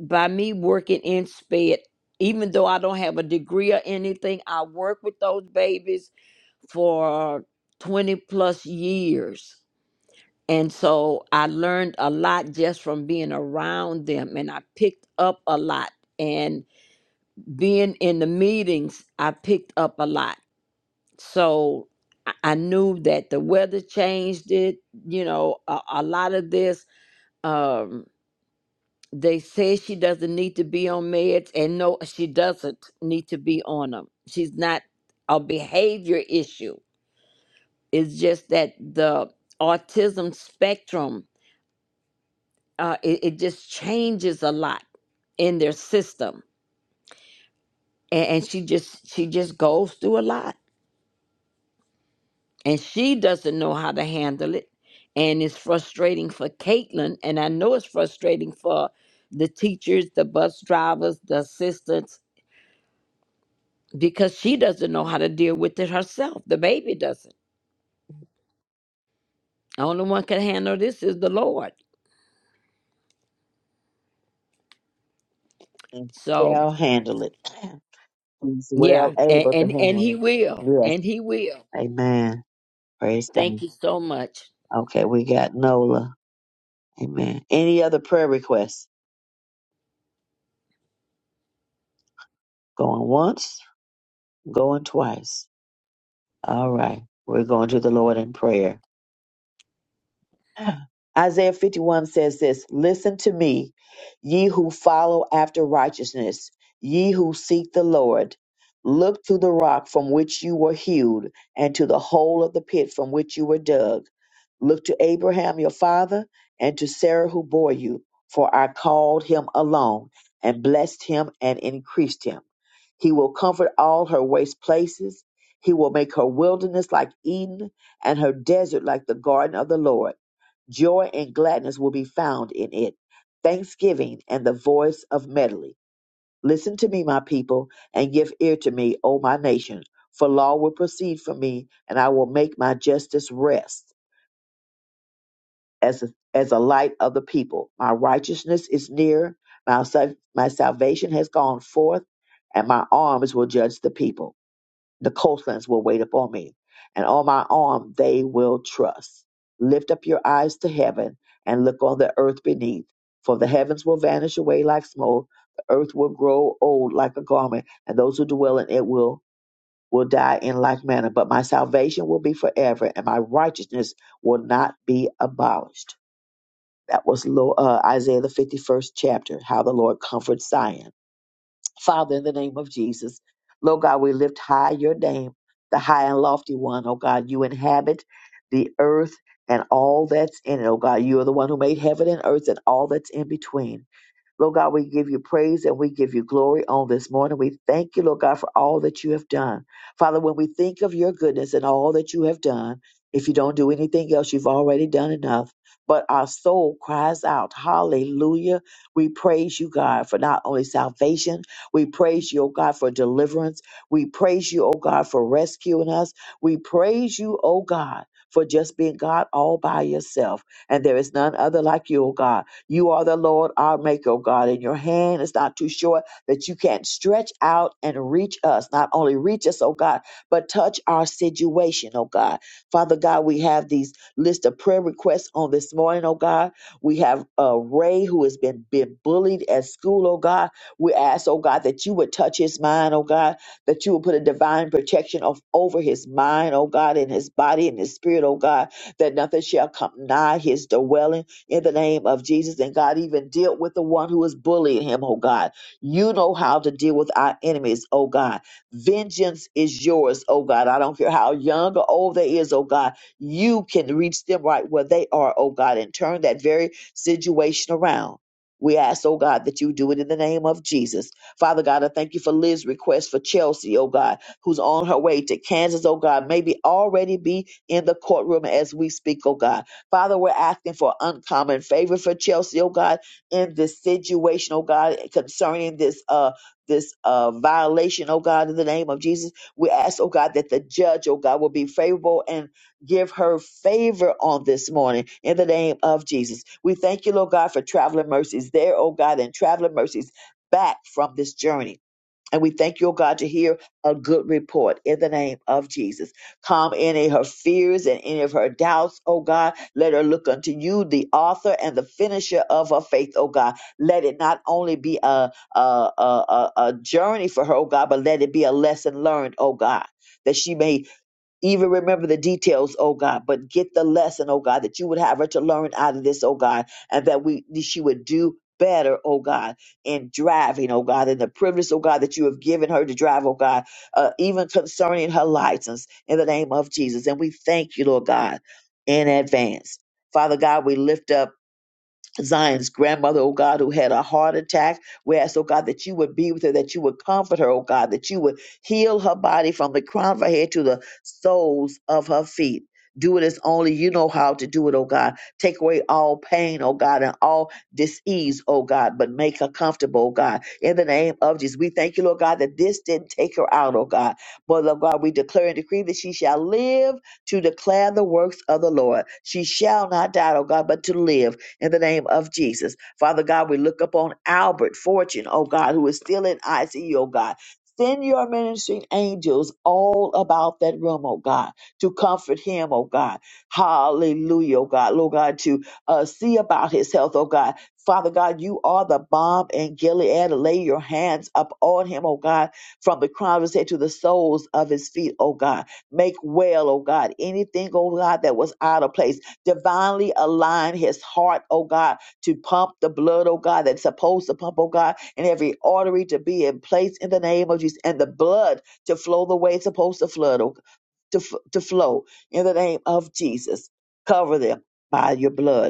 S13: by me working in sped even though i don't have a degree or anything i work with those babies for 20 plus years and so i learned a lot just from being around them and i picked up a lot and being in the meetings i picked up a lot so i I knew that the weather changed it you know a, a lot of this Um, They say she doesn't need to be on meds, and no, she doesn't need to be on them. She's not a behavior issue. It's just that the autism spectrum, uh, it, it just changes a lot in their system, and, and she just she just goes through a lot, and she doesn't know how to handle it, and it's frustrating for Caitlin, and I know it's frustrating for the teachers, the bus drivers, the assistants because she doesn't know how to deal with it herself. The baby doesn't. The only one can handle this is the Lord.
S8: and
S13: So
S8: shall handle it. She's well
S13: yeah, and
S8: able to
S13: and, and
S8: handle
S13: he
S8: it.
S13: will,
S8: Yes.
S13: and he will.
S8: Amen. Praise God.
S13: Thank you so much.
S8: Okay, we got Nola. Amen. Any other prayer requests? Going once, going twice. All right. We're going to the Lord in prayer. Isaiah 51 says this Listen to me, ye who follow after righteousness, ye who seek the Lord. Look to the rock from which you were hewed, and to the hole of the pit from which you were dug. Look to Abraham your father, and to Sarah who bore you, for I called him alone, and blessed him and increased him. He will comfort all her waste places. He will make her wilderness like Eden, and her desert like the garden of the Lord. Joy and gladness will be found in it, thanksgiving and the voice of medley. Listen to me, my people, and give ear to me, O my nation, for law will proceed from me, and I will make my justice rest as a, as a light of the people. My righteousness is near, my, sal- my salvation has gone forth, and my arms will judge the people the coastlands will wait upon me, and on my arm they will trust. Lift up your eyes to heaven and look on the earth beneath, for the heavens will vanish away like smoke, the earth will grow old like a garment, and those who dwell in it will will die in like manner. But my salvation will be forever, and my righteousness will not be abolished. That was Lo- uh, Isaiah the fifty-first chapter, how the Lord comforts Zion. Father, in the name of Jesus, Lord God, we lift high your name, the high and lofty one. Oh God, you inhabit the earth and all that's in it. Oh God, you are the one who made heaven and earth and all that's in between. Lord God, we give you praise and we give you glory on this morning. We thank you, Lord God, for all that you have done. Father, when we think of your goodness and all that you have done, if you don't do anything else, you've already done enough. But our soul cries out, Hallelujah. We praise you, God, for not only salvation, we praise you, oh God, for deliverance. We praise you, oh God, for rescuing us. We praise you, oh God, for just being God all by yourself. And there is none other like you, oh God. You are the Lord our Maker, O God, and your hand is not too short that you can't stretch out and reach us. Not only reach us, oh God, but touch our situation, oh God. Father God, we have these list of prayer requests on this morning, oh God. We have uh, Ray who has been, been bullied at school, oh God. We ask, oh God, that you would touch his mind, oh God, that you would put a divine protection of over his mind, oh God, and his body and his spirit, oh God, that nothing shall come nigh his dwelling in the name of Jesus. And God, even deal with the one who is bullying him, oh God. You know how to deal with our enemies, oh God. Vengeance is yours, oh God. I don't care how young or old they is, oh God. You can reach them right where they are, oh God, and turn that very situation around. We ask, oh God, that you do it in the name of Jesus. Father God, I thank you for Liz's request for Chelsea, oh God, who's on her way to Kansas, oh God, maybe already be in the courtroom as we speak, oh God. Father, we're asking for uncommon favor for Chelsea, oh God, in this situation, oh God, concerning this uh this uh violation, oh God, in the name of Jesus. We ask, oh God, that the judge, oh God, will be favorable and give her favor on this morning in the name of Jesus. We thank you, Lord God, for traveling mercies there, oh God, and traveling mercies back from this journey and we thank you, oh God, to hear a good report in the name of Jesus. Calm any of her fears and any of her doubts, oh God. Let her look unto you, the author and the finisher of her faith, oh God. Let it not only be a, a, a, a a journey for her, oh God, but let it be a lesson learned, oh God. That she may even remember the details, oh God, but get the lesson, oh God, that you would have her to learn out of this, oh God, and that we she would do better, oh God, in driving, oh God, in the privilege, oh God, that you have given her to drive, oh God, uh, even concerning her license in the name of Jesus. And we thank you, Lord God, in advance. Father God, we lift up Zion's grandmother, oh God, who had a heart attack. We ask, oh God, that you would be with her, that you would comfort her, oh God, that you would heal her body from the crown of her head to the soles of her feet. Do it as only you know how to do it, oh God. Take away all pain, oh God, and all disease, oh God, but make her comfortable, oh God. In the name of Jesus, we thank you, Lord God, that this didn't take her out, oh God. But, Lord God, we declare and decree that she shall live to declare the works of the Lord. She shall not die, oh God, but to live in the name of Jesus. Father God, we look upon Albert Fortune, oh God, who is still in ICU, oh God. Send your ministering angels all about that room, oh God, to comfort him, oh God. Hallelujah, oh God. Lord God, to uh, see about his health, oh God. Father God, you are the bomb in Gilead. Lay your hands up on him, oh God, from the crown of his head to the soles of his feet, oh God. Make well, oh God, anything, oh God, that was out of place. Divinely align his heart, oh God, to pump the blood, oh God, that's supposed to pump, oh God, and every artery to be in place in the name of Jesus, and the blood to flow the way it's supposed to flood, oh, to, f- to flow in the name of Jesus. Cover them by your blood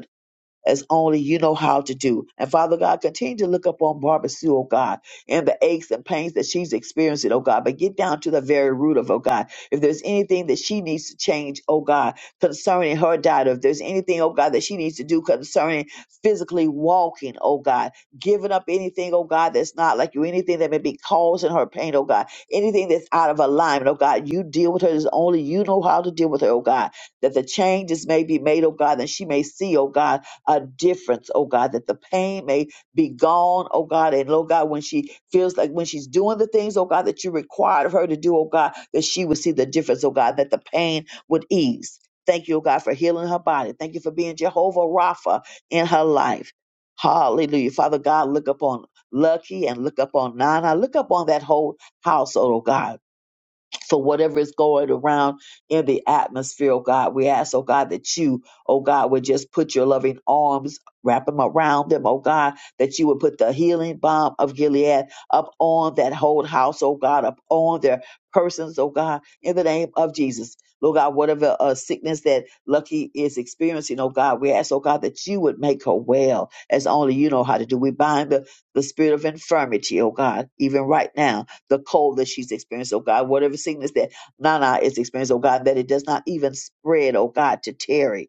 S8: as only you know how to do. And Father God, continue to look upon Barbara Sue, oh God, and the aches and pains that she's experiencing, oh God, but get down to the very root of, oh God. If there's anything that she needs to change, oh God, concerning her diet, or if there's anything, oh God, that she needs to do concerning physically walking, oh God, giving up anything, oh God, that's not like you, anything that may be causing her pain, oh God, anything that's out of alignment, oh God, you deal with her as only you know how to deal with her, oh God, that the changes may be made, oh God, and she may see, oh God, a difference, oh God, that the pain may be gone, oh God. And oh God, when she feels like when she's doing the things, oh God, that you required of her to do, oh God, that she would see the difference, oh God, that the pain would ease. Thank you, oh God, for healing her body. Thank you for being Jehovah Rapha in her life. Hallelujah. Father God, look upon Lucky and look upon Nana. Look upon that whole household, oh God for whatever is going around in the atmosphere, oh God. We ask, oh God, that you, oh God, would just put your loving arms, wrap them around them, oh God, that you would put the healing balm of Gilead up on that whole house, oh God, up on their persons, oh God, in the name of Jesus. Lord God, whatever uh, sickness that Lucky is experiencing, oh God, we ask, oh God, that you would make her well as only you know how to do. We bind the, the spirit of infirmity, oh God, even right now the cold that she's experienced, oh God, whatever sickness that Nana is experiencing, oh God, that it does not even spread, oh God, to Terry.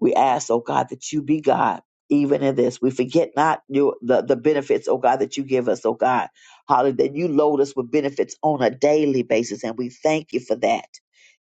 S8: We ask, oh God, that you be God even in this. We forget not your, the, the benefits, oh God, that you give us, oh God. Hallelujah. That you load us with benefits on a daily basis. And we thank you for that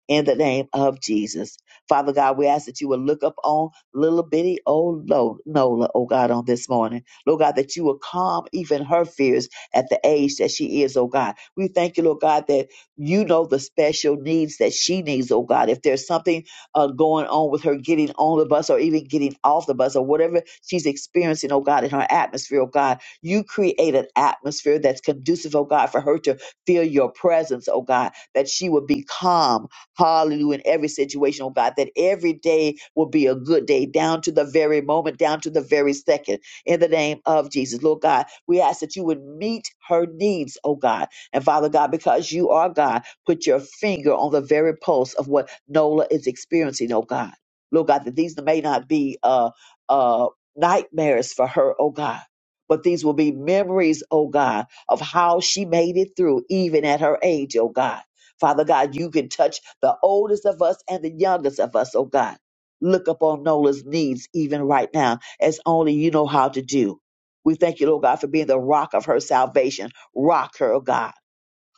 S8: in the name of Jesus. Father God, we ask that you will look up on little bitty old Lo- Nola, oh God, on this morning. Lord God, that you will calm even her fears at the age that she is, oh God. We thank you, Lord God, that you know the special needs that she needs, oh God. If there's something uh, going on with her getting on the bus or even getting off the bus or whatever she's experiencing, oh God, in her atmosphere, oh God. You create an atmosphere that's conducive, oh God, for her to feel your presence, oh God, that she would be calm, hallelujah, in every situation, oh God, that every day will be a good day, down to the very moment, down to the very second, in the name of Jesus. Lord God, we ask that you would meet her needs, oh God. And Father God, because you are God, Put your finger on the very pulse of what Nola is experiencing, oh God. Lord God, that these may not be uh, uh, nightmares for her, oh God, but these will be memories, oh God, of how she made it through even at her age, oh God. Father God, you can touch the oldest of us and the youngest of us, oh God. Look upon Nola's needs even right now, as only you know how to do. We thank you, Lord God, for being the rock of her salvation. Rock her, oh God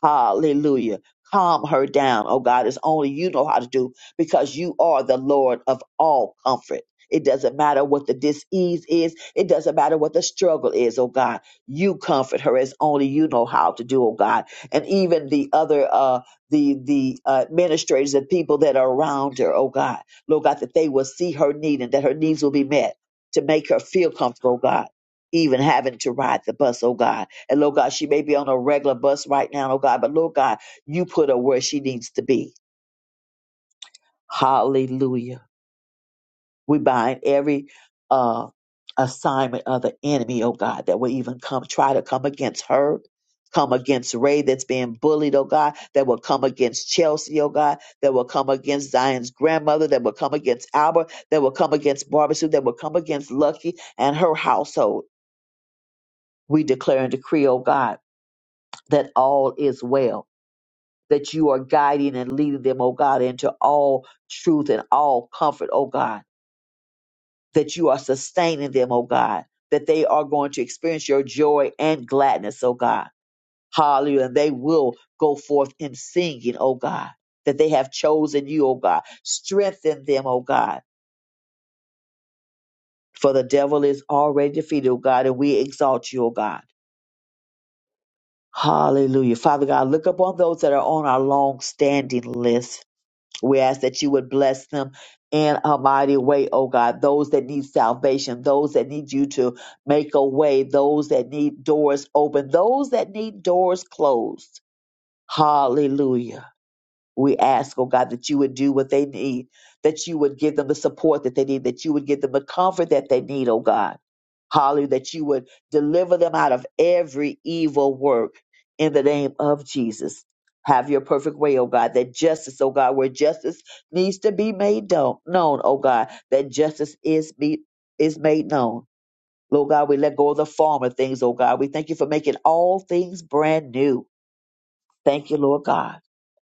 S8: Hallelujah. Calm her down, oh God. It's only you know how to do because you are the Lord of all comfort. It doesn't matter what the disease is. It doesn't matter what the struggle is, oh God. You comfort her as only you know how to do, oh God. And even the other, uh, the the uh, administrators and people that are around her, oh God, Lord God, that they will see her need and that her needs will be met to make her feel comfortable, oh God. Even having to ride the bus, oh God. And Lord God, she may be on a regular bus right now, oh God, but Lord God, you put her where she needs to be. Hallelujah. We bind every uh assignment of the enemy, oh God, that will even come try to come against her. Come against Ray that's being bullied, oh God, that will come against Chelsea, oh God, that will come against Zion's grandmother, that will come against Albert, that will come against Barbara Sue, that will come against Lucky and her household. We declare and decree, oh God, that all is well that you are guiding and leading them, oh God, into all truth and all comfort, oh God, that you are sustaining them, oh God, that they are going to experience your joy and gladness, oh God. Hallelujah. And they will go forth in singing, oh God, that they have chosen you, oh God. Strengthen them, oh God, for the devil is already defeated, oh God, and we exalt you, oh God. Hallelujah. Father God, look upon those that are on our long standing list. We ask that you would bless them in a mighty way, oh God. Those that need salvation, those that need you to make a way, those that need doors open, those that need doors closed. Hallelujah. We ask, oh God, that you would do what they need, that you would give them the support that they need, that you would give them the comfort that they need, oh God. Hallelujah, that you would deliver them out of every evil work in the name of Jesus. Have your perfect way, oh God, that justice, oh God, where justice needs to be made known, known, oh God, that justice is be, is made known. Lord God, we let go of the former things, oh God. We thank you for making all things brand new. Thank you, Lord God.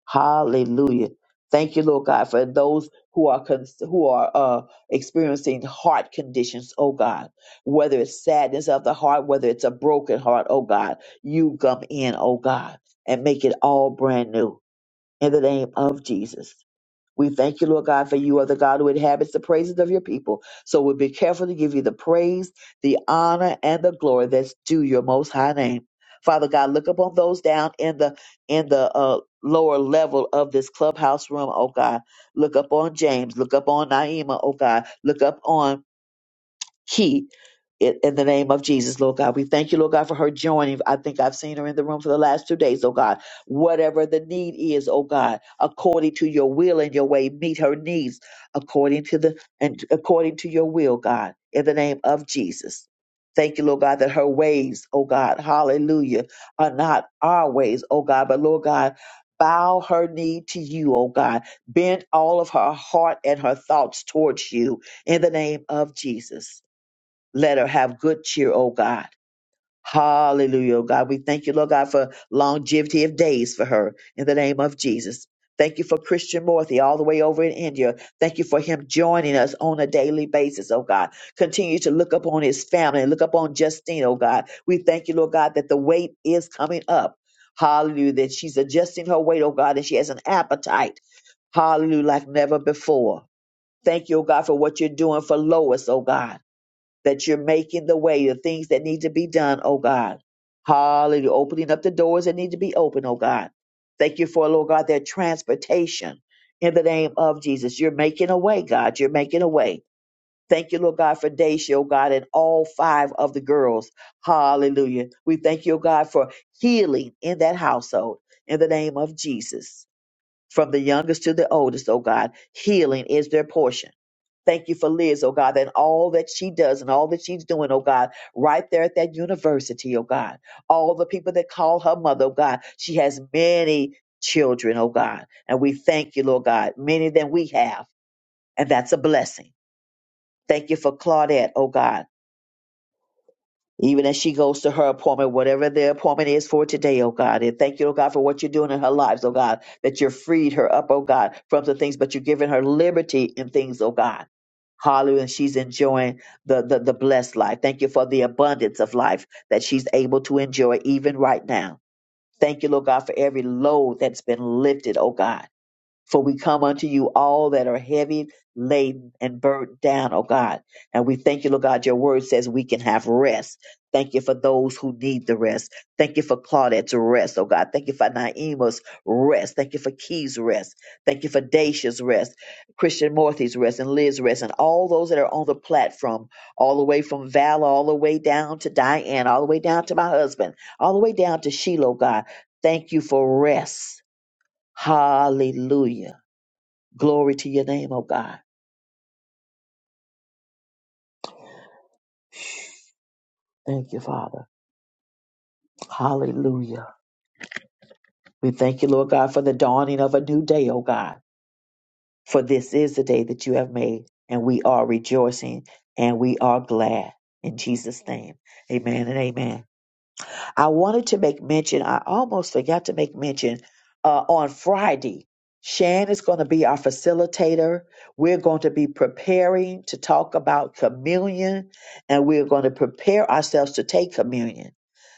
S8: Hallelujah. Thank you, Lord God, for those who are con- who are uh, experiencing heart conditions, oh God. Whether it's sadness of the heart, whether it's a broken heart, oh God, you come in, oh God, and make it all brand new in the name of Jesus. We thank you, Lord God, for you are the God who inhabits the praises of your people. So we'll be careful to give you the praise, the honor, and the glory that's due your most high name. Father God, look upon those down in the in the uh, lower level of this clubhouse room, oh God. Look up on James, look up on Naima, oh God. Look up on key in, in the name of Jesus, Lord God. We thank you, Lord God, for her joining. I think I've seen her in the room for the last two days, oh God. Whatever the need is, oh God, according to your will and your way, meet her needs according to the and according to your will, God, in the name of Jesus. Thank you, Lord God, that her ways, oh God, hallelujah, are not our ways, oh God, but Lord God, bow her knee to you, oh God. Bend all of her heart and her thoughts towards you in the name of Jesus let her have good cheer, oh God. Hallelujah, oh God. We thank you, Lord God, for longevity of days for her in the name of Jesus. Thank you for Christian Morthy all the way over in India. Thank you for him joining us on a daily basis, oh God. Continue to look upon his family and look upon Justine, oh God. We thank you, Lord God, that the weight is coming up. Hallelujah, that she's adjusting her weight, oh God, and she has an appetite. Hallelujah, like never before. Thank you, oh God, for what you're doing for Lois, oh God that you're making the way, the things that need to be done, oh God. Hallelujah. Opening up the doors that need to be open, oh God. Thank you for, Lord God, their transportation in the name of Jesus. You're making a way, God. You're making a way. Thank you, Lord God, for Daisha, oh God, and all five of the girls. Hallelujah. We thank you, oh God, for healing in that household in the name of Jesus. From the youngest to the oldest, oh God, healing is their portion. Thank you for Liz, oh God, and all that she does and all that she's doing, oh God, right there at that university, oh God. All the people that call her mother, oh God. She has many children, oh God. And we thank you, Lord God, many than we have. And that's a blessing. Thank you for Claudette, oh God even as she goes to her appointment, whatever the appointment is for today, oh God. And thank you, oh God, for what you're doing in her lives, oh God, that you're freed her up, oh God, from the things, but you're giving her liberty in things, oh God. Hallelujah. And she's enjoying the, the, the blessed life. Thank you for the abundance of life that she's able to enjoy even right now. Thank you, Lord God, for every load that's been lifted, oh God. For we come unto you all that are heavy laden and burdened down, oh God. And we thank you, Lord God. Your word says we can have rest. Thank you for those who need the rest. Thank you for Claudette's rest, oh God. Thank you for Naima's rest. Thank you for Key's rest. Thank you for Dacia's rest, Christian Morthy's rest, and Liz's rest, and all those that are on the platform, all the way from Val, all the way down to Diane, all the way down to my husband, all the way down to Sheila, oh God. Thank you for rest. Hallelujah. Glory to your name, oh God. Thank you, Father. Hallelujah. We thank you, Lord God, for the dawning of a new day, oh God. For this is the day that you have made, and we are rejoicing and we are glad. In Jesus' name, amen and amen. I wanted to make mention, I almost forgot to make mention uh, on Friday. Shan is going to be our facilitator. We're going to be preparing to talk about communion and we're going to prepare ourselves to take communion.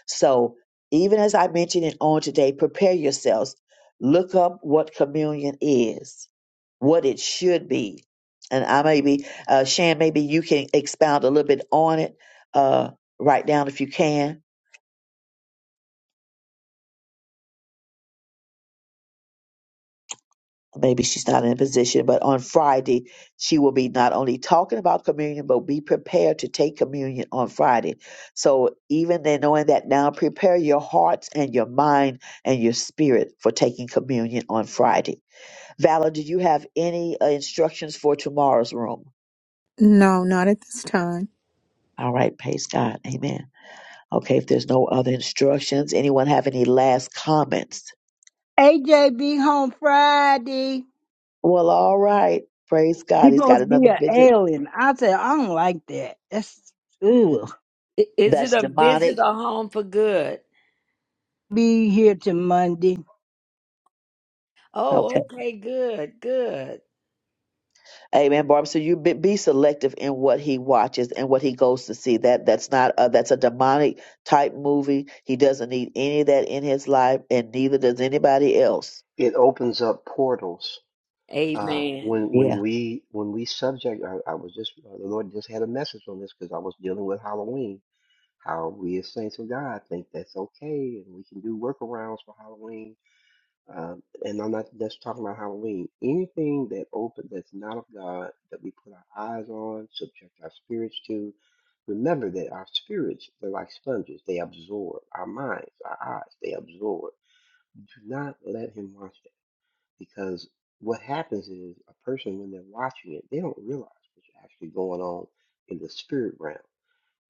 S8: So, even as I mentioned it on today, prepare yourselves. Look up what communion is, what it should be. And I maybe, uh, Shan, maybe you can expound a little bit on it uh, right now if you can. maybe she's not in a position, but on Friday, she will be not only talking about communion, but be prepared to take communion on Friday. So even then, knowing that now, prepare your hearts and your mind and your spirit for taking communion on Friday. Valor, do you have any uh, instructions for tomorrow's room?
S1: No, not at this time.
S8: All right, praise God. Amen. Okay, if there's no other instructions, anyone have any last comments?
S15: AJ be home Friday.
S8: Well, all right. Praise
S15: He
S8: God. He's got
S15: supposed to be
S8: another
S15: an
S8: visit.
S15: alien. I said, I don't like that. That's ugh.
S13: I- Is it
S8: That's
S13: a visit
S8: demonic.
S13: or home for good?
S15: Be here till Monday.
S8: Okay.
S13: Oh, okay, good, good.
S8: Amen, Barbara. So you be, be selective in what he watches and what he goes to see. That that's not a, that's a demonic type movie. He doesn't need any of that in his life, and neither does anybody else.
S2: It opens up portals. Uh,
S13: Amen,
S2: when
S8: Yeah,
S2: when we when we subject, I, I was just uh, the Lord just had a message on this because I was dealing with Halloween. How we as saints of God think that's okay, and we can do workarounds for Halloween Um, and I'm not just talking about Halloween. Anything that open that's not of God that we put our eyes on, subject our spirits to. Remember that our spirits, they're like sponges. They absorb our minds, our eyes, they absorb. Do not let him watch that because what happens is a person, when they're watching it, they don't realize what's actually going on in the spirit realm.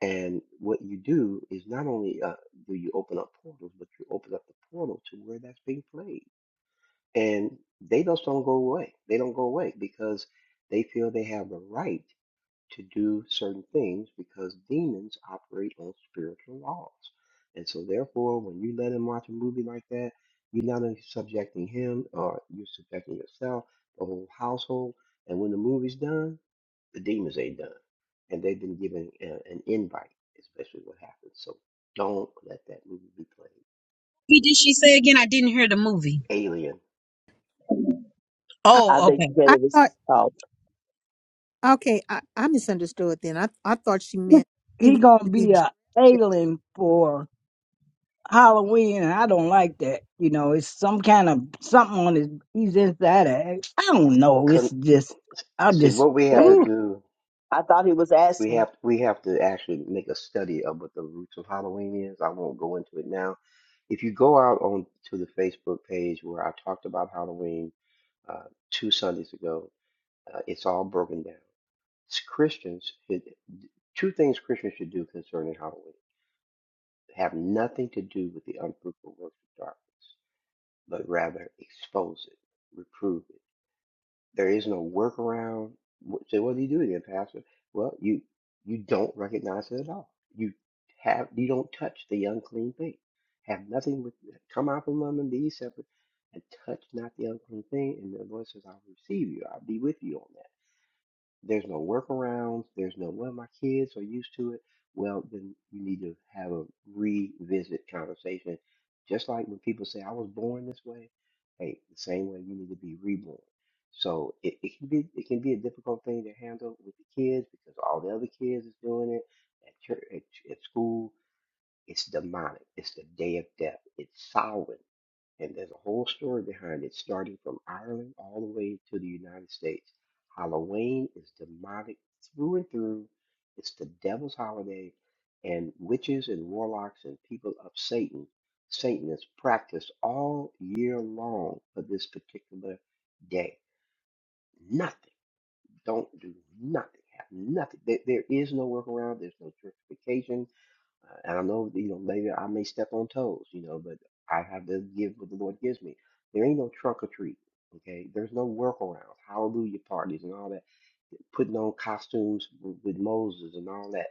S2: And what you do is not only uh, do you open up portals, but you open up the portal to where that's being played and they just don't go away. They don't go away because they feel they have the right to do certain things because demons operate on spiritual laws. And so, therefore, when you let him watch a movie like that, you're not only subjecting him or you're subjecting yourself, the whole household. And when the movie's done, the demons ain't done. And they've been given uh, an invite, especially what happens. So, don't let that movie be played.
S14: He did she say again? I didn't hear the movie.
S2: Alien.
S1: I,
S8: I
S14: Oh,
S8: bet
S14: okay.
S8: you
S1: I
S8: better was
S1: thought,
S8: oh,
S1: okay, I, I misunderstood then. I, I thought she meant he
S15: He
S1: was
S15: gonna
S1: to be
S15: be
S1: dressed.
S15: a
S1: as-
S15: alien for Halloween, and I don't like that. You know, it's some kind of something on his. He's inside. Of, I don't know. It's
S2: Con-
S15: just, I
S2: See,
S15: just
S2: what we have
S8: okay.
S2: to
S15: ooh.
S2: do.
S8: I thought he was
S2: We
S8: asking.
S2: have we have to actually make a study of what the roots of Halloween is. I won't go into it now. If you go out on to the Facebook page where I talked about Halloween uh, two Sundays ago, uh, it's all broken down. s- Christians should two things Christians should do concerning Halloween have nothing to do with the unfruitful works of darkness, but rather expose it, reprove it there is no workaround. Wh- So what do you do then, Pastor? Well, you you don't recognize it at all. You have you don't touch the unclean thing. Have nothing with come out from among them, be ye separate, and touch not the unclean thing. And the Lord says, I'll receive you. I'll be with you on that there's no workarounds, there's no, well, my kids are used to it. Well, then you need to have a revisit conversation. Just like when people say, I was born this way, hey, the same way you need to be reborn. So it, it can be it can be a difficult thing to handle with the kids because all the other kids is doing it at church, at, at school. It's demonic. It's the day of death. It's sovereign. And there's a whole story behind it, starting from Ireland all the way to the United States. Halloween is demonic through and through. It's the devil's holiday, and witches and warlocks and people of Satan, Satanists practice all year long for this particular day. Nothing. Don't do nothing. Have nothing. There, there is no workaround. There's no justification uh, and I know, that, you know, maybe I may step on toes, you know, but I have to give what the Lord gives me. There ain't no trunk or treat, okay? There's no workarounds, hallelujah parties and all that, putting on costumes with, with Moses and all that.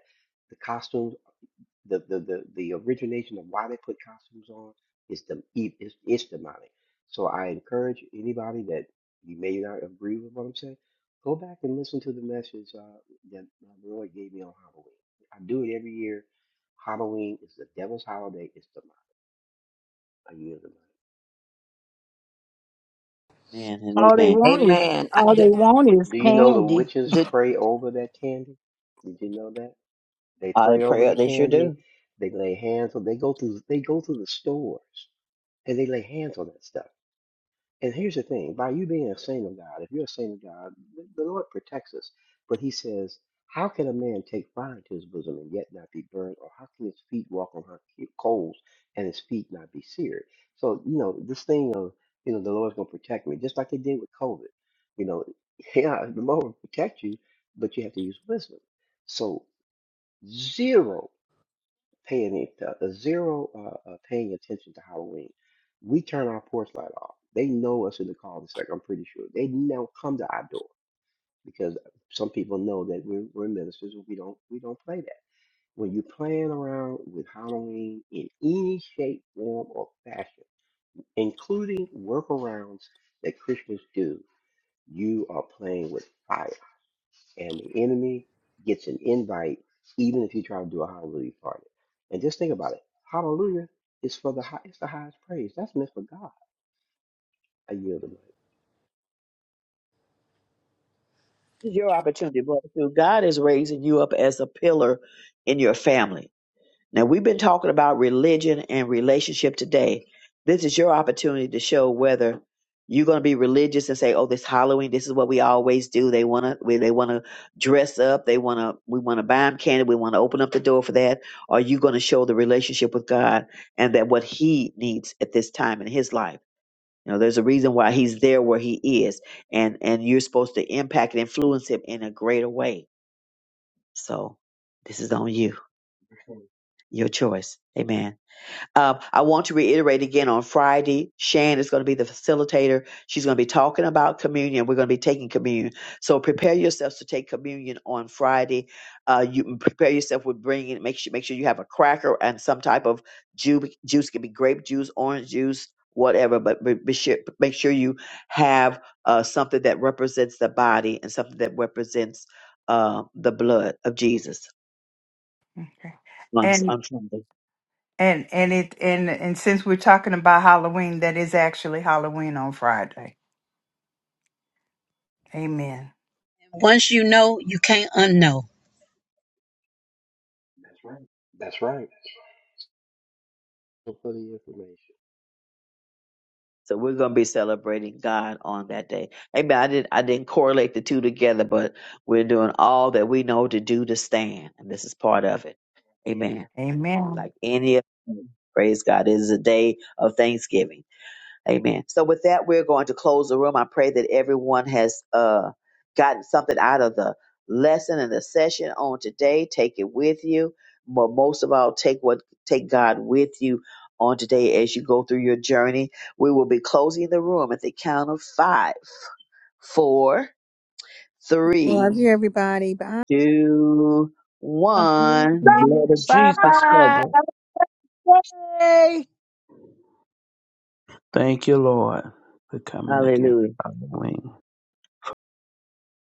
S2: The costumes the the the, the origination of why they put costumes on is the it's, it's demonic. So I encourage anybody that you may not agree with what I'm saying, go back and listen to the message uh, that uh, the Lord gave me on Halloween. I do it every year. Halloween is the devil's holiday. It's demonic. Are you demonic?
S8: Man and
S15: All they
S8: amen.
S15: want is
S13: amen. I,
S15: all they want is
S2: Do you know the
S15: candy.
S2: witches
S13: did,
S2: pray over that candy? Did you know that they
S8: I
S2: pray
S8: pray
S2: over the
S8: they sure
S2: candy?
S8: do.
S2: They lay hands on. They go through. They go through the stores and they lay hands on that stuff. And here's the thing by you being a saint of God, if you're a saint of God, the, the Lord protects us. But he says, How can a man take fire to his bosom and yet not be burned? Or how can his feet walk on hot c- coals and his feet not be seared? So, you know, this thing of, you know, the Lord's going to protect me, just like they did with COVID. You know, yeah, the Lord will protect you, but you have to use wisdom. So, 0 paying it uh, uh, zero uh, uh, paying attention to Halloween. We turn our porch light off. They know us in the cul-de-sac. I'm pretty sure they now come to our door because some people know that we're, we're ministers. and We don't we don't play that. When you're playing around with Halloween in any shape, form, or fashion, including workarounds that Christians do, you are playing with fire and the enemy gets an invite, even if you try to do a hallelujah party. And just think about it. Hallelujah is for the high, it's the highest praise. That's meant for God. I yield the mic.
S8: This is your opportunity, brother. too. God is raising you up as a pillar in your family. Now, we've been talking about religion and relationship today. This is your opportunity to show whether you're going to be religious and say, "Oh, this Halloween, this is what we always do." They want to, they want to dress up. They want to, we want to buy them candy. We want to open up the door for that. Or Are you going to show the relationship with God and that what He needs at this time in His life? You know, there's a reason why He's there where He is, and and you're supposed to impact and influence Him in a greater way. So, this is on you, your choice. Amen. Uh, I want to reiterate again on Friday, Shan is going to be the facilitator. She's going to be talking about communion. We're going to be taking communion. So prepare yourselves to take communion on Friday. Uh, you prepare yourself with bringing, make sure, make sure you have a cracker and some type of juice. Juice It can be grape juice, orange juice, whatever, but be, be sure, make sure you have uh, something that represents the body and something that represents uh, the blood of Jesus
S10: Okay.
S8: on,
S10: And
S8: on Sunday.
S10: And and it and and since we're talking about Halloween, that is actually Halloween on Friday. Amen.
S14: Once you know, you can't unknow.
S2: That's right. For the information.
S8: So we're going to be celebrating God on that day. Amen. I didn't I didn't correlate the two together, but we're doing all that we know to do to stand, and this is part of it. Amen. Like
S10: Amen.
S8: any of praise God, it is a day of thanksgiving. Amen. So with that, we're going to close the room. I pray that everyone has uh, gotten something out of the lesson and the session on today. Take it with you, but most of all, take what take God with you on today as you go through your journey. We will be closing the room at the count of five, four,
S1: Love you,
S8: three,
S1: everybody. Bye.
S8: two, one.
S11: The blood of
S10: Bye
S11: Jesus
S10: bye.
S11: covered.
S15: Somebody say
S11: Thank you, Lord, for coming again.
S8: Hallelujah.
S11: Hallelujah.